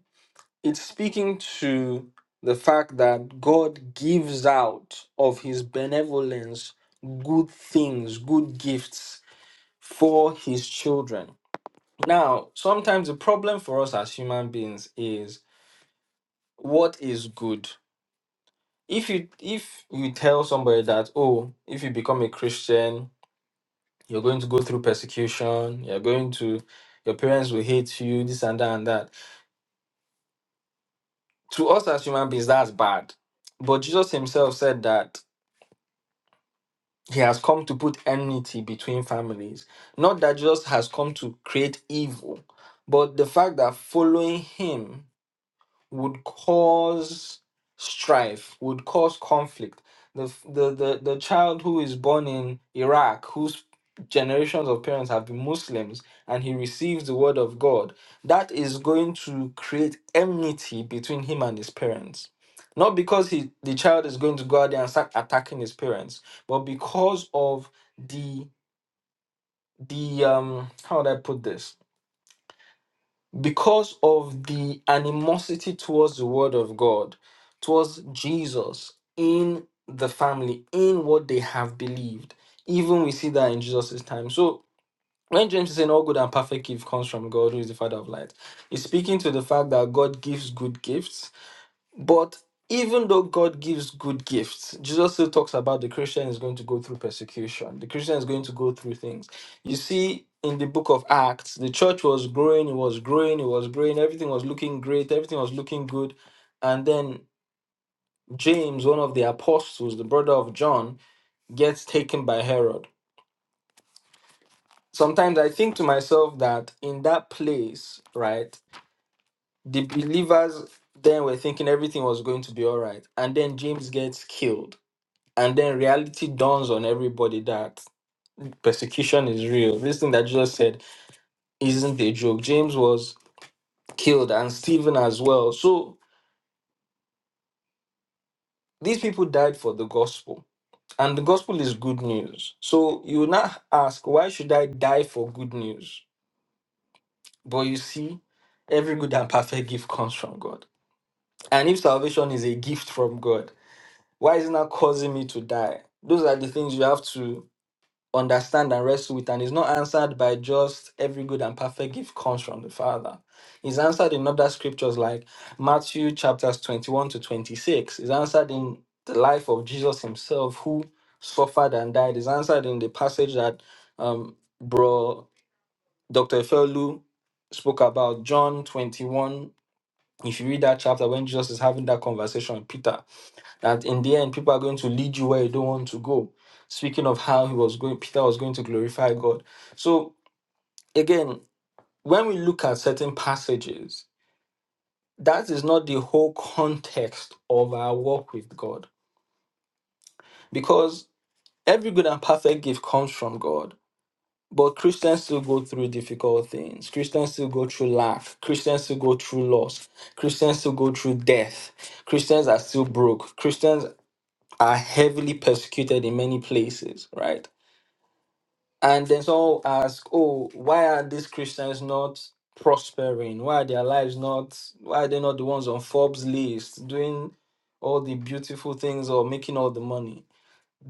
it's speaking to the fact that God gives out of his benevolence good things, good gifts for his children. Now, sometimes the problem for us as human beings is what is good. If you if you tell somebody that, oh, if you become a Christian, You're going to go through persecution. You're going to, your parents will hate you, this and that and that. To us as human beings, that's bad. But Jesus himself said that he has come to put enmity between families. Not that Jesus has come to create evil, but the fact that following him would cause strife, would cause conflict. The, f- the, the, the child who is born in Iraq, whose generations of parents have been Muslims, and he receives the word of God, that is going to create enmity between him and his parents. Not because he, the child is going to go out there and start attacking his parents, but because of the the um how would I put this? because of the animosity towards the word of God, towards Jesus in the family, in what they have believed. Even we see that in Jesus' time. So when James is saying all good and perfect gift comes from God, who is the Father of light, he's speaking to the fact that God gives good gifts but even though God gives good gifts, Jesus still talks about the Christian is going to go through persecution. The Christian is going to go through things. You see, in the book of Acts, the church was growing, it was growing, it was growing, everything was looking great, everything was looking good. And then James, one of the apostles, the brother of John, gets taken by Herod. Sometimes I think to myself that in that place, right, the believers then were thinking everything was going to be all right. And then James gets killed And then reality dawns on everybody that persecution is real. This thing that Jesus said isn't a joke. James was killed and Stephen as well. So these people died for the gospel. And the gospel is good news. So you will not ask, why should I die for good news? But you see, every good and perfect gift comes from God. And if salvation is a gift from God, why is it not causing me to die? Those are the things you have to understand and wrestle with, and is not answered by just every good and perfect gift comes from the Father. Is answered in other scriptures like Matthew chapters 21 to 26. Is answered in the life of Jesus himself, who suffered and died. Is answered in the passage that um, bro Dr. Efeolu spoke about, John 21. If you read that chapter, when Jesus is having that conversation with Peter, that in the end people are going to lead you where you don't want to go speaking of how he was going peter was going to glorify god so again when we look at certain passages that is not the whole context of our walk with god because every good and perfect gift comes from god but christians still go through difficult things christians still go through lack christians still go through loss christians still go through death christians are still broke christians are heavily persecuted in many places right And then some ask, oh, why are these Christians not prospering? Why are their lives not, why are they not the ones on Forbes list doing all the beautiful things or making all the money?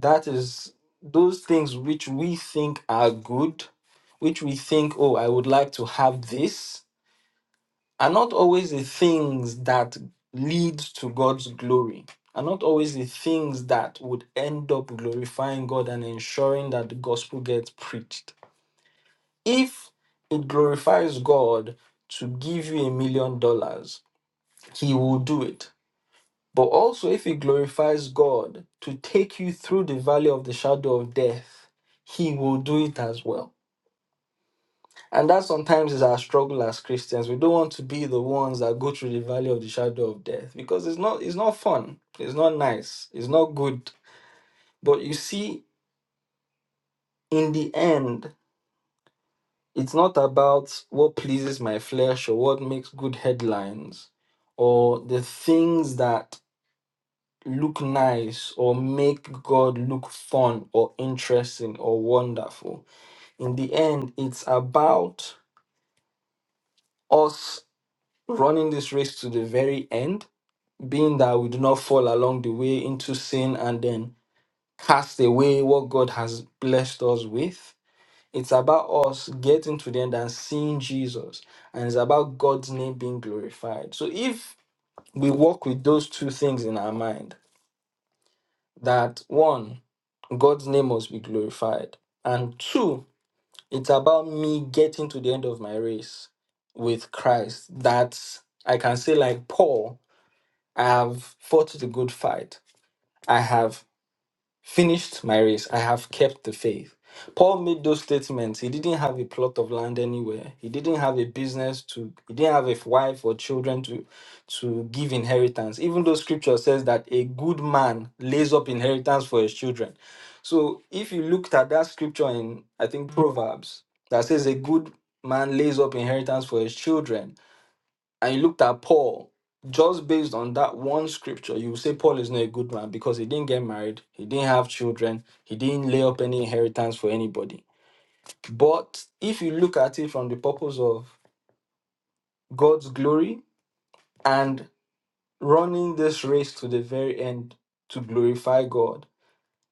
That is those things which we think are good, which we think, oh, I would like to have this, are not always the things that lead to God's glory. Are not always the things that would end up glorifying God and ensuring that the gospel gets preached if it glorifies God to give you a million dollars, He will do it. But also, if it glorifies God to take you through the valley of the shadow of death, He will do it as well. And that sometimes is our struggle as Christians. We don't want to be the ones that go through the valley of the shadow of death because it's not it's not fun. It's not nice. It's not good. But you see, in the end, It's not about what pleases my flesh or what makes good headlines or the things that look nice or make God look fun or interesting or wonderful. In the end, it's about us running this race to the very end, being that we do not fall along the way into sin and then cast away what God has blessed us with It's about us getting to the end and seeing Jesus, and it's about God's name being glorified. So if we walk with those two things in our mind, that one, God's name must be glorified, and two, it's about me getting to the end of my race with Christ. That I can say, like Paul, I have fought the good fight. I have finished my race. I have kept the faith. Paul made those statements. He didn't have a plot of land anywhere. He didn't have a business to he didn't have a wife or children to to give inheritance. Even though scripture says that a good man lays up inheritance for his children. So if you looked at that scripture in I think Proverbs that says a good man lays up inheritance for his children, and you looked at Paul, just based on that one scripture, you would say Paul is not a good man because he didn't get married, he didn't have children, he didn't lay up any inheritance for anybody. But if you look at it from the purpose of God's glory and running this race to the very end to glorify God,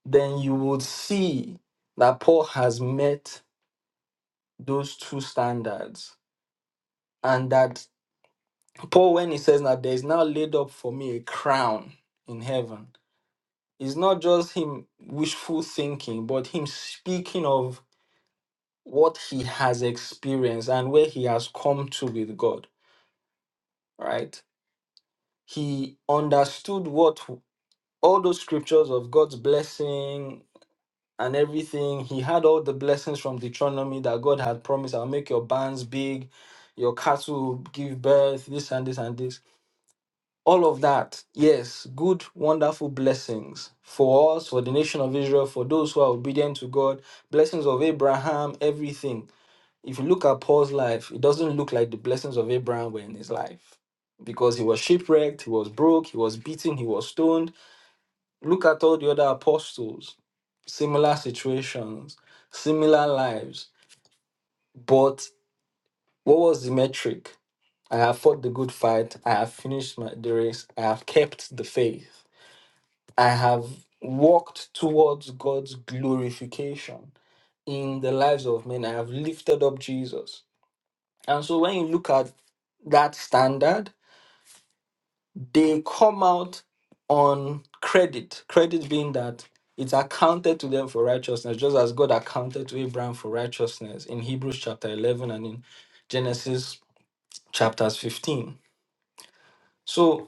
then you would see that Paul has met those two standards. And that Paul, when he says that there is now laid up for me a crown in heaven, It's not just him wishful thinking, but him speaking of what he has experienced and where he has come to with God, right? He understood what all those scriptures of God's blessing and everything. He had all the blessings from Deuteronomy that God had promised I'll make your barns big, your cattle will give birth, this and this and this all of that yes good wonderful blessings for us for the nation of israel for those who are obedient to god blessings of abraham everything if you look at paul's life it doesn't look like the blessings of abraham were in his life because he was shipwrecked he was broke he was beaten he was stoned look at all the other apostles similar situations similar lives but what was the metric i have fought the good fight i have finished my the race i have kept the faith I have walked towards God's glorification in the lives of men. I have lifted up Jesus. And so when you look at that standard, they come out on credit. Credit being that it's accounted to them for righteousness, just as God accounted to Abraham for righteousness in Hebrews chapter 11 and in Genesis chapters 15. So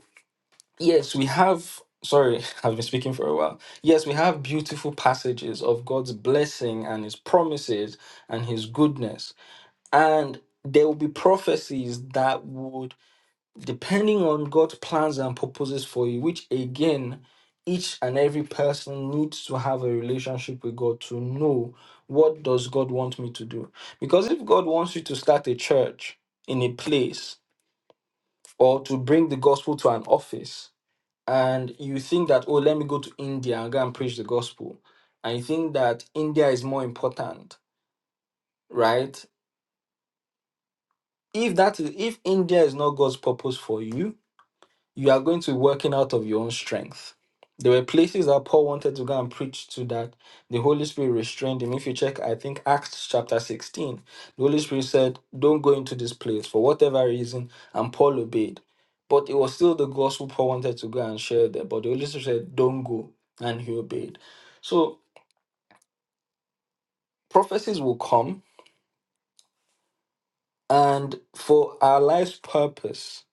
Yes, we have. Sorry, I've been speaking for a while. Yes, we have beautiful passages of God's blessing and His promises and His goodness. And there will be prophecies that would, depending on God's plans and purposes for you, which again, each and every person needs to have a relationship with God to know what does God want me to do. Because if God wants you to start a church in a place or to bring the gospel to an office, and you think that oh let me go to india and go and preach the gospel and you think that india is more important right if that is if india is not god's purpose for you you are going to be working out of your own strength. There were places that Paul wanted to go and preach to that the Holy Spirit restrained him. If you check, I think Acts chapter 16, the Holy Spirit said, Don't go into this place for whatever reason, and Paul obeyed. But it was still the gospel Paul wanted to go and share there. But the Holy Spirit said, Don't go, and he obeyed. So prophecies will come, and for our life's purpose,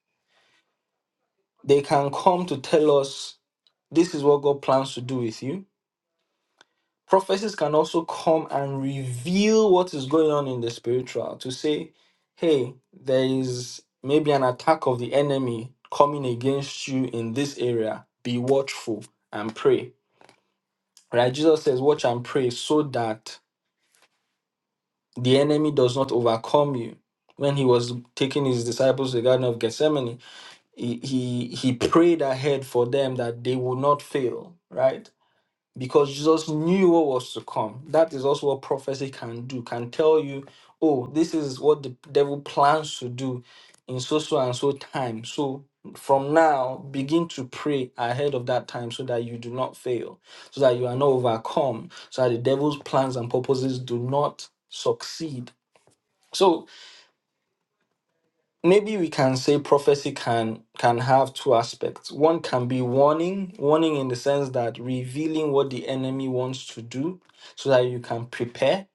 they can come to tell us this is what God plans to do with you prophecies can also come and reveal what is going on in the spiritual to say, hey, there is maybe an attack of the enemy coming against you in this area. Be watchful and pray. Right? Jesus says, watch and pray so that the enemy does not overcome you. When he was taking his disciples to the Garden of Gethsemane, he, he, he prayed ahead for them that they would not fail, right? because Jesus knew what was to come. That is also what prophecy can do, can tell you, oh, this is what the devil plans to do in so so and so time. So from now, begin to pray ahead of that time so that you do not fail, so that you are not overcome, so that the devil's plans and purposes do not succeed. So maybe we can say prophecy can can have two aspects one can be warning warning in the sense that revealing what the enemy wants to do so that you can prepare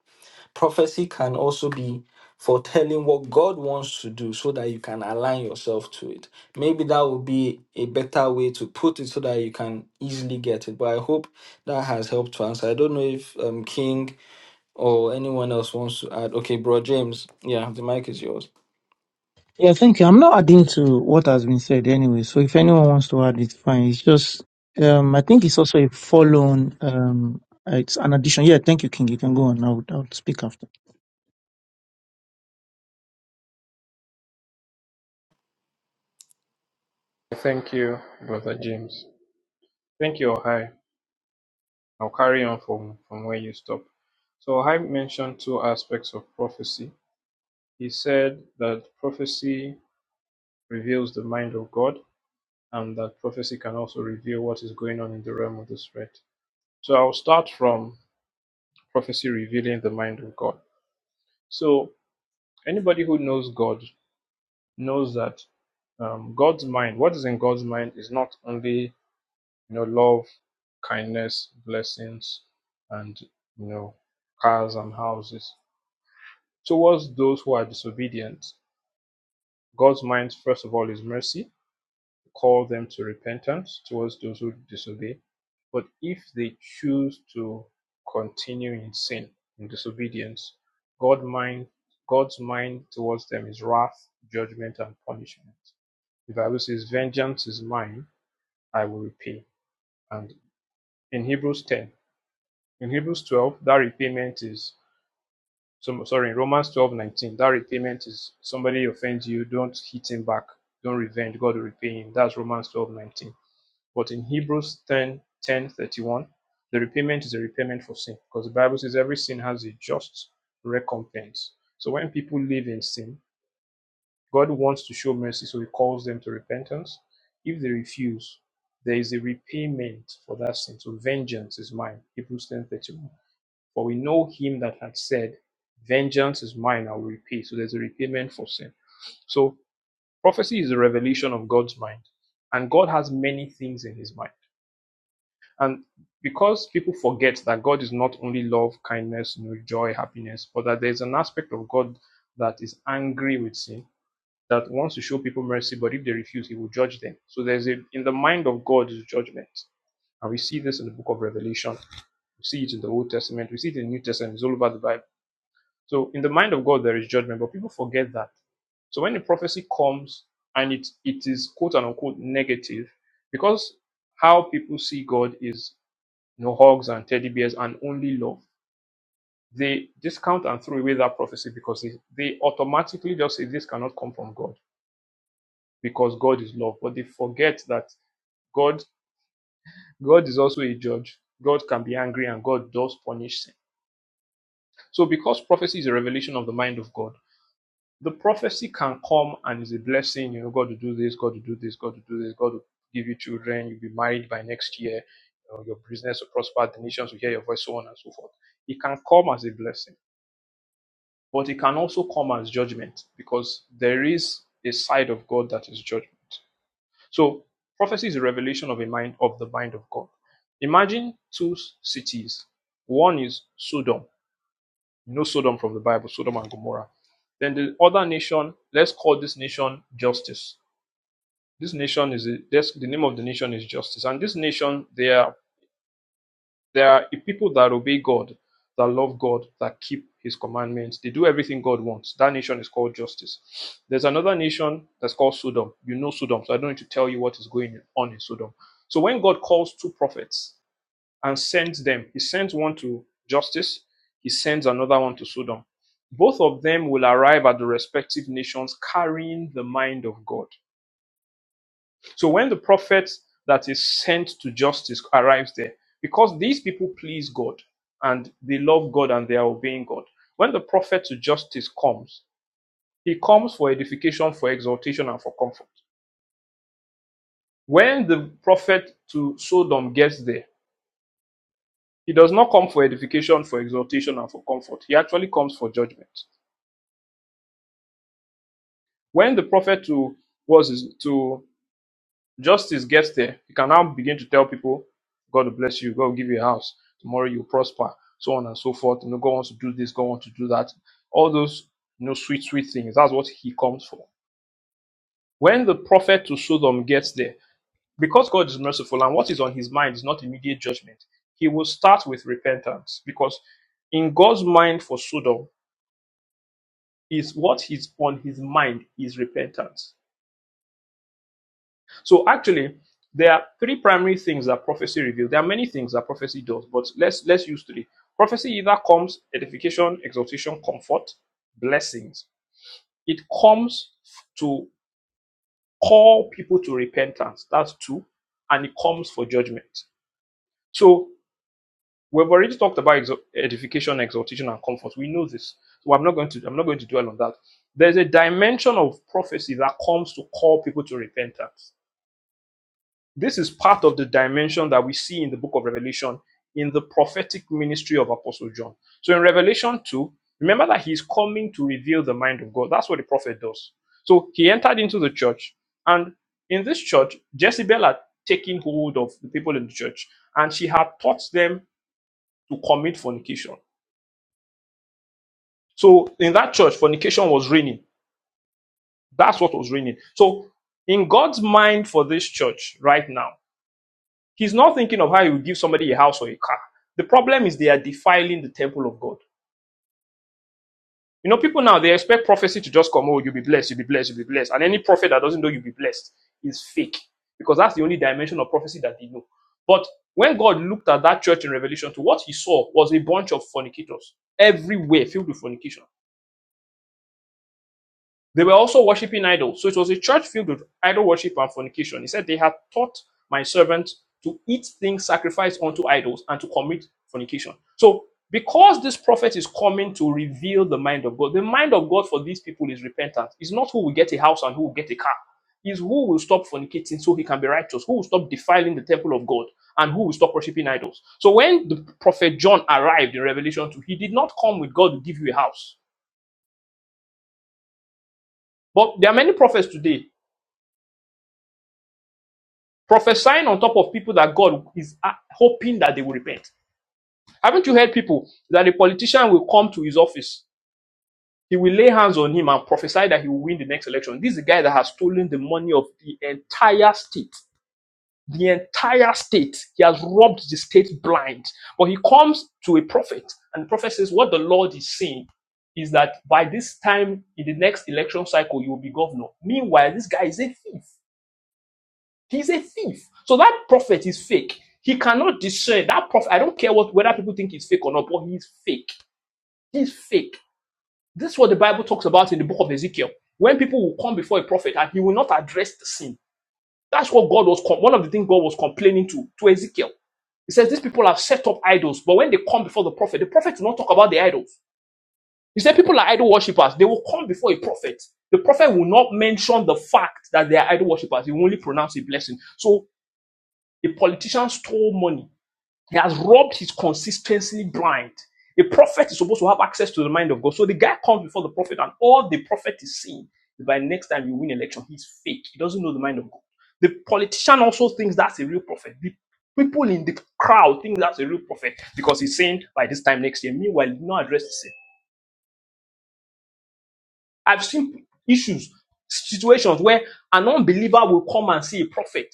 prophecy can also be foretelling what god wants to do so that you can align yourself to it maybe that would be a better way to put it so that you can easily get it but i hope that has helped to answer i don't know if um king or anyone else wants to add okay bro james yeah the mic is yours
Yeah, thank you. I'm not adding to what has been said anyway. So if anyone wants to add, it's fine. It's just, um, I think it's also a follow-on. Um, uh, it's an addition. Yeah, thank you, King. You can go on. I'll, I'll speak after.
Thank you, Brother James. Thank you, Ohio. I'll carry on from, from where you stop. So I mentioned two aspects of prophecy. He said that prophecy reveals the mind of God and that prophecy can also reveal what is going on in the realm of the spirit. So I'll start from prophecy revealing the mind of God. So anybody who knows God knows that um, God's mind, what is in God's mind, is not only you know love, kindness, blessings, and you know cars and houses. Towards those who are disobedient, God's mind, first of all, is mercy, call them to repentance towards those who disobey. But if they choose to continue in sin, in disobedience, God mind, God's mind towards them is wrath, judgment, and punishment. The Bible says, Vengeance is mine, I will repay. And in Hebrews 10, in Hebrews 12, that repayment is some sorry in romans twelve nineteen, that repayment is somebody offends you don't hit him back don't revenge god will repay him that's romans twelve nineteen. but in hebrews 10:31, the repayment is a repayment for sin because the bible says every sin has a just recompense so when people live in sin god wants to show mercy so he calls them to repentance if they refuse there is a repayment for that sin so vengeance is mine hebrews ten thirty one. For we know him that had said, Vengeance is mine, I will repay. So there's a repayment for sin. So prophecy is a revelation of God's mind. And God has many things in his mind. And because people forget that God is not only love, kindness, you know, joy, happiness, but that there's an aspect of God that is angry with sin, that wants to show people mercy, but if they refuse, he will judge them. So there's a in the mind of God is judgment. And we see this in the book of Revelation. We see it in the Old Testament. We see it in the New Testament. It's all over the Bible So in the mind of God there is judgment, but people forget that. So when a prophecy comes and it it is quote unquote negative, because how people see God is no hugs and teddy bears and only love, they discount and throw away that prophecy because they, they automatically just say this cannot come from God because God is love. But they forget that God God is also God can be angry and God does punish sin. So because prophecy is a revelation of the mind of God. The prophecy can come and is a blessing. You know, God to do this, God to do this, God to do this, God to give you children, you'll be married by next year, you know, your business will prosper, the nations will hear your voice, so on and so forth. It can come as a blessing. Judgment. Judgment. So prophecy is the mind of God. Imagine two cities. One is Sodom. You know Sodom from the Bible, Sodom and Gomorrah. Then the other nation, let's call this nation justice. This nation is a, that's, the name of the nation is justice, and this nation they are. There are people that obey God, that love God, that keep His commandments. They do everything God wants. That nation is called justice. There's another nation that's called Sodom. You know Sodom, so I don't need to tell you what is going on in Sodom. So when God calls two prophets and them, He sends one to justice, sends another one to Sodom. Both of them will arrive at the respective nations carrying the mind of God. So when the prophet that is sent to justice arrives there, because these people please God and they love God and they are obeying God, when the prophet to justice comes, he comes for edification, for exaltation, and for comfort. When the prophet to Sodom gets there, he does not come for edification, for exaltation, and for comfort. He actually comes for judgment. When the prophet to was to. Justice gets there, you can now begin to tell people, God will bless you, God will give you a house, tomorrow you'll prosper, so on and so forth. You know, God wants to do this, God wants to do that. All those you know, sweet, sweet things. That's what he comes for. When the prophet to Sodom gets there, because God is merciful and what is on his mind is not immediate judgment, he will start with repentance because in God's mind for Sodom is what is on his mind is repentance So actually, there are three primary things that prophecy reveals. There are many things that prophecy does, but let's let's use three. Prophecy either comes edification, exhortation, comfort, blessings. It comes to call people to repentance. That's two, and it comes for judgment. So we've already talked about edification, exhortation, and comfort. We know this, so I'm not going to I'm not going to dwell on that. There's a dimension of prophecy that comes to call people to repentance This is part of the dimension that we see in the book of Revelation in the prophetic ministry of Apostle John. So in Revelation 2, remember that he's coming to reveal the mind of God. That's what the prophet does. So he entered into the church, and in this church, Jezebel had taken hold of the people in the church, and she had taught them to commit fornication. So in that church, fornication was reigning. That's what was reigning. So in God's mind for this church right now, He's not thinking of how he will give somebody a house or a car. The problem is they are defiling the temple of God. You know, people now they expect prophecy to just come, oh, you'll be blessed, you'll be blessed, you'll be blessed. And any prophet that doesn't know you'll be blessed is fake. Because that's the only dimension of prophecy that they know. But when God looked at that church in Revelation, to what he saw was a bunch of fornicators everywhere filled with fornication. They were also worshipping idols. So it was a church filled with idol worship and fornication. He said, They had taught my servant to eat things sacrificed unto idols and to commit fornication. So, because this prophet is coming to reveal the mind of God, the mind of God for these people is repentance. It's not who will get a house and who will get a car. It's who will stop fornicating so he can be righteous, who will stop defiling the temple of God, and who will stop worshipping idols. So, when the prophet John arrived in Revelation 2, he did not come with God to give you a house. But there are many prophets today prophesying on top of people that God is uh, hoping that they will repent. Haven't you heard people that a politician will come to his office, he will lay hands on him and prophesy that he will win the next election? This is the guy that has stolen the money of the entire state. The entire state. He has robbed the state blind. But he comes to a prophet, and the prophet says, What the Lord is saying is that by this time in the next election cycle, you will be governor. Meanwhile, this guy is a thief. He's a thief. So that prophet is fake. He cannot discern that prophet. I don't care what whether people think he's fake or not, but he's fake. He's fake. This is what the Bible talks about in the book of Ezekiel. When people will come before a prophet and he will not address the sin. That's what God was one of the things God was complaining to to Ezekiel. He says these people have set up idols, but when they come before the prophet, the prophet will not talk about the idols. He said people are idol worshippers. They will come before a prophet. The prophet will not mention the fact that they are idol worshippers. He will only pronounce a blessing. So a politician stole money He has robbed his consistency blind. A prophet is supposed to have access to the mind of God. So the guy comes before the prophet, and all the prophet is seeing is by next time you win election, he's fake. He doesn't know the mind of God. The politician also thinks that's a real prophet. The people in the crowd think that's a real prophet because he's saying by this time next year. Meanwhile, he not address the same. I've seen issues, situations where an unbeliever will come and see a prophet.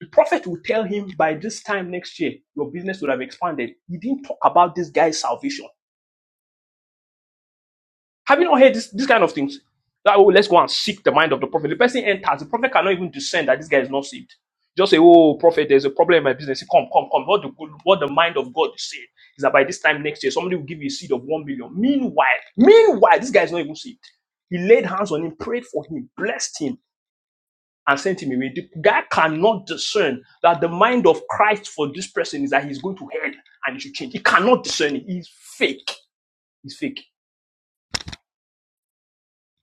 The prophet will tell him by this time next year, your business would have expanded. He didn't talk about this guy's salvation. Have you not heard this, this kind of things? That, oh, let's go and seek the mind of the prophet. The person enters, the prophet cannot even discern that this guy is not saved. Just say, oh, prophet, there's a problem in my business. Come, come, come. What the, good, what the mind of God is saying is that by this time next year, somebody will give you a seed of one million. Meanwhile, meanwhile, this guy is not even saved. He laid hands on him, prayed for him, blessed him and sent him away. The guy cannot discern that the mind of Christ for this person is that he's going to hell and he should change. He cannot discern it. He's fake. He's fake.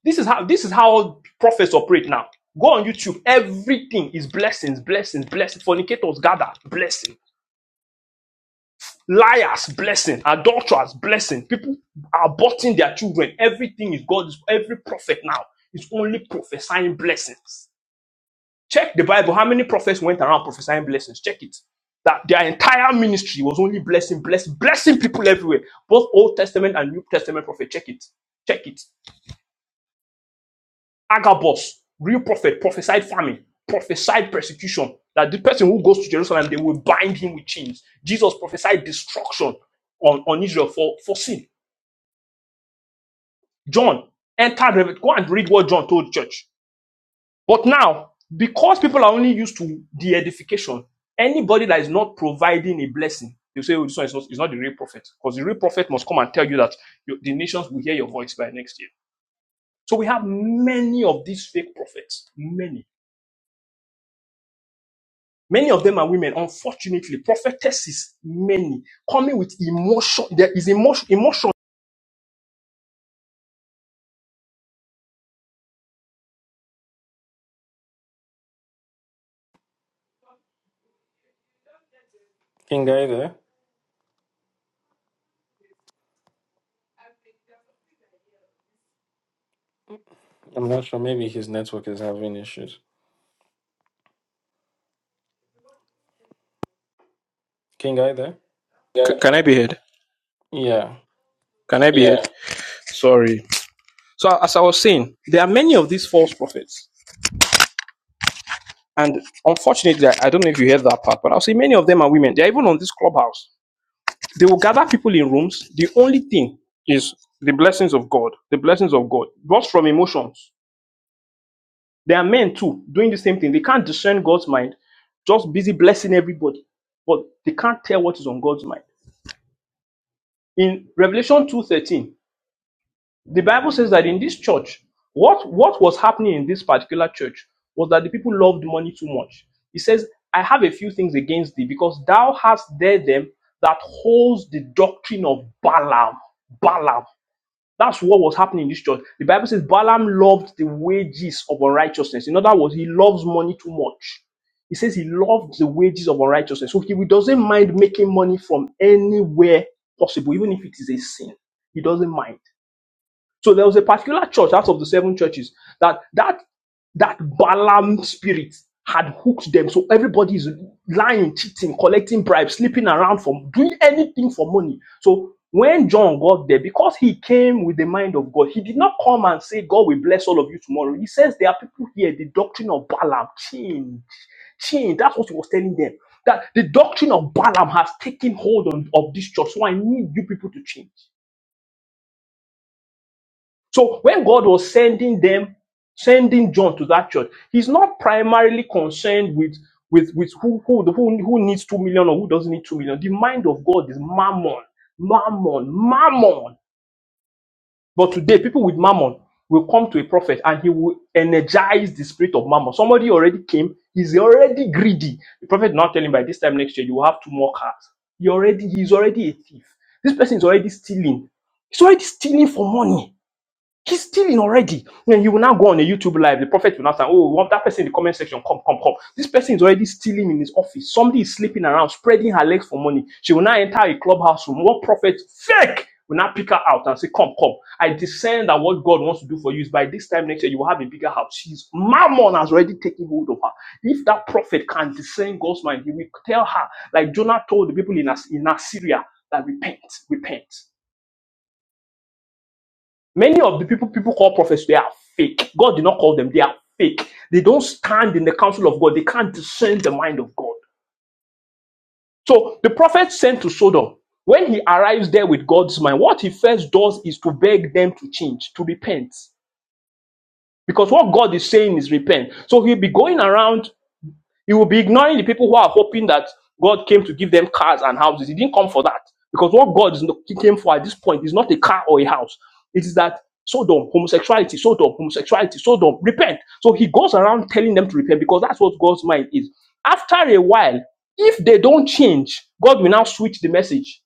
This is how this is how prophets operate now. Go on YouTube. Everything is blessings, blessings, blessings. Fornicators gather, blessing. Liars, blessing. Adulterers, blessing. People are aborting their children. Everything is God's. Every prophet now is only prophesying blessings. Check the Bible. How many prophets went around prophesying blessings? Check it. That their entire ministry was only blessing, blessing, blessing people everywhere. Both Old Testament and New Testament prophet. Check it. Check it. Agabus, real prophet, prophesied famine, prophesied persecution. That the person who goes to Jerusalem, they will bind him with chains. Jesus prophesied destruction on, on Israel for, for sin. John entered, Rev- go and read what John told the church. But now, because people are only used to the edification, anybody that is not providing a blessing, they say, oh, this one is not, is not the real prophet. Because the real prophet must come and tell you that you- the nations will hear your voice by next year. So we have many of these fake prophets, many. Many of them are women, unfortunately. Prophetesses, many, coming with emotion. There is emotion. emotion.
king are you there I'm not sure. Maybe his network is having issues. King, are you there?
C- Yeah. can I be heard?
Yeah.
Can I be heard? Yeah. Sorry. So as I was saying, there are many of these false prophets And unfortunately, I don't know if you heard that part, but I'll say many of them are women. They're even on this clubhouse. They will gather people in rooms. The only thing is the blessings of God, the blessings of God, just from emotions. There are men too doing the same thing. They can't discern God's mind, just busy blessing everybody, but they can't tell what is on God's mind. In Revelation 2:13, The Bible says that in this church, what, what was happening in this particular church was that the people loved money too much. He says, I have a few things against thee, because thou hast there them that holds the doctrine of Balaam. Balaam. That's what was happening in this church. The Bible says Balaam loved the wages of unrighteousness. In other words, he loves money too much. He says he loved the wages of unrighteousness. So he doesn't mind making money from anywhere possible, even if it is a sin. He doesn't mind. So there was a particular church out of the seven churches that that that Balaam spirit had hooked them. So everybody is lying, cheating, collecting bribes, sleeping around for doing anything for money. So when John got there, because he came with the mind of God, he did not come and say, God will bless all of you tomorrow. He says there are people here, the doctrine of Balaam changed. change." That's what he was telling them. That the doctrine of Balaam has taken hold on, of this church. So I need you people to change. So when God was sending them, sending John to that church, he's not primarily concerned with with with who who the- who, who needs two million or who doesn't need two million. The mind of God is mammon, mammon, mammon. But today, people with mammon will come to a prophet and he will energize the spirit of mammon. Somebody already came, he's already greedy. The prophet did not tell him by this time next year you will have two more cars. He already he's already a thief. This person is already stealing. He's already stealing for money He's stealing already. And he will now go on a YouTube live. The prophet will now say, Oh, want that person in the comment section. Come, come, come. This person is already stealing in his office. Somebody is sleeping around, spreading her legs for money. She will now enter a clubhouse room. What prophet fake will now pick her out and say, Come, come. I discern that what God wants to do for you is by this time next year, you will have a bigger house. She's mammon has already taken hold of her. If that prophet can discern God's mind, he will tell her, like Jonah told the people in, As- in Assyria, that repent, repent. Many of the people people call prophets, they are fake. God did not call them, they are fake. They don't stand in the counsel of God, they can't discern the mind of God. So the prophet sent to Sodom. When he arrives there with God's mind, what he first does is to beg them to change, to repent. Because what God is saying is repent. So he'll be going around You will be ignoring the people who are hoping that God came to give them cars and houses. He didn't come for that. Because what God is came for at this point is not a car or a house. It is that Sodom, homosexuality, Sodom, homosexuality, Sodom, repent. So he goes around telling them to repent because that's what God's mind is. After a while, if they don't change, God will now switch the message.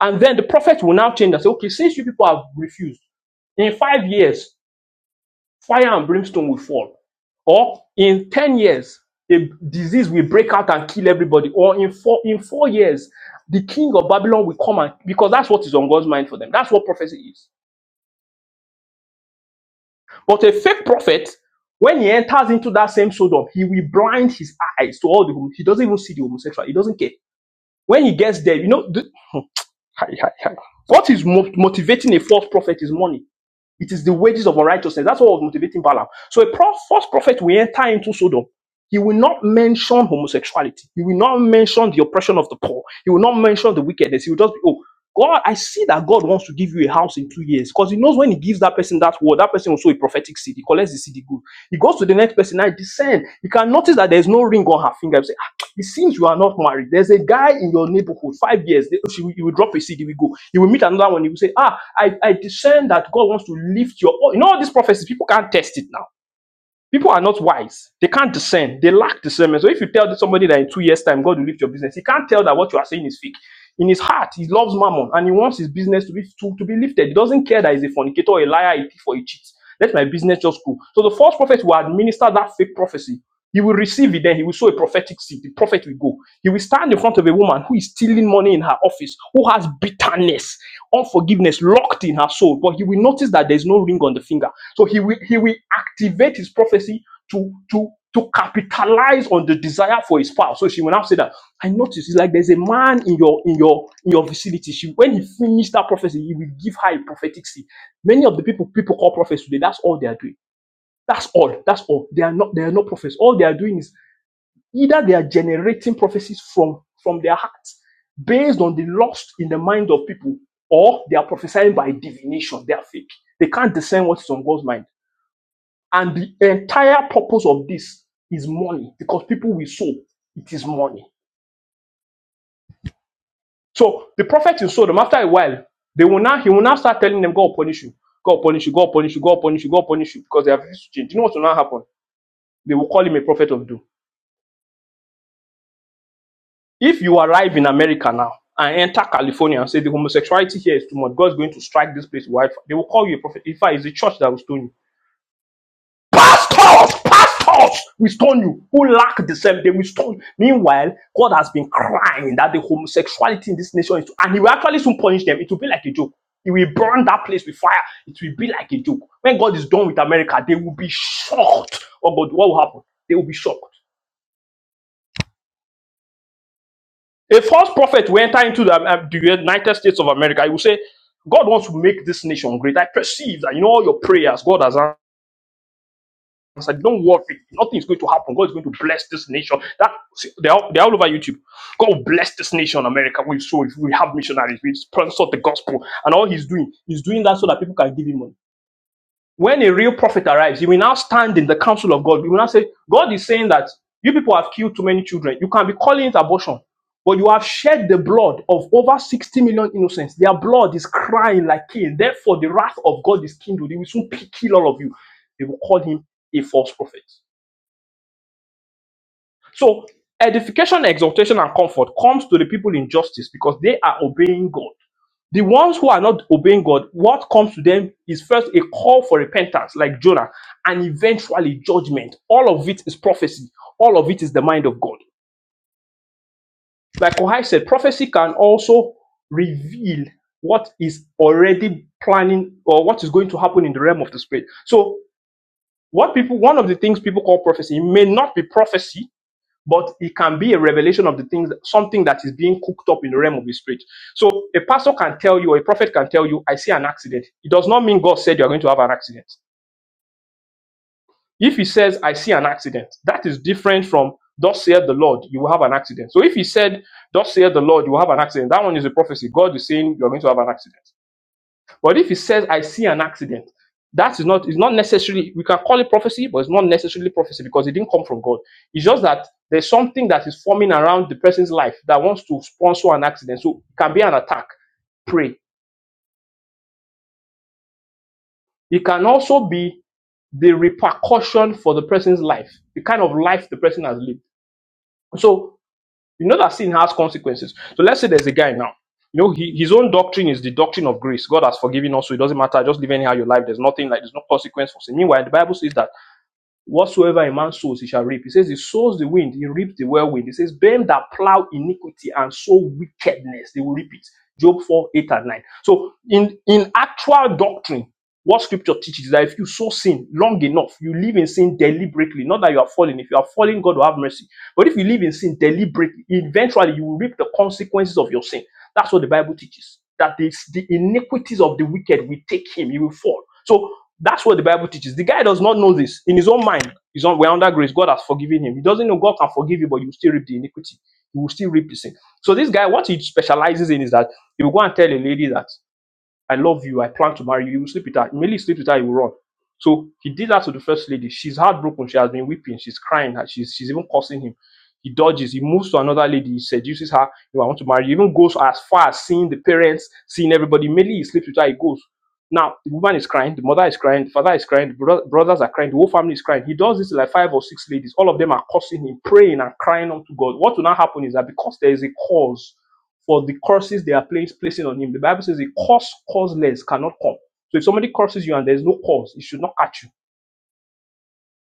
And then the prophet will now change and say, okay, since you people have refused, in five years, fire and brimstone will fall. Or in 10 years, a disease will break out and kill everybody. Or in four in four years, the king of Babylon will come and because that's what is on God's mind for them. That's what prophecy is. But a fake prophet, when he enters into that same Sodom, he will blind his eyes to all the homo- he doesn't even see the homosexual. He doesn't care. When he gets there, you know the, what is mo- motivating a false prophet is money It is the wages of unrighteousness. That's what was motivating Balaam. So a pro- false prophet will enter into Sodom. He will not mention homosexuality. He will not mention the oppression of the poor. He will not mention the wickedness. He will just be, oh, God, I see that God wants to give you a house in two years because he knows when he gives that person that word, that person will sow a prophetic seed. He collects the seed, he goes. He goes to the next person, I descend. You can notice that there's no ring on her finger. It seems you are not married. There's a guy in your neighborhood, five years, they, she will- you will drop a seed, he will go. You will meet another one, he will say, Ah, I, I discern that God wants to lift your. Oh, you know, all these prophecies, people can't test it now. People are not wise. They can't discern. They lack discernment. So if you tell somebody that in two years' time God will lift your business, he can't tell that what you are saying is fake. In his heart, he loves mammon and he wants his business to be to, to be lifted. He doesn't care that he's a fornicator, a liar, a thief, or a cheat. Let my business just go. So the false prophet will administer that fake prophecy. He will receive it, then he will sow a prophetic seed. The prophet will go. He will stand in front of a woman who is stealing money in her office, who has bitterness, unforgiveness locked in her soul, but he will notice that there's no ring on the finger so he will he will activate his prophecy to to to capitalize on the desire for his spouse. So she will now say that I noticed it's like there's a man in your in your in your vicinity. She when he finished that prophecy, he will give her a prophetic seed. Many of the people people call prophets today, that's all they are doing. That's all. That's all. They are not they are not prophets. All they are doing is either they are generating prophecies from from their hearts based on the lust in the mind of people, or they are prophesying by divination. They are fake. They can't discern what is on God's mind. And the entire purpose of this is money because people will sow. It is money. So the prophet in them. after a while, they will now he will now start telling them, God will punish you, God will punish you, God will punish you, God will punish you, God will punish you, because they have refused to change. You know what will now happen? They will call him a prophet of doom. If you arrive in America now and enter California and say the homosexuality here is too much, God's going to strike this place with wildfire, they will call you a prophet. In fact, it's the church that will stone you Pastors, pastors will stone you. Who lack the same, they will stone. Meanwhile, God has been crying that the homosexuality in this nation is, and He will actually soon punish them. It will be like a joke. He will burn that place with fire. It will be like a joke. When God is done with America, they will be shocked. Oh God, what will happen? They will be shocked. A false prophet will enter into the, um, the United States of America. He will say, God wants to make this nation great. I perceive that, you know, all your prayers, God has answered. I said, don't worry, nothing is going to happen. God is going to bless this nation. That they're all, they're all over YouTube. God will bless this nation, America. We so if we have missionaries, we sponsor the gospel, and all he's doing, he's doing that so that people can give him money. When a real prophet arrives, he will now stand in the council of God. He will now say, God is saying that you people have killed too many children. You can be calling it abortion, but you have shed the blood of over 60 million innocents. Their blood is crying like Cain. Therefore, the wrath of God is kindled. He will soon kill all of you. They will call him a false prophet. So edification, exhortation, and comfort comes to the people in justice because they are obeying God. The ones who are not obeying God, what comes to them is first a call for repentance, like Jonah, and eventually judgment. All of it is prophecy. All of it is the mind of God. Like Kohai said, prophecy can also reveal what is already planning or what is going to happen in the realm of the spirit. So, what people, one of the things people call prophecy, it may not be prophecy, but it can be a revelation of the things, something that is being cooked up in the realm of the spirit. So a pastor can tell you, or a prophet can tell you, I see an accident. It does not mean God said you are going to have an accident. If he says, I see an accident, that is different from, thus saith the Lord, you will have an accident. So if he said, thus saith the Lord, you will have an accident, that one is a prophecy. God is saying you are going to have an accident. But if he says, I see an accident, that is not, it's not necessarily, we can call it prophecy, but it's not necessarily prophecy because it didn't come from God. It's just that there's something that is forming around the person's life that wants to sponsor an accident. So it can be an attack. Pray. It can also be the repercussion for the person's life, the kind of life the person has lived. So you know that sin has consequences. So let's say there's a guy now. You know, he, his own doctrine is the doctrine of grace. God has forgiven us, so it doesn't matter. Just live anyhow your life. There's nothing like there's no consequence for sin. Meanwhile, the Bible says that Whatsoever a man sows, he shall reap. He says, He sows the wind, he reaps the whirlwind. He says, Them that plow iniquity and sow wickedness, they will reap it. Job 4, 8, and 9. So, in, in actual doctrine, what scripture teaches is that if you sow sin long enough, you live in sin deliberately. Not that you are falling. If you are falling, God will have mercy. But if you live in sin deliberately, eventually you will reap the consequences of your sin. That's what the Bible teaches. That the, the iniquities of the wicked will take him, he will fall. So that's what the Bible teaches. The guy does not know this in his own mind. He's on we're under grace. God has forgiven him. He doesn't know God can forgive you, but you still reap the iniquity. You will still reap the sin. So this guy, what he specializes in is that he will go and tell a lady that. I love you. I plan to marry you. You will sleep with her. Immediately sleep with her, you will run. So he did that to the first lady. She's heartbroken. She has been weeping. She's crying. She's, she's even cursing him. He dodges. He moves to another lady. He seduces her. You know, I want to marry you. He Even goes as far as seeing the parents, seeing everybody. Immediately he sleeps with her. He goes. Now, the woman is crying. The mother is crying. The father is crying. The bro- brothers are crying. The whole family is crying. He does this to like five or six ladies. All of them are cursing him, praying and crying unto God. What will now happen is that because there is a cause for the curses they are place, placing on him. The Bible says the curse causeless cannot come. So if somebody curses you and there's no cause, it should not catch you.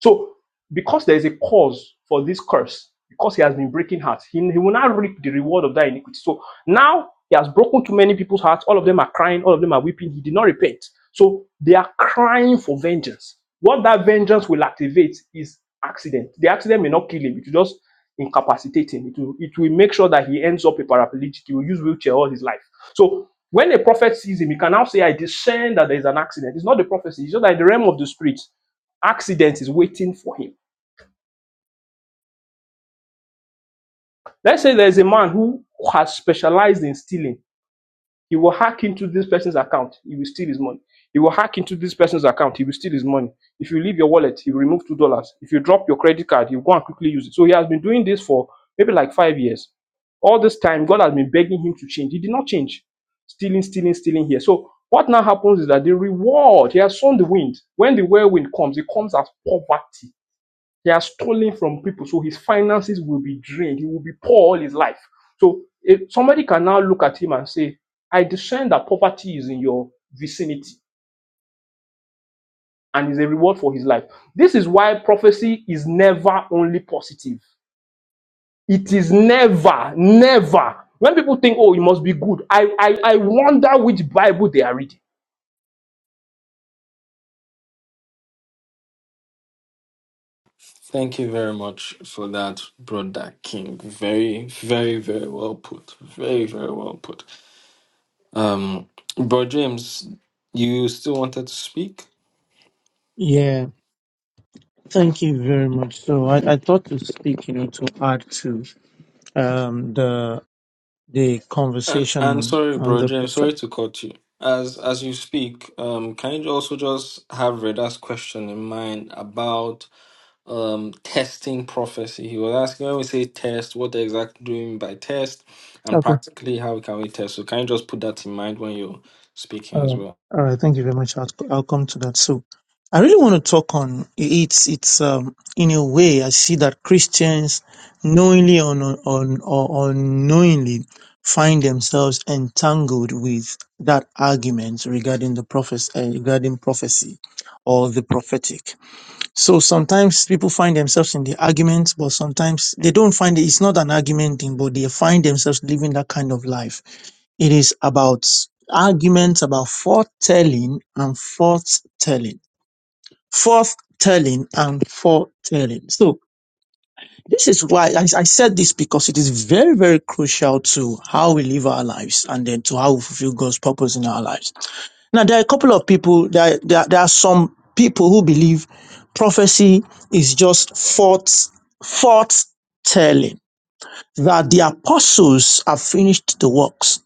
So, because there is a cause for this curse, because he has been breaking hearts, he, he will not reap the reward of that iniquity. So now he has broken too many people's hearts. All of them are crying, all of them are weeping. He did not repent. So they are crying for vengeance. What that vengeance will activate is accident. The accident may not kill him, it will just incapacitate him. It will, it will make sure that he ends up a paraplegic. He will use wheelchair all his life. So when a prophet sees him, he can now say, I discern that there is an accident. It's not the prophecy, it's just that in the realm of the spirit accident is waiting for him. Let's say there's a man who has specialized in stealing. He will hack into this person's account. He will steal his money. He will hack into this person's account. He will steal his money. If you leave your wallet, he will remove two dollars. If you drop your credit card, he will go and quickly use it. So he has been doing this for maybe like five years. All this time, God has been begging him to change. He did not change. Stealing, stealing, stealing here. So what now happens is that the reward, he has sown the wind. When the whirlwind comes, it comes as poverty He has stolen from people, so his finances will be drained. He will be poor all his life. So if somebody can now look at him and say, I discern that poverty is in your vicinity and is a reward for his life. This is why prophecy is never only positive. It is never, never. When people think, oh, it must be good, I, I, I wonder which Bible they are reading.
Thank you very much for that, brother King. Very, very, very well put. Very, very well put. Um, bro James, you still wanted to speak?
Yeah, thank you very much. So I, I thought to speak, you know, to add to um the the
And
conversation
and
on
sorry,
on
bro
the
James,
perfect.
sorry to cut you. As as you speak, um, can you also just have Reda's question in mind about um testing prophecy. He was asking when we say test, what exactly do we mean by test, and practically how can we test? So can you just put that in mind when you're speaking
All
as
right.
well?
All right. Thank you very much. I'll, I'll come to that. So I really want to talk on it's, it's, um, in a way, I see that Christians knowingly or, non- on, or unknowingly find themselves entangled with that argument regarding the prophecy, uh, regarding prophecy or the prophetic. So sometimes people find themselves in the argument, but sometimes they don't find it. It's not an argument thing, but they find themselves living that kind of life it is about arguments about foretelling and foretelling, foretelling and foretelling. So this is why I, I said this because it is very, very crucial to how we live our lives and then to how we fulfill God's purpose in our lives. Now there are a couple of people there there, there are some people who believe prophecy is just forth forth telling that the apostles have finished the works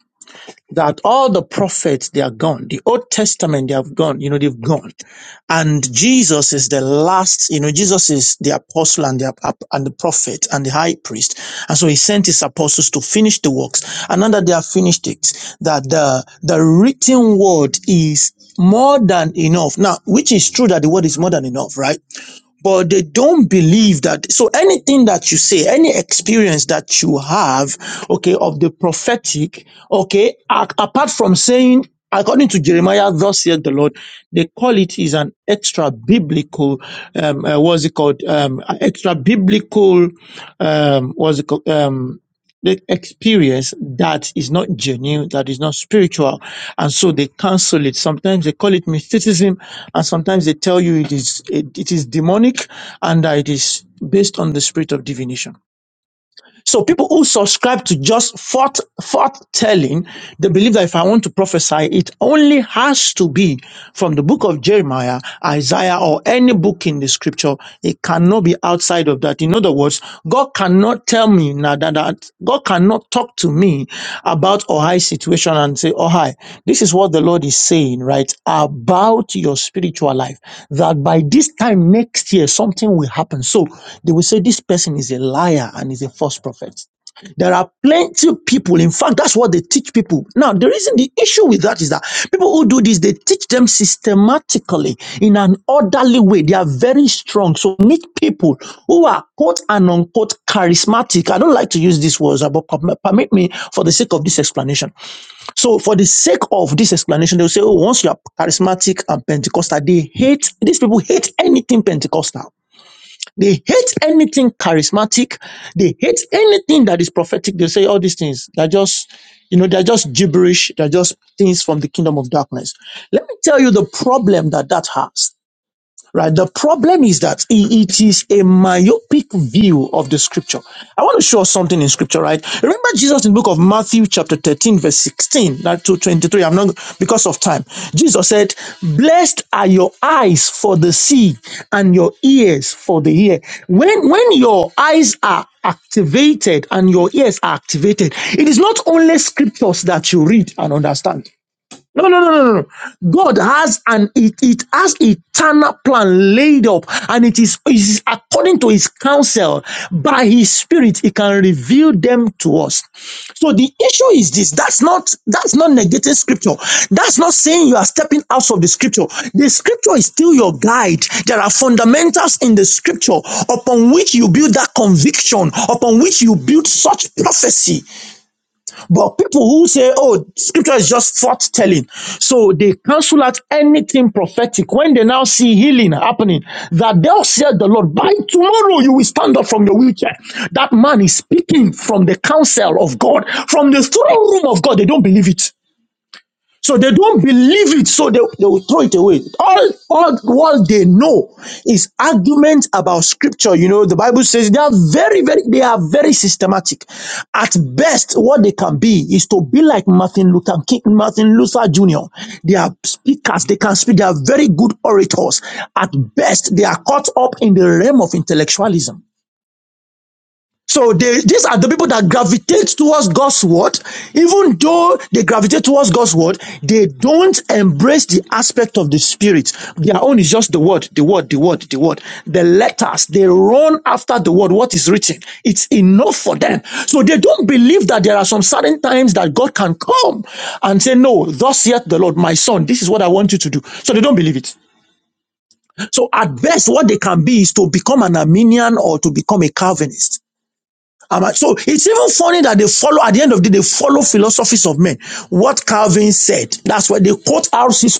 that all the prophets they are gone the old testament they have gone you know they've gone and jesus is the last you know jesus is the apostle and the ap- and the prophet and the high priest and so he sent his apostles to finish the works and now that they have finished it that the the written word is more than enough now which is true that the word is more than enough right but they don't believe that. So anything that you say, any experience that you have, okay, of the prophetic, okay, a- apart from saying, according to Jeremiah, thus saith the Lord, they call it is an extra biblical, um, uh, what's it called? Um, extra biblical, um, what's it called? Um, the experience that is not genuine, that is not spiritual. And so they cancel it. Sometimes they call it mysticism, and sometimes they tell you it is it, it is demonic and that it is based on the spirit of divination. So people who subscribe to just forth telling, they believe that if I want to prophesy, it only has to be from the book of Jeremiah, Isaiah, or any book in the scripture. It cannot be outside of that. In other words, God cannot tell me now that, that, that God cannot talk to me about Ohai situation and say, Ohai, this is what the Lord is saying, right? About your spiritual life. That by this time next year, something will happen. So they will say this person is a liar and is a false prophet. There are plenty of people. In fact, that's what they teach people. Now, the reason, the issue with that is that people who do this, they teach them systematically in an orderly way. They are very strong. So meet people who are quote and unquote charismatic. I don't like to use these words, but perm- permit me for the sake of this explanation. So for the sake of this explanation, they'll say, oh, once you are charismatic and Pentecostal, they hate, these people hate anything Pentecostal. They hate anything charismatic. They hate anything that is prophetic. They say all these things. They're just, you know, they're just gibberish. They're just things from the kingdom of darkness. Let me tell you the problem that that has right? The problem is that i- it is a myopic view of the scripture. I want to show us something in scripture, right? Remember Jesus in the book of Matthew chapter 13 verse 16, not to 23. I'm not, because of time. Jesus said, blessed are your eyes for the see and your ears for the hear. When, when your eyes are activated and your ears are activated, it is not only scriptures that you read and understand. No, no, no, no, no. no. God has an it, it has eternal plan laid up, and it is, it is according to his counsel by his spirit, he can reveal them to us. So the issue is this that's not that's not negating scripture. That's not saying you are stepping out of the scripture. The scripture is still your guide. There are fundamentals in the scripture upon which you build that conviction, upon which you build such prophecy. But people who say, oh, scripture is just forth-telling, so they cancel out anything prophetic. When they now see healing happening, that they'll say the Lord, by tomorrow you will stand up from your wheelchair. That man is speaking from the counsel of God, from the throne room of God. They don't believe it. So they don't believe it, so they, they will throw it away. All, all what they know is arguments about scripture. You know, the Bible says they are very, very they are very systematic. At best, what they can be is to be like Martin Luther King, Martin Luther Jr. They are speakers, they can speak, they are very good orators. At best, they are caught up in the realm of intellectualism. So they, these are the people that gravitate towards God's word. Even though they gravitate towards God's word, they don't embrace the aspect of the spirit. Their own is just the word, the word, the word, the word. The letters, they run after the word, what is written. It's enough for them. So they don't believe that there are some certain times that God can come and say, no, thus saith the Lord, my son, this is what I want you to do. So they don't believe it. So at best, what they can be is to become an Arminian or to become a Calvinist. Am so it's even What Calvin said, that's what they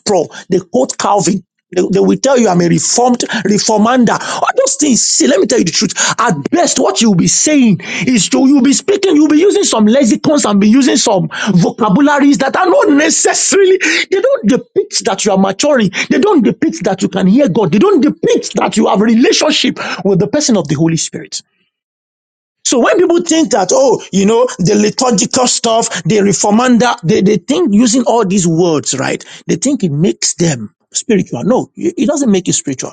quote, they quote Calvin. They, they will tell you I'm a reformed reformander. All those things should are plain. It comes from really. So when people think that, oh, you know, the liturgical stuff, the reformander, they, they think using all these words, right? They think it makes them spiritual. No, it doesn't make you spiritual.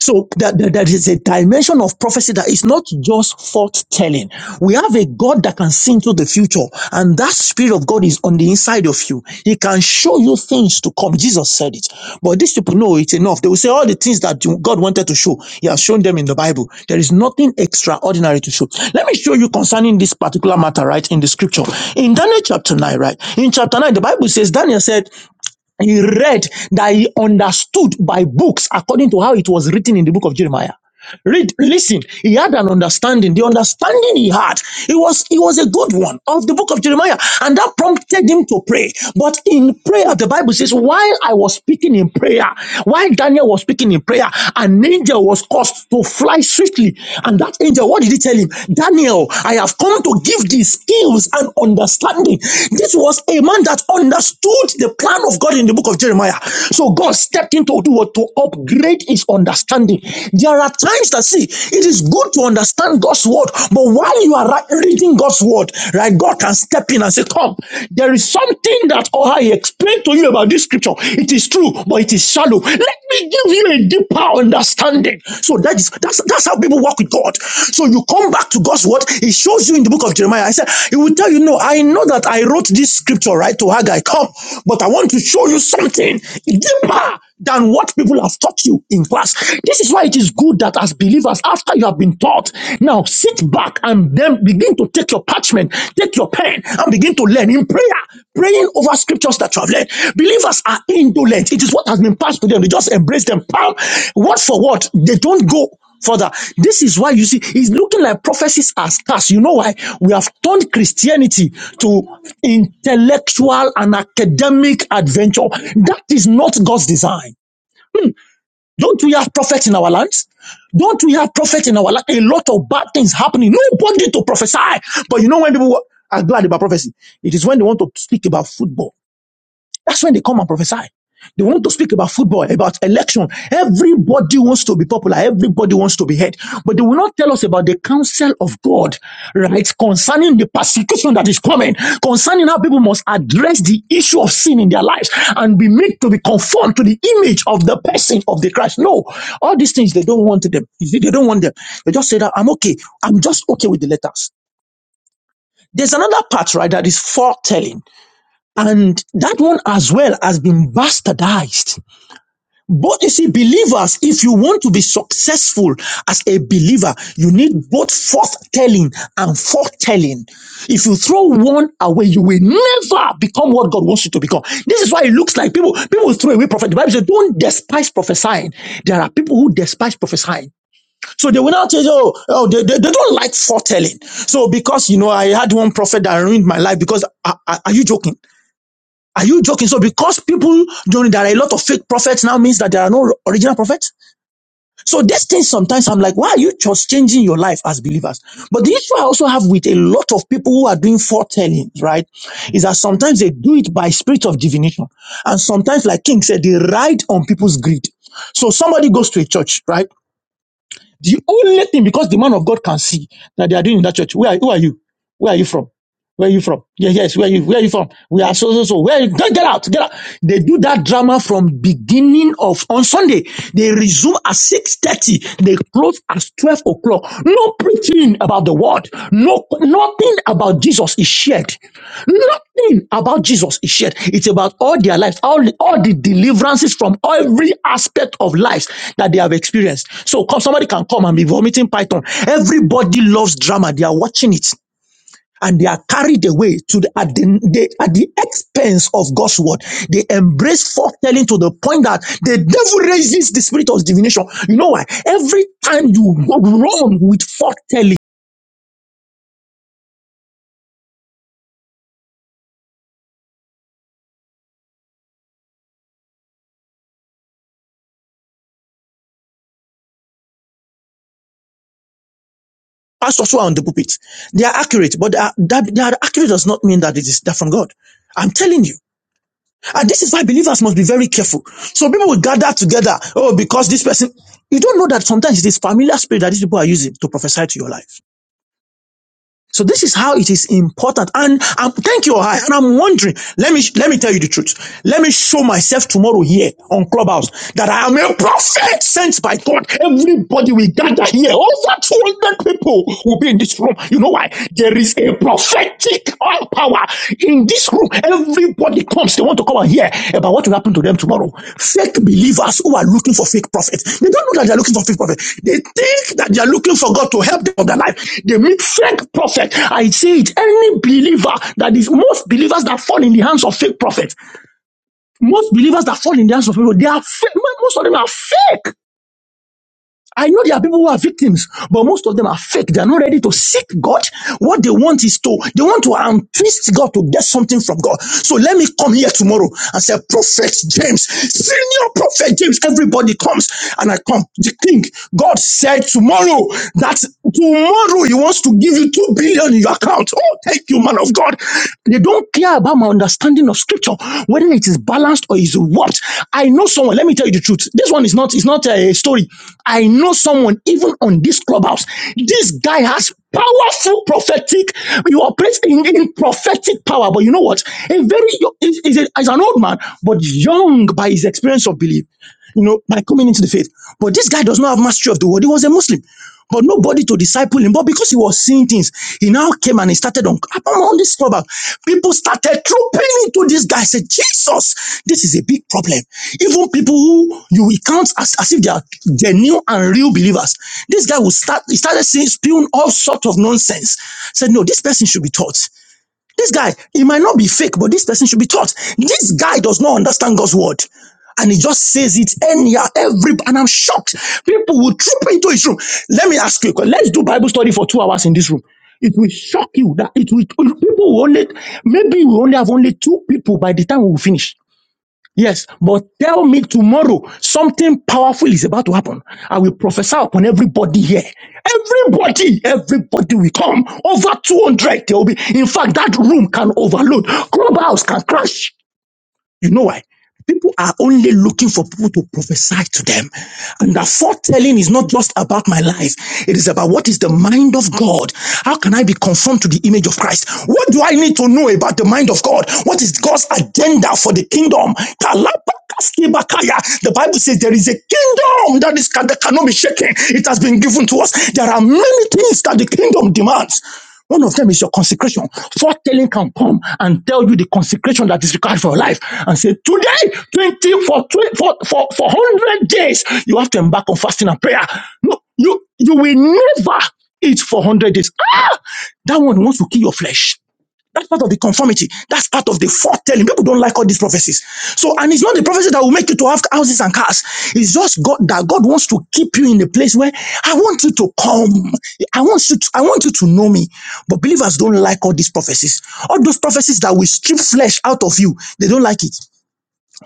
So that, that, that is a dimension of prophecy that is not just forth-telling. We have a God that can see into the future, and that spirit of God is on the inside of you. He can show you things to come. Jesus said it. But these people know it enough. They will say all the things that you- God wanted to show. He has shown them in the Bible. There is nothing extraordinary to show. Let me show you concerning this particular matter, right, in the scripture. In Daniel chapter 9, right? In chapter 9, the Bible says Daniel said, he read that he understood by books according to how it was written in the book of Jeremiah. Read, listen, he had an understanding. The understanding he had, it was it was a good one of the book of Jeremiah, and that prompted him to pray. But in prayer, the Bible says, while I was speaking in prayer, while Daniel was speaking in prayer, an angel was caused to fly swiftly. And that angel, what did he tell him? Daniel, I have come to give thee skills and understanding. This was a man that understood the plan of God in the book of Jeremiah. So God stepped in to do what? To upgrade his understanding. There are times that see, it is good to understand God's word, but while you are reading God's word, right, God can step in and say, Come, there is something that oh, I explained to you about this scripture. It is is true, but it is shallow. Let me give you a deeper understanding. So that is that's that's how people walk with God. So you come back to God's word. He shows you in the book of Jeremiah. I said, He will tell you, No, I know that I wrote this scripture right to Haggai. Come, but I want to show you something deeper than what people have taught you in class. This is why it is good that as believers, after you have been taught, now sit back and then begin to take your parchment, take your pen, and begin to learn in prayer, praying over scriptures that you have learned. Believers are indolent. It is what has been passed to them. They just embrace them, palm, word for word. They don't go further. This is why you see it's looking like prophecies are scarce. You know why? We have turned Christianity to intellectual and academic adventure. That is not God's design. Don't we have prophets in our lands? Don't we have prophets in our land? A lot of bad things happen. I- Adversity. It is action. Every head word, the passion that is coming concerning how people must address the issue in their lives and be made to be conformed to the image of the person of the Christ. No, all There's another part, right, that is foretelling. And that one as well has been bastardized. But you see, believers, if you want to be successful as a believer, you need both forthtelling, foretelling. If you throw one spice prophesying, there are people who design. So they will now tell you, oh, oh they, they, they don't like foretelling. So because, you know, I had one prophet that ruined my life because, are, are are you joking? Are you joking? So because people, don't, there are a lot of fake prophets now means that there are no original prophets? So these things sometimes I'm like, why are you just changing your life as believers? But the issue I also have with a lot of people who are doing foretelling, right, is that sometimes they do it by spirit of divination. And sometimes, like King said, they ride on people's greed. So somebody goes to a church, right? The only thing, because the man of God can see that they are doing in that church. Where are, who are you? Where are you from? Where are you from? Yeah, yes, where are you? Where are you from? We are so so so. Where are you? Get, get out, get out. They do that drama from beginning of on Sunday. They resume at 6:30. They close at 12 o'clock. No preaching about the word. No nothing about Jesus is shared. So, Pastors who are on the pulpit, they are accurate, but they are, that, they are accurate does not mean that it is that from God. I'm telling you. And this is why believers must be very careful. So people will gather together. Oh, because this person, you don't know that sometimes it is familiar spirit that these people are using to life. Let me, sh- let God, everybody will gather here. Over 200 people will be in this room. You know why? There is a prophetic oil power in this room. Everybody comes. They want to come and hear about what will happen to them tomorrow. Prophet. They don't know that they are looking for fake prophet. They think that they are looking for God to help them of their life. They make prophet. I say it. Any believer that they fall in the hands of fake prophet They are fake. Most of them are. I know there are people who are victims, but most of them are fake. They are not ready to seek God. What they want is to they want to um, twist God to get something from God. So let me come here tomorrow and say, Prophet James, Senior Prophet James. Everybody comes and I come. The King. God said tomorrow that tomorrow He wants to give you two billion in your account. Oh, thank you, man of of God. They don't care about my understanding of scripture, whether it is balanced or is warped. I know someone, let me tell you the truth. This one is not, it's not a story. I know someone, even on this clubhouse, this guy has powerful prophetic, you operate in, in prophetic power. But you know what? A very, is is a- is an old man, but young by his experience of belief you know, by coming into the faith. But this guy does not have mastery of the word. He was a Muslim, but nobody to disciple him. But because he was seeing things, he now came and he started on, on this problem. People started trooping into this guy. Said, Jesus, this is a big problem. Even people who you count as, as if they are genuine and real believers. This guy will start, he started saying, spewing all sorts of nonsense. Said, no, this person should be taught. This guy, he might not be fake, but this person should be taught. This guy does not understand God's word and says it anyhow. Every and I'm shocked. People will true. Let's click. Let it shock you that it will take. Maybe we only have only two people. Tomorrow, someone I will see everybody will come over 200. There will be. In fact, that room can overload. Clubhouse can crash. You know why? People are only looking for people to prophesy to them. And that foretelling is not just about my life. It is about what is the mind of God. How can I be conformed to the image of Christ? What do I need to know about the mind of God? What is God's agenda for the kingdom? The Bible says there is a kingdom that is that cannot be shaken. It has been given to us. There are many things that the kingdom demands. One of them is your consecration. Foretelling can come and tell you the consecration that is required for your life and say, Today, 20 for, twen- for, for, for 100 days, you have to embark on fasting and prayer. No, you, you will never eat for 100 days. Ah, that one wants to kill your flesh. That's part of the conformity. That's part of the foretelling. People don't like all these prophecies. So, and it's not the prophecy that will make you to have houses and cars. It's just God that God wants to keep you in a place where I want you to come. I want you to, I want you to know me. But believers don't like all these prophecies. All those prophecies that will strip flesh out of you, they don't like it.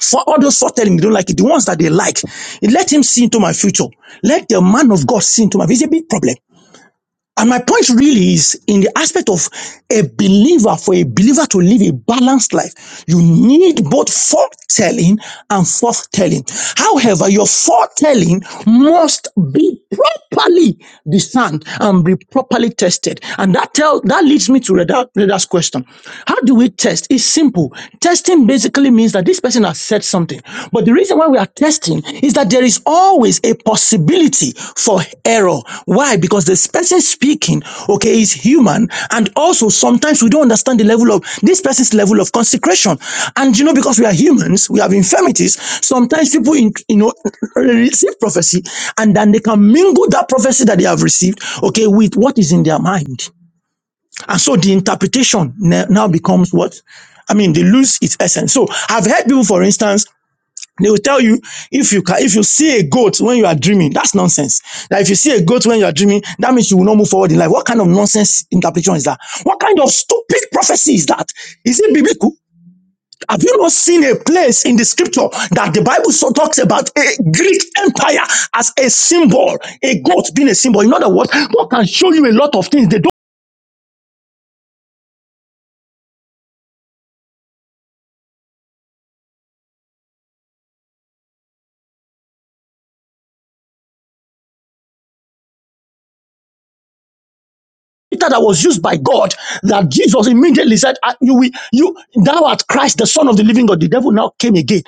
For all those foretelling, they don't like it. The ones that they like, let him see into my future. Let the man of God see into my. future. It's a big problem. And my point really is in the aspect of a believer, for a believer to live a balanced life, you need following and telling must be properly discerned and be properly tested. And that tell that leads me to Reda- Reda's question. How do we test? It's simple. Testing basically means that this person has said something. But the reason why we are testing is that there is always a possibility for error. Why? Because the person speaking, okay, is human. And also sometimes we don't understand the level of this person's level of consecration. And you know, because we are humans, we have infirmities. Sometimes people, in, you know, receive prophecy and then they can mingle that prophecy that they have received, okay, with what is in their mind. And so the interpretation ne- now becomes what? I mean, they lose its essence. So I've heard people, for instance, they will tell you if you can, if you see a goat when you are dreaming, that's nonsense. That if you see a goat when you are dreaming, that means you will not move forward in life. What kind of nonsense interpretation is that? What kind of stupid prophecy is that? Is it biblical? Have you not seen a place in the scripture that the Bible sought out a Greek as all a goat being a symbol? of God, we get?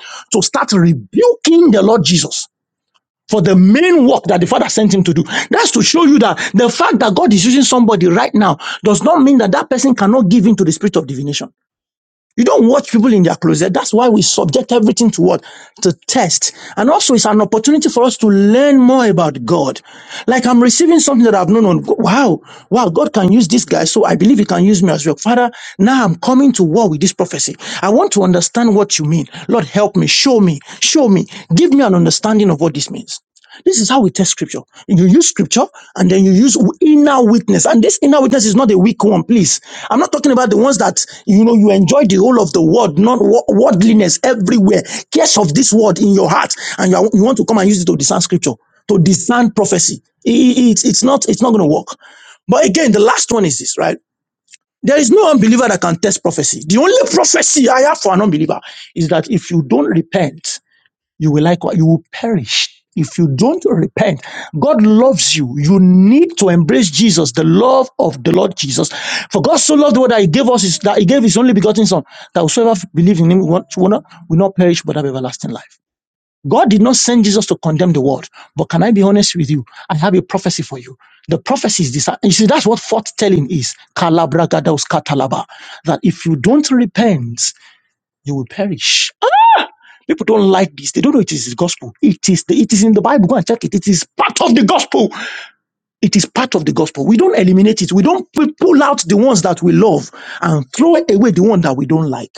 gay to test. And also it's an opportunity for us to learn more about God. Like I'm receiving something that I've known on, wow, wow, God can use this guy. So I believe he can use me as well. Father, now I'm coming to war with this prophecy. I want to understand what you mean. Lord, help me, show me, show me, give me an understanding of what this means. This is how we test scripture. You use scripture and then you use inner witness. And this inner witness is not a weak one, please. I'm not talking about the ones that, you know, you enjoy the whole of the world, not wo- worldliness everywhere. Cares of this world in your heart. And you, are- you want to come and use it to discern scripture, to discern prophecy. I- I- it's, it's not, it's not going to work. But again, the last one is this, right? There is no unbeliever that can test prophecy. The only prophecy I have for an unbeliever is that if you don't repent, you will like you will perish if you don't repent god loves you you need to embrace jesus the love of the lord jesus for god so loved the world that he gave us is that he gave his only begotten son that whosoever believes in him will not, will not will not perish but have everlasting life god did not send jesus to condemn the world but can i be honest with you i have a prophecy for you the prophecy is this you see that's what foretelling is Kalabra gadaus katalaba, that if you don't repent you will perish People don't like this. They don't know it is the gospel. It is the, it is in the Bible. Go and check it. It is part of the gospel. It is part of the gospel. We don't eliminate it. We don't pu- pull out the ones that we love and throw away the one that we don't like.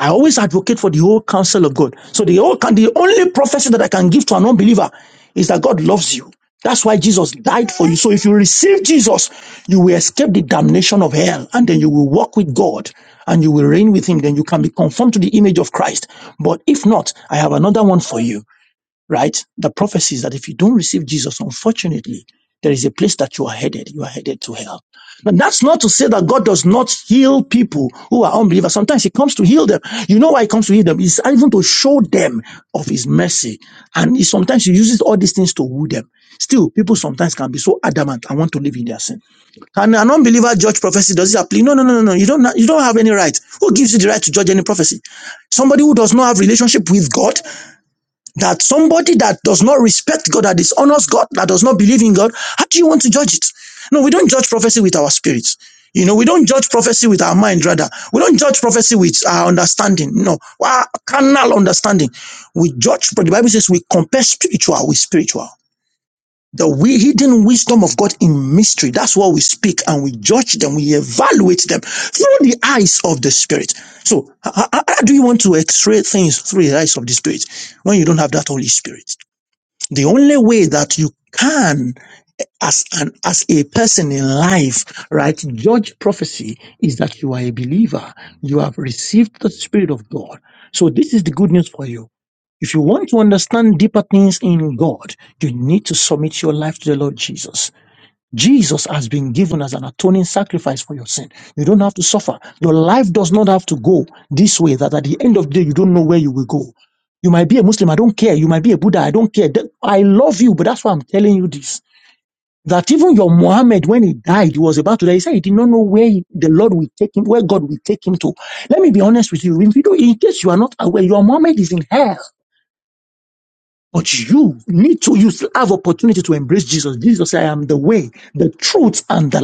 I always advocate for the whole counsel of God. So the whole can, the only prophecy that I can give to an unbeliever is that God loves you. That's why Jesus died for you. So if you receive Jesus, you will escape the damnation of hell and then you will walk with God and you will reign with him. Then you can be conformed to the image of Christ. But if not, I have another one for you right? The prophecies that if you don't receive Jesus, unfortunately, there is a place that you are headed. You are headed to hell. Now, that's not to say that God does not heal people who are unbelievers. Sometimes He comes to heal them. You know why He comes to heal them? It's even to show them of His mercy. And he, sometimes He uses all these things to woo them. Still, people sometimes can be so adamant and want to live in their sin. Can an unbeliever judge prophecy? Does it apply? No, no, no, no, no. You don't. You don't have any right. Who gives you the right to judge any prophecy? Somebody who does not have relationship with God that somebody that does not respect God, that dishonors God, that does not believe in God, how do you want to judge it? No, we don't judge prophecy with our spirits. You know, we don't judge prophecy with our mind, rather. We don't judge prophecy with our understanding. No, our carnal understanding. We judge, but the Bible says we compare spiritual with spiritual. The wi- hidden wisdom of God in mystery. That's what we speak and we judge them. We evaluate them through the eyes of the Spirit. So, h- h- how, do you want to x-ray things through the eyes of the Spirit when you don't have that Holy Spirit? The only way that you can, as an, as a person in life, right, judge prophecy is that you are a believer. You have received the Spirit of God. So this is the good news for you if you want to understand deeper things in God, you need to submit your life to the Lord Jesus. Jesus has been given as an atoning sacrifice for your sin. You don't have to suffer. Your life does not have to go this way that at the end of the day, you don't know where you will go. You might be a Muslim, I don't care. You might be a Buddha, I don't care. That- I love you, but that's why I'm telling you this. That even your Muhammad, when he died, he was about to die. He said he did not know where he- the Lord will take him, where God will take him to. Let me be honest with you. If you don't, in case you are not aware, your Muhammad is in hell. But you need to, you still have opportunity to embrace Jesus. Jesus said, I am the way, the truth, and the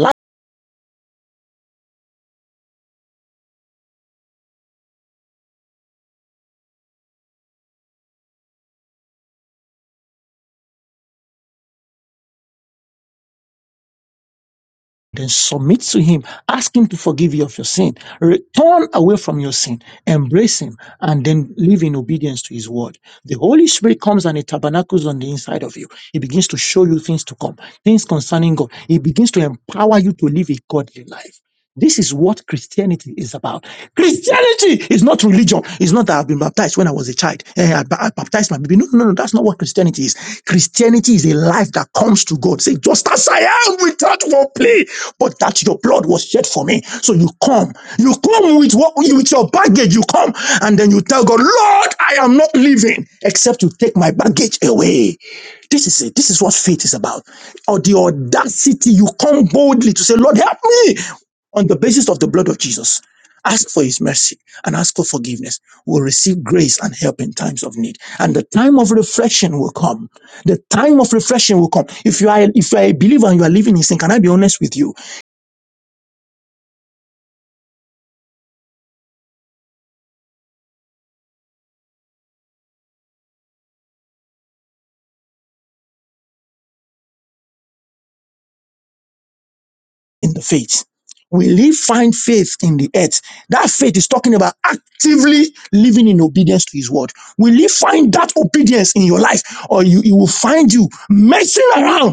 then submit to Him, ask Him to forgive you of your sin, return away from your sin, embrace Him, and then live in obedience to His word. The Holy Spirit comes and He tabernacles on the inside of you. He begins to show you things to come, things concerning God. He begins to empower you to live a godly life. This is what Christianity is about. Christianity is not religion. It's not that I've been baptized when I was a child. Eh, I, I baptized my baby. No, no, no. no, That's not what Christianity is. Christianity is life that comes to God. Say, just as I that won't play, but that your blood was shed for me. So you come, you come with what you with your bag home, and then go, Lord, I am not leaving except I baggage. This this is what faith is about, or the audacity. You come boldly to say, Lord, help me on the basis of the blood of Jesus. Ask for His mercy and ask for forgiveness. We'll receive grace and help in times of need, and the time of reflection will come. The time of reflection will come. If you are if you are a believer and you are living in sin, can I be honest with you in the faith? Will he find faith in the earth? That faith is talking about actively living in obedience to his word. Will he find that obedience in your life? Or you find you man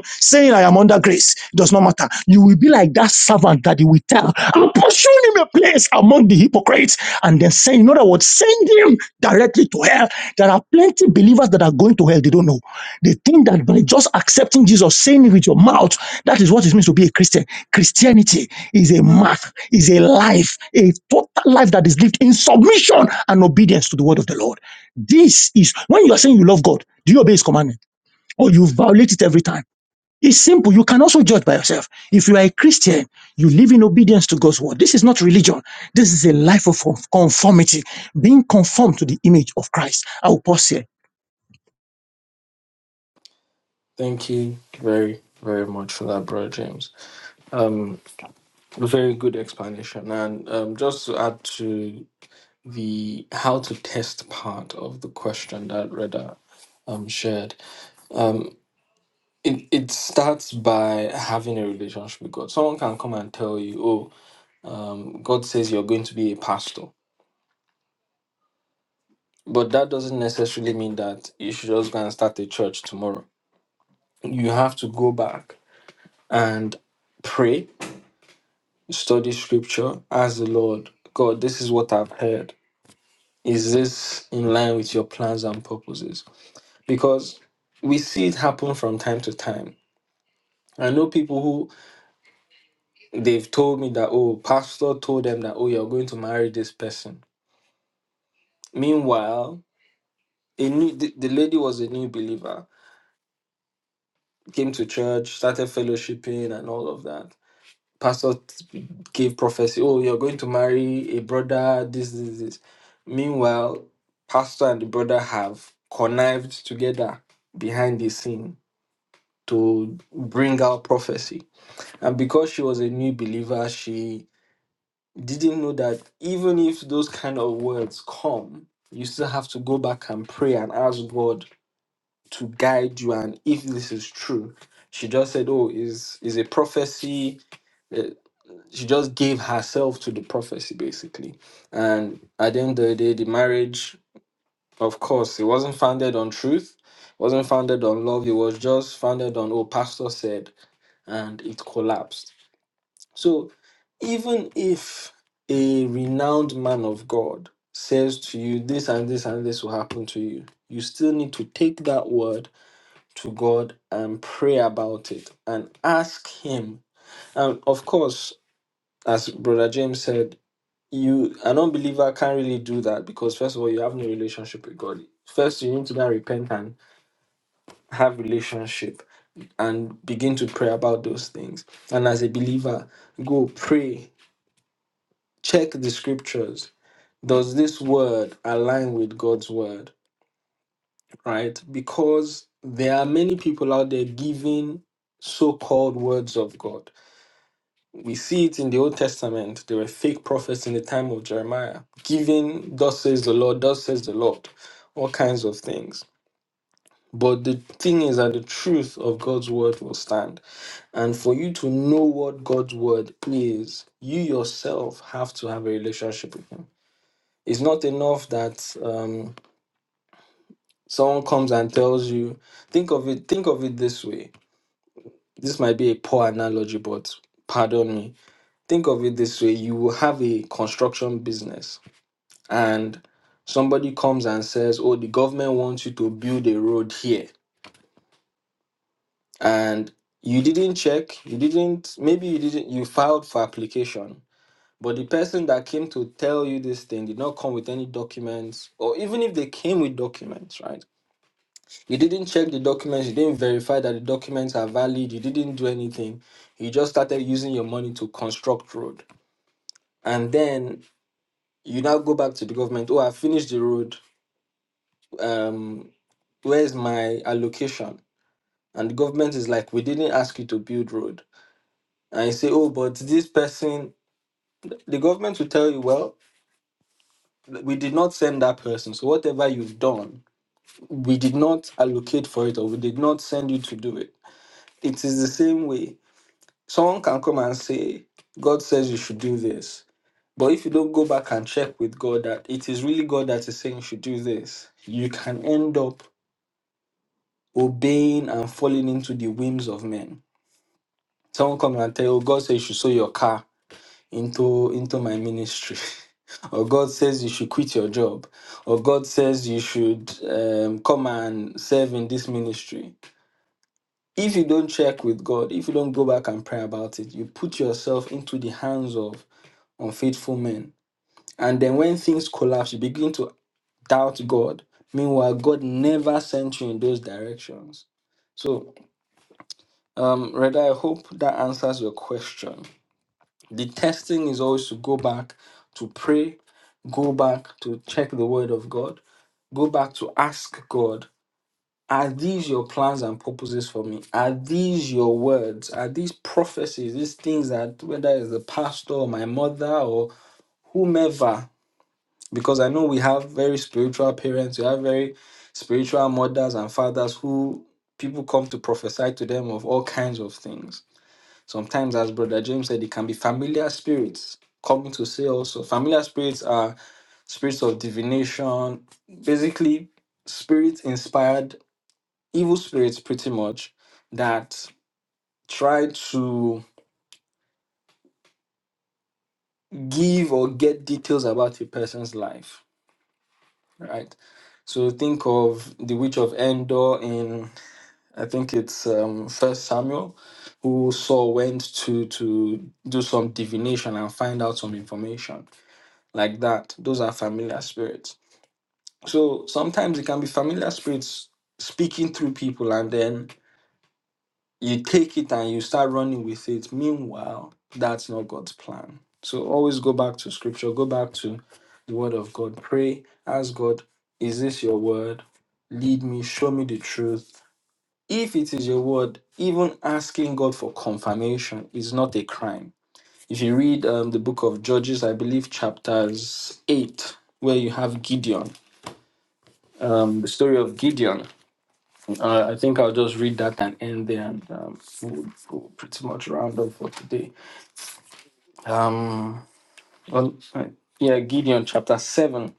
saying, I am under grace. It does not matter. You like that servant that he will tell, I'm pursuing him a place among the hypocrites, and then saying, in other words, send him directly to hell. There are plenty believers that are going to hell, they don't know. They think that by just accepting Jesus, saying it with your mouth, that is what it means to be a Christian. Christianity is a mark, is a life, a total life that is lived in submission and obedience to the word of the Lord. This is when you are saying you love God, do you obey his commandment? Or you violate it every time? It's simple. You can also judge by yourself. If you are a Christian, you live in obedience to God's word. This is not religion. This is a life of conformity, being conformed to the image of Christ. I will pause here.
Thank you very very much for that, brother James. Um, very good explanation. And um, just to add to the how to test part of the question that Reda um shared, um, it it starts by having a relationship with God. Someone can come and tell you, oh. Um, God says you're going to be a pastor, but that doesn't necessarily mean that you should just go and start a church tomorrow. You have to go back and pray, study scripture, ask the Lord, God, this is what I've heard. Is this in line with your plans and purposes? Because we see it happen from time to time. I know people who they've told me that, oh, pastor told them that, oh, you're going to marry this person. Meanwhile, a new, the, the lady was a new believer came to church, started fellowshipping and all of that. Pastor t- gave prophecy, oh, you're going to marry a brother, this, this, this. Meanwhile, pastor and the brother have connived together behind the scene to bring out prophecy. And because she was a new believer, she didn't know that even if those kind of words come, you still have to go back and pray and ask God to guide you and if this is true she just said oh is is a prophecy uh, she just gave herself to the prophecy basically and at the end of the day the marriage of course it wasn't founded on truth wasn't founded on love it was just founded on oh pastor said and it collapsed so even if a renowned man of god says to you this and this and this will happen to you you still need to take that word to God and pray about it and ask Him. And of course, as Brother James said, you an unbeliever can't really do that because first of all, you have no relationship with God. First, you need to now repent and have relationship and begin to pray about those things. And as a believer, go pray, check the scriptures. Does this word align with God's word? Right? Because there are many people out there giving so called words of God We see it in the Old Testament. There were fake prophets in the time of Jeremiah, giving, Thus says the Lord, Thus says the Lord, all kinds of things. But the thing is that the truth of God's word will stand. And for you to know what God's word is, you yourself have to have a relationship with Him. It's not enough that um, someone comes and tells you, think of it, think of it this way. This might be a poor analogy, but pardon me think of it this way you will have a construction business and somebody comes and says oh the government wants you to build a road here and you didn't check you didn't maybe you didn't you filed for application but the person that came to tell you this thing did not come with any documents or even if they came with documents right you didn't check the documents you didn't verify that the documents are valid you didn't do anything you just started using your money to construct road and then you now go back to the government. Oh, I finished the road. Um, where's my allocation? And the government is like, we didn't ask you to build road. And you say, oh, but this person, the government will tell you, well, we did not send that person. So whatever you've done, we did not allocate for it, or we did not send you to do it. It is the same way. Someone can come and say, God says you should do this. But if you don't go back and check with God that it is really God that is saying you should do this, you can end up obeying and falling into the whims of men. Someone come and tell you, "Oh, God says you should sow your car into into my ministry. or God says you should quit your job. Or God says you should um, come and serve in this ministry. If you don't check with God, if you don't go back and pray about it, you put yourself into the hands of unfaithful men. And then when things collapse, you begin to doubt God. Meanwhile, God never sent you in those directions. So Um, Reda, I hope that answers your question. The testing is always to go back to pray, go back to check the word of God, go back to ask God, are these your plans and purposes for me? Are these your words? Are these prophecies, these things that whether it's the pastor or my mother or whomever? Because I know we have very spiritual parents, we have very spiritual mothers and fathers who people come to prophesy to them of all kinds of things Sometimes, as Brother James said, it can be familiar spirits coming to say also. Familiar spirits are spirits of divination, basically, spirit inspired evil spirits, pretty much, that try to give or get details about a person's life, right? So think of the witch of Endor in, I think it's um, First Samuel, who Saul went to to do some divination and find out some information like that. Those are familiar spirits. So sometimes it can be familiar spirits speaking through people, and then you take it and you start running with it. Meanwhile, that's not God's plan. So always go back to scripture, go back to the word of God, pray, ask God, is this your word? Lead me, show me the truth. If it is your word, even asking God for confirmation is not a crime if you read um, the book of Judges, I believe chapters 8, where you have Gideon, um, the story of Gideon. Uh, I think I'll just read that and end there and um, we'll, we'll pretty much round up for today. Um, well, uh, yeah, Gideon chapter 7.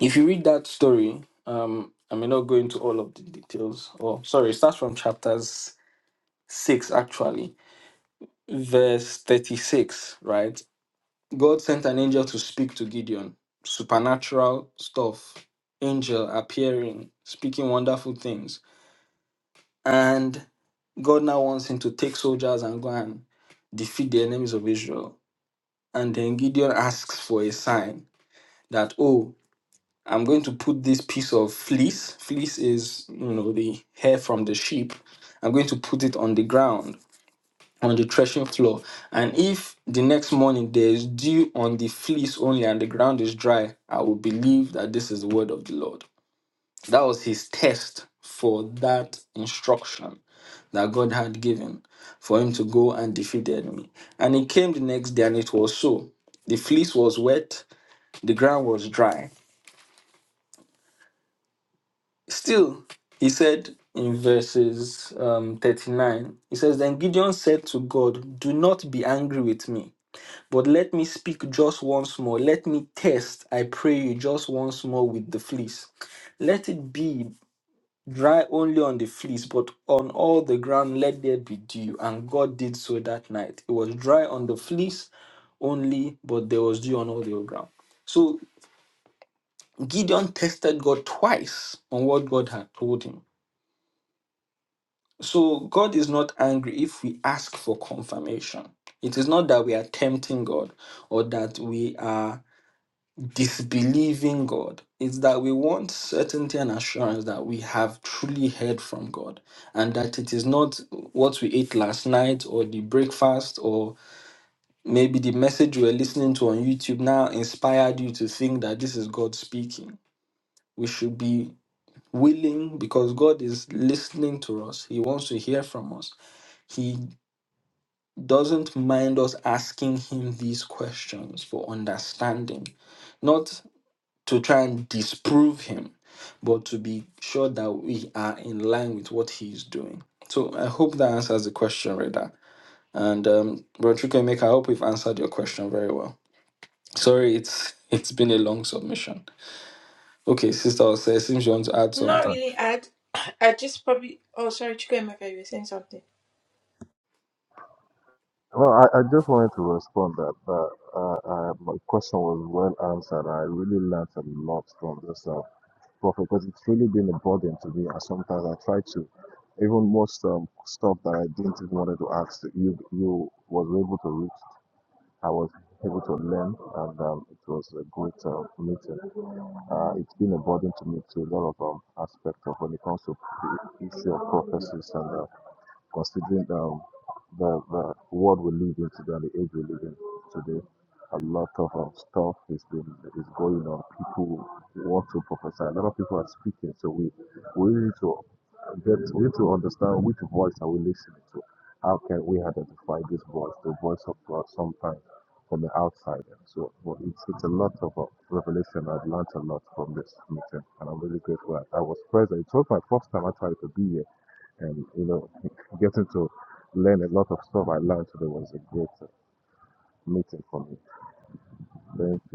If you read that story, um, I may not go into all of the details. Oh, sorry, it starts from chapters 6 actually verse 36 right God sent an angel to speak to Gideon. Supernatural stuff. Angel appearing, speaking wonderful things. And God now wants him to take soldiers and go and defeat the enemies of Israel. And then Gideon asks for a sign that, oh, I'm going to put this piece of fleece. Fleece is, you know, the hair from the sheep. I'm going to put it on the ground on the threshing floor. And if the next morning there is dew on the fleece only and the ground is dry, I will believe that this is the word of the Lord. That was his test for that instruction that God had given for him to go and defeat the enemy. And he came the next day and it was so. The fleece was wet, the ground was dry. Still, he said in verses um, 39, he says, Then Gideon said to God, Do not be angry with me But let me speak just once more. Let me test, I pray you, just once more with the fleece. Let it be dry only on the fleece, but on all the ground let there be dew. And God did so that night. It was dry on the fleece only, but there was dew on all the ground. So Gideon tested God twice on what God had told him. So God is not angry if we ask for confirmation. It is not that we are tempting God or that we are disbelieving God is that we want certainty and assurance that we have truly heard from God and that it is not what we ate last night or the breakfast or maybe the message you were listening to on YouTube now inspired you to think that this is God speaking. We should be willing because God is listening to us, He wants to hear from us. He doesn't mind us asking Him these questions for understanding. Not to try and disprove him, but to be sure that we are in line with what he is doing. So I hope that answers the question, Reda. And um, Rodrigo Emeka, I hope we've answered your question very well. Sorry, it's it's been a long submission. Okay, Sister Ose, it seems you want to add
Not
something.
Uh,
really. I I just probably. Oh, sorry, Chico and Mecca, you were saying something.
Well, I, I just wanted to respond that, that uh, uh, my question was well answered. I really learned a lot from this uh, prophet because it's really been a burden to me. And sometimes I try to, even most um, stuff that I didn't even wanted to ask, you you was able to reach. I was able to learn, and um, it was a great uh, meeting. Uh, it's been a burden to me to a lot of um, aspects of when it comes to the issue of prophecies and uh, considering um, the, the world we live in today and the age we live in today. A lot of um, stuff is been is going on. People want to prophesy. A lot of people are speaking. So we we need to get we need to understand which voice are we listening to. How can we identify this voice, the voice of God, sometimes from the outside? And so but it's it's a lot of uh, revelation. I've learned a lot from this meeting, and I'm really grateful that I was present. It was my first time actually to be here and you know getting to learn a lot of stuff I learned today was a great uh, meeting for me. Thank you.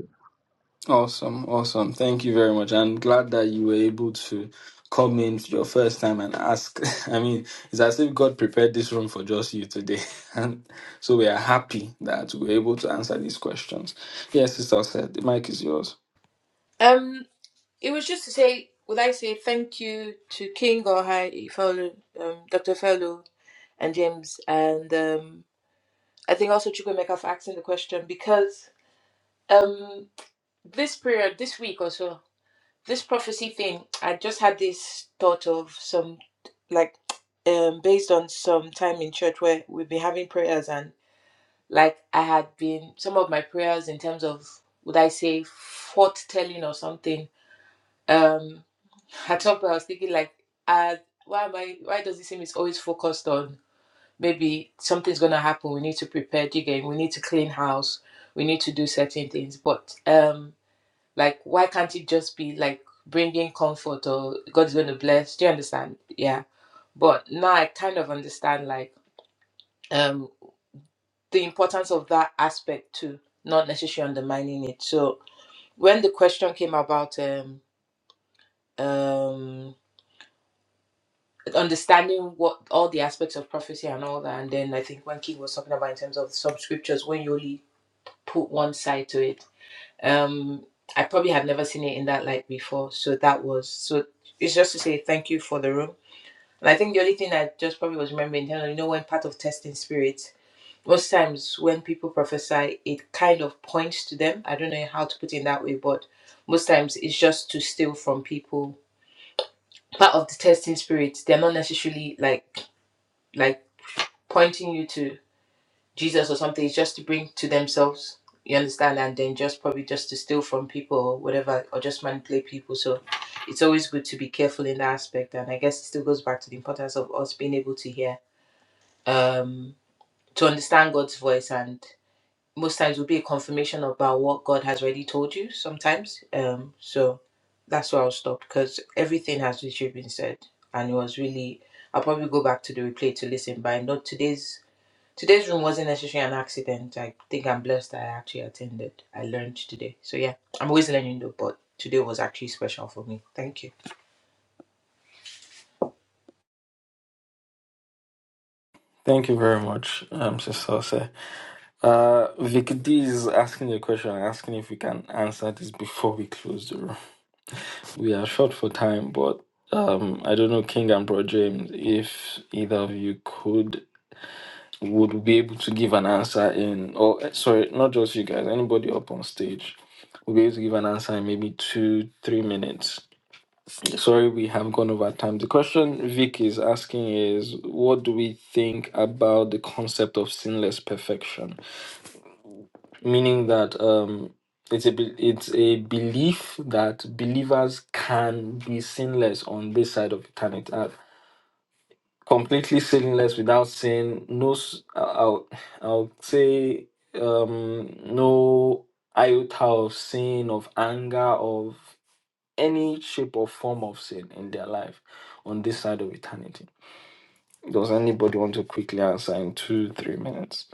Awesome, awesome. Thank you very much. I'm glad that you were able to come in for your first time and ask. I mean, it's as if God prepared this room for just you today. And so we are happy that we are able to answer these questions. Yes, Sister said the mic is yours.
Um, it was just to say, would I say thank you to King or Hi Fellow, um, Doctor Fellow and James, and um, I think also Chico and Mecca for asking the question because um, this period, this week or so, this prophecy thing, I just had this thought of some like. Um, based on some time in church where we've been having prayers and. Like I had been some of my prayers in terms of would I say foretelling or something. Um, at some point I was thinking like, uh, why am I? Why does it seem it's always focused on maybe something's gonna happen? We need to prepare again. We need to clean house. We need to do certain things. But um, like why can't it just be like bringing comfort or God's gonna bless? Do you understand? Yeah. But now I kind of understand like. um the importance of that aspect too, not necessarily undermining it. So when the question came about um um understanding what all the aspects of prophecy and all that, and then I think when King was talking about in terms of some scriptures, when you only put one side to it, um, I probably had never seen it in that light before. So that was so. It's just to say thank you for the room. And I think the only thing I just probably was remembering, you know, when part of testing spirit most times when people prophesy, it kind of points to them. I don't know how to put it in that way, but most times it's just to steal from people. Part of the testing spirit, they're not necessarily like like pointing you to Jesus or something. It's just to bring to themselves. You understand, and then just probably just to steal from people or whatever, or just manipulate people. So it's always good to be careful in that aspect. And I guess it still goes back to the importance of us being able to hear, um, to understand God's voice and most times will be a confirmation about what God has already told you sometimes. Um, so that's where I'll stop because everything has literally been said and it was really I'll probably go back to the replay to listen, but I know today's today's room wasn't necessarily an accident. I think I'm blessed that I actually attended. I learned today. So yeah, I'm always learning though, but today was actually special for me. Thank you.
Thank you very much, um, Sister Ose. Uh, Vic D is asking a question, asking if we can answer this before we close the room. We are short for time, but um, I don't know, King and Bro James, if either of you could would be able to give an answer in, or eh, sorry, not just you guys, anybody up on stage will be able to give an answer in maybe two, three minutes. Sorry, we have gone over time. The question Vic is asking is, what do we think about the concept of sinless perfection? Meaning that um, it's a be- it's a belief that believers can be sinless on this side of eternity. uh, completely sinless without sin no s- I- i'll i'll say um no iota of sin of anger of any shape or form of sin in their life on this side of eternity does anybody want to quickly answer in two three minutes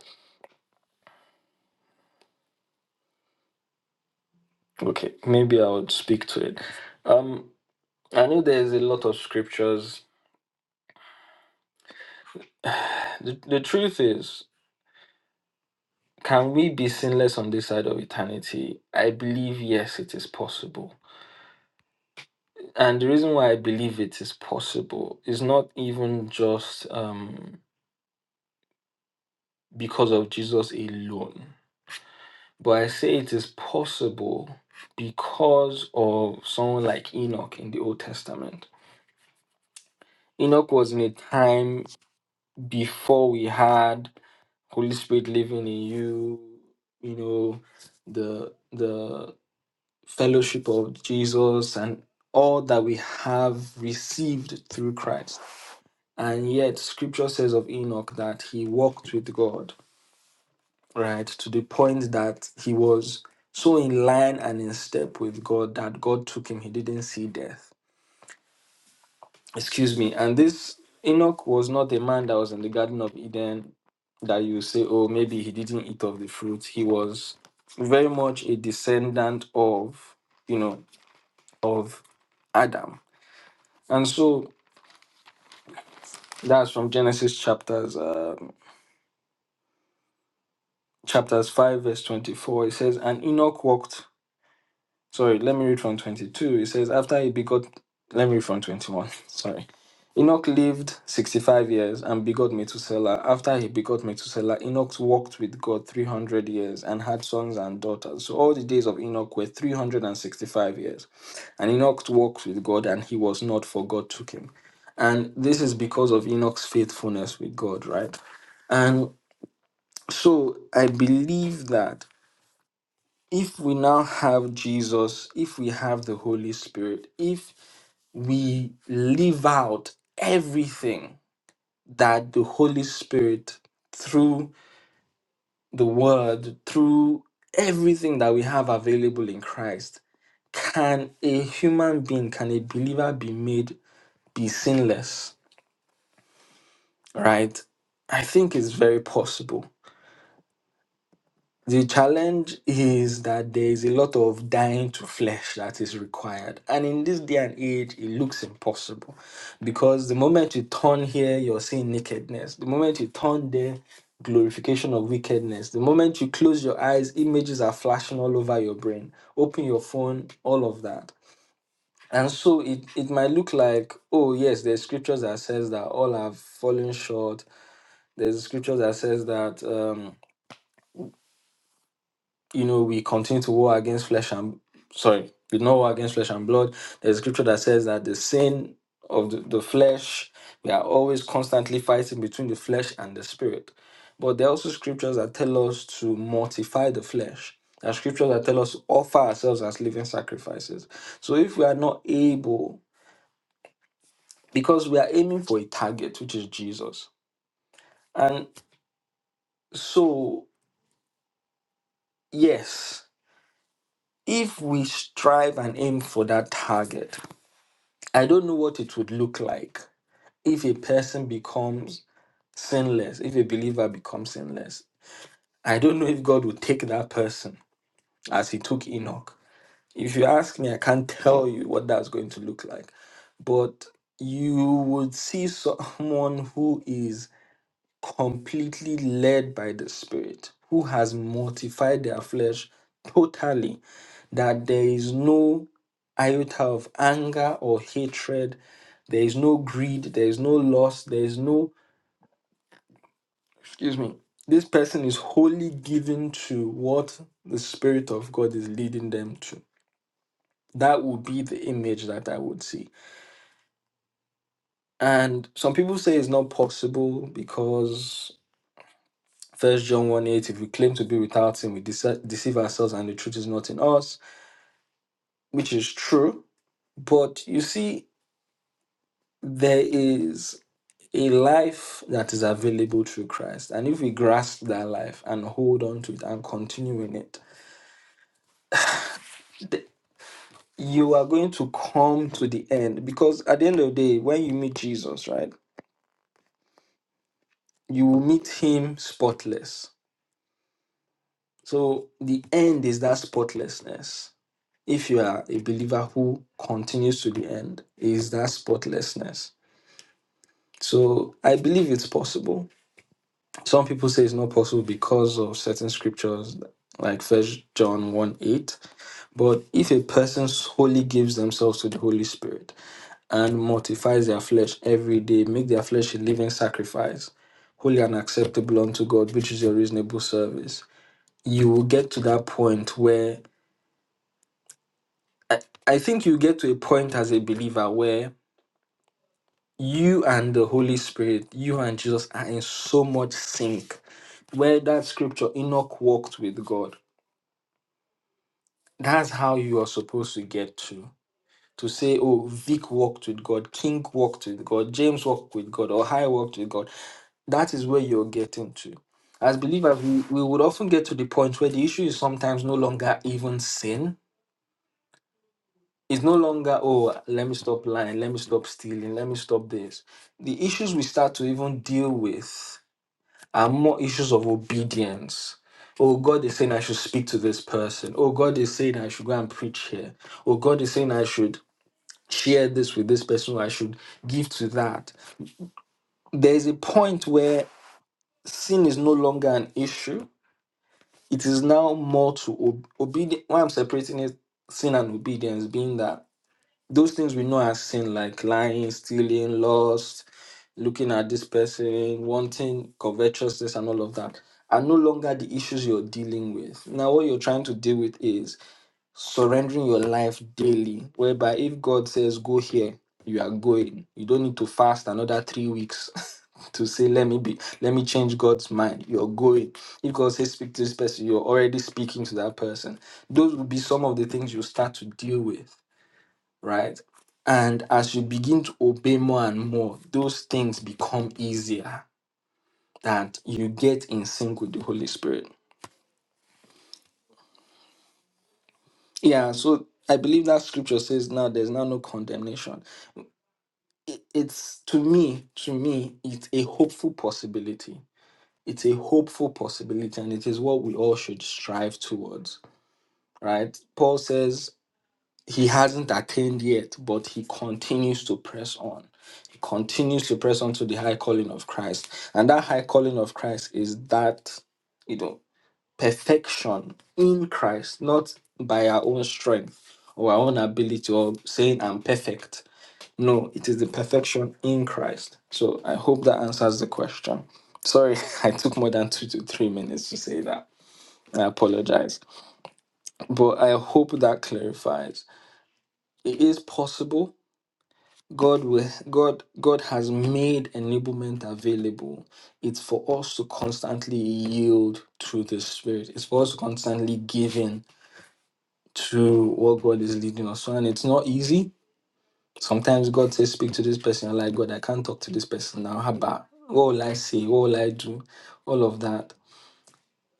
okay maybe i would speak to it um i know there's a lot of scriptures the, the truth is can we be sinless on this side of eternity i believe yes it is possible And the reason why I believe it is possible is not even just um, because of Jesus alone, but I say it is possible because of someone like Enoch in the Old Testament. Enoch was in a time before we had Holy Spirit living in you, you know, the the fellowship of Jesus and all that we have received through Christ. And yet, scripture says of Enoch that he walked with God, right? To the point that he was so in line and in step with God that God took him. He didn't see death. Excuse me. And this Enoch was not a man that was in the Garden of Eden that you say, oh, maybe he didn't eat of the fruit. He was very much a descendant of, you know, of Adam. And so that's from Genesis chapters. um, chapters 5, verse 24, it says, And Enoch walked. Sorry, let me read from 22. It says, After he begot, let me read from 21. Sorry. Enoch lived 65 years and begot Methuselah. After he begot Methuselah, Enoch walked with God 300 years and had sons and daughters. So all the days of Enoch were 365 years. And Enoch walked with God and he was not, for God took him. And this is because of Enoch's faithfulness with God, right? And so I believe that if we now have Jesus, if we have the Holy Spirit, if we live out everything that the Holy Spirit through the Word, through everything that we have available in Christ, can a human being, can a believer be made be sinless? Right? I think it's very possible. The challenge is that there is a lot of dying to flesh that is required. And in this day and age, it looks impossible because the moment you turn here, you're seeing nakedness. The moment you turn there, glorification of wickedness. The moment you close your eyes, images are flashing all over your brain. Open your phone, all of that. And so it, it might look like, oh yes, there's scriptures that says that all have fallen short. There's scriptures that says that um, you know, we continue to war against flesh and sorry, we do not war against flesh and blood. There's a scripture that says that the sin of the, the flesh, we are always constantly fighting between the flesh and the spirit. But there are also scriptures that tell us to mortify the flesh. There are scriptures that tell us to offer ourselves as living sacrifices. So if we are not able, because we are aiming for a target, which is Jesus. And so, yes, if we strive and aim for that target, I don't know what it would look like if a person becomes sinless, if a believer becomes sinless. I don't know if God would take that person as he took Enoch. If you ask me, I can't tell you what that's going to look like. But you would see someone who is completely led by the Spirit, who has mortified their flesh totally that there is no iota of anger or hatred, there is no greed, there is no loss, there is no, excuse me, this person is wholly given to what the Spirit of God is leading them to. That would be the image that I would see. And some people say it's not possible because First John 1 8, if we claim to be without sin, we dece- deceive ourselves and the truth is not in us, which is true. But you see, there is. a life that is available through Christ. And if we grasp that life and hold on to it and continue in it, you are going to come to the end. Because at the end of the day, when you meet Jesus, right, you will meet him spotless. So the end is that spotlessness. If you are a believer who continues to the end, is that spotlessness. So I believe it's possible. Some people say it's not possible because of certain scriptures, like First John 1 8. But if a person solely gives themselves to the Holy Spirit and mortifies their flesh every day, make their flesh a living sacrifice, holy and acceptable unto God, which is your reasonable service, you will get to that point where I, I think you get to a point as a believer where you and the Holy Spirit, you and Jesus are in so much sync. Where that scripture, Enoch walked with God That's how you are supposed to get to. To say, oh, Vic walked with God, King walked with God, James walked with God, or I walked with God. That is where you're getting to. As believers, we, we would often get to the point where the issue is sometimes no longer even sin. It's no longer, oh, let me stop lying, let me stop stealing, let me stop this. The issues we start to even deal with are more issues of obedience. Oh, God is saying I should speak to this person. Oh, God is saying I should go and preach here. Oh, God is saying I should share this with this person or I should give to that. There's a point where sin is no longer an issue. It is now more to ob- obedience. Why I'm separating it, sin and obedience, being that those things we know as sin, like lying, stealing, lust, looking at this person, wanting covetousness, and all of that, are no longer the issues you're dealing with. Now, what you're trying to deal with is surrendering your life daily, whereby if God says, Go here, you are going. You don't need to fast another three weeks to say, Let me be, let me change God's mind. You're going. If God says, Speak to this person, you're already speaking to that person. Those will be some of the things you start to deal with, right? And as you begin to obey more and more, those things become easier that you get in sync with the Holy Spirit. Yeah, so I believe that scripture says now there's now no condemnation it- it's to me to me it's a hopeful possibility it's a hopeful possibility and it is what we all should strive towards right paul says he hasn't attained yet but he continues to press on he continues to press on to the high calling of christ and that high calling of christ is that you know perfection in christ not by our own strength or our own ability or saying i'm perfect no, it is the perfection in Christ. So I hope that answers the question. Sorry, I took more than two to three minutes to say that. I apologize. But I hope that clarifies. It is possible. God will God God has made enablement available. It's for us to constantly yield to the Spirit. It's for us to constantly give in to what God is leading us. on. And it's not easy Sometimes God says, Speak to this person. I'm like, God, I can't talk to this person now. How about what will I say? What will I do? All of that.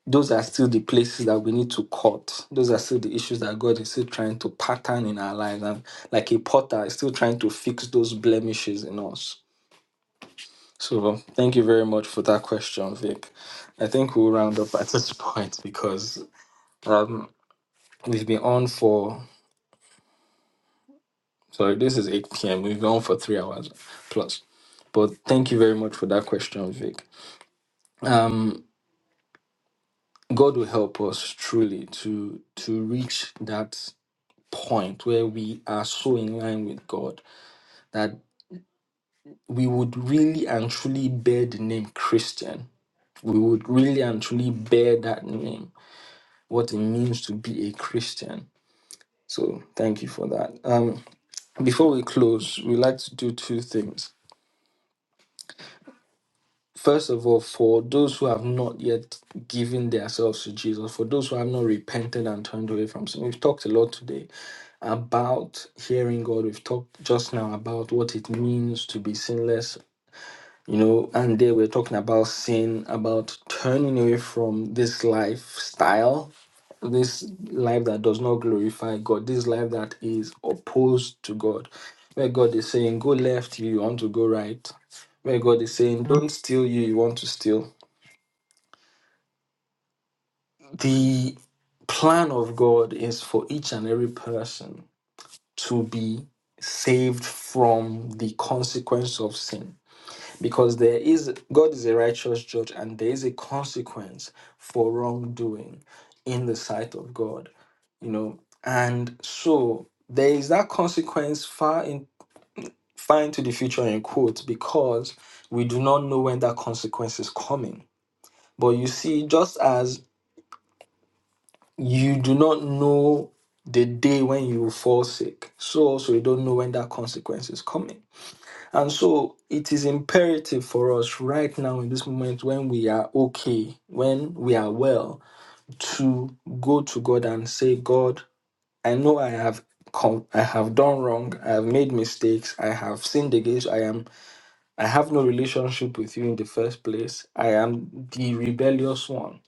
Those are still the places that we need to cut. Those are still the issues that God is still trying to pattern in our lives. And like a potter is still trying to fix those blemishes in us. So thank you very much for that question, Vic. I think we'll round up at this point because um, we've been on for So this is 8 p.m. We've gone for three hours plus. But thank you very much for that question, Vic. Um, God will help us truly to to reach that point where we are so in line with God that we would really and truly bear the name Christian. We would really and truly bear that name, what it means to be a Christian. So thank you for that. Um, before we close, we like to do two things. First of all, for those who have not yet given themselves to Jesus, for those who have not repented and turned away from sin, we've talked a lot today about hearing God. We've talked just now about what it means to be sinless, you know, and there we're talking about sin, about turning away from this lifestyle, this life that does not glorify God, this life that is opposed to God, where God is saying, go left, you want to go right, where God is saying, don't steal you, you want to steal The plan of God is for each and every person to be saved from the consequence of sin because there is God is a righteous judge and there is a consequence for wrongdoing in the sight of God you know and so there is that consequence far in far into the future in quotes because we do not know when that consequence is coming but you see just as you do not know the day when you will fall sick. So also you don't know when that consequence is coming. And so it is imperative for us right now in this moment when we are okay, when we are well, to go to God and say, God, I know I have com- I have done wrong. I have made mistakes. I have sinned against. you, I am. I have no relationship with you in the first place. I am the rebellious one.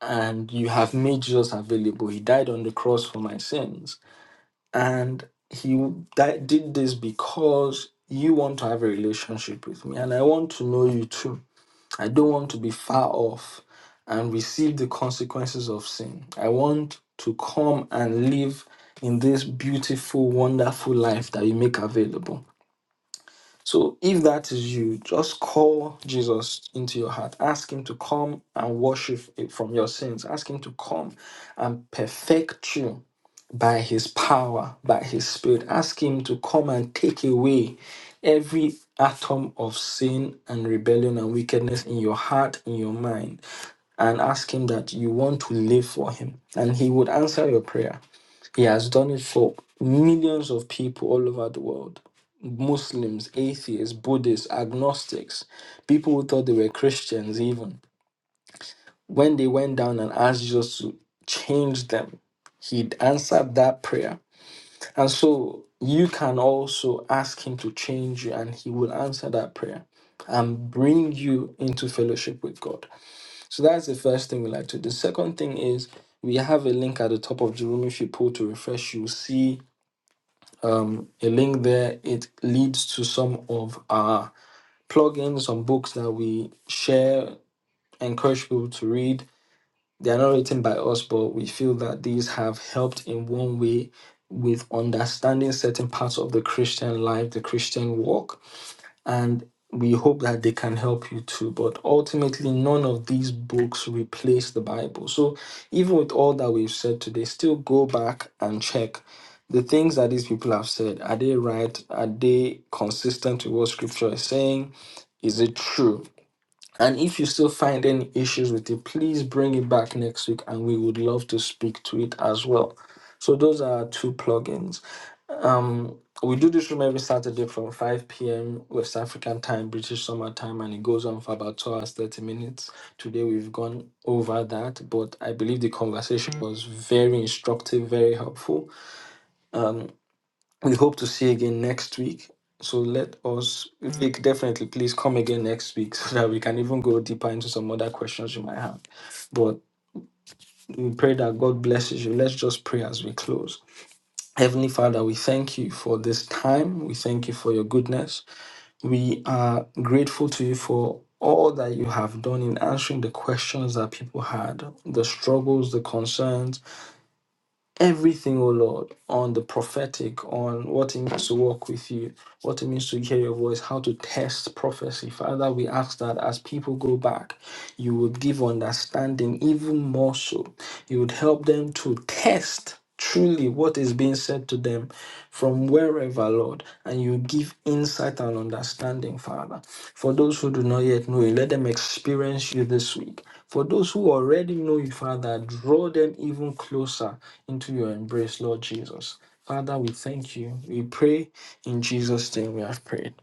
and you have made Jesus available. He died on the cross for my sins. And he died, did this because you want to have a relationship with me. And I want to know you too. I don't want to be far off and receive the consequences of sin. I want to come and live in this beautiful, wonderful life that you make available. So if that is you, just call Jesus into your heart. Ask him to come and wash you f- from your sins. Ask him to come and perfect you by his power, by his spirit. Ask him to come and take away every atom of sin and rebellion and wickedness in your heart, in your mind, and ask him that you want to live for him. And he would answer your prayer. He has done it for millions of people all over the world. Muslims, atheists, Buddhists, agnostics, people who thought they were Christians, even when they went down and asked Jesus to change them, he answered that prayer. And so you can also ask him to change you, and he will answer that prayer and bring you into fellowship with God. So that's the first thing we like to do. The second thing is we have a link at the top of the room. If you pull to refresh, you'll see um, a link there. It leads to some of our plug in some books that we share, encourage people to read. They are not written by us, but we feel that these have helped in one way with understanding certain parts of the Christian life, the Christian walk and we hope that they can help you too. But ultimately, none of these books replace the Bible. So, even with all that we've said today, still go back and check the things that these people have said. Are they right? Are they consistent with what Scripture is saying? Is it true? And if you still find any issues with it, please bring it back next week and we would love to speak to it as well. So, those are our two plugins. Um, we do this room every Saturday from 5 p.m. West African time, British summer time, and it goes on for about 2 hours, 30 minutes. Today we've gone over that, but I believe the conversation was very instructive, very helpful. We hope to see you again next week. So let us, Vic, definitely please come again next week so that we can even go deeper into some other questions you might have. But we pray that God blesses you. Let's just pray as we close. Heavenly Father, we thank you for this time. We thank you for your goodness. We are grateful to you for all that you have done in answering the questions that people had, the struggles, the concerns, everything, oh Lord, on the prophetic, on what it means to walk with you, what it means to hear your voice, how to test prophecy. Father, we ask that as people go back, you would give understanding even more so. You would help them to test truly what is being said to them from wherever, Lord, and you give insight and understanding, Father. For those who do not yet know you, let them experience you this week. For those who already know you, Father, draw them even closer into your embrace, Lord Jesus. Father, we thank you. We pray in Jesus' name we have prayed.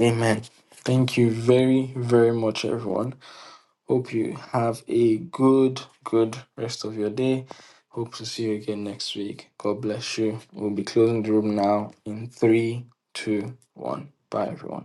Amen. Thank you very, very much, everyone. Hope you have a good, good rest of your day. Hope to see you again next week. God bless you. We'll be closing the room now in three, two, one. Bye, everyone.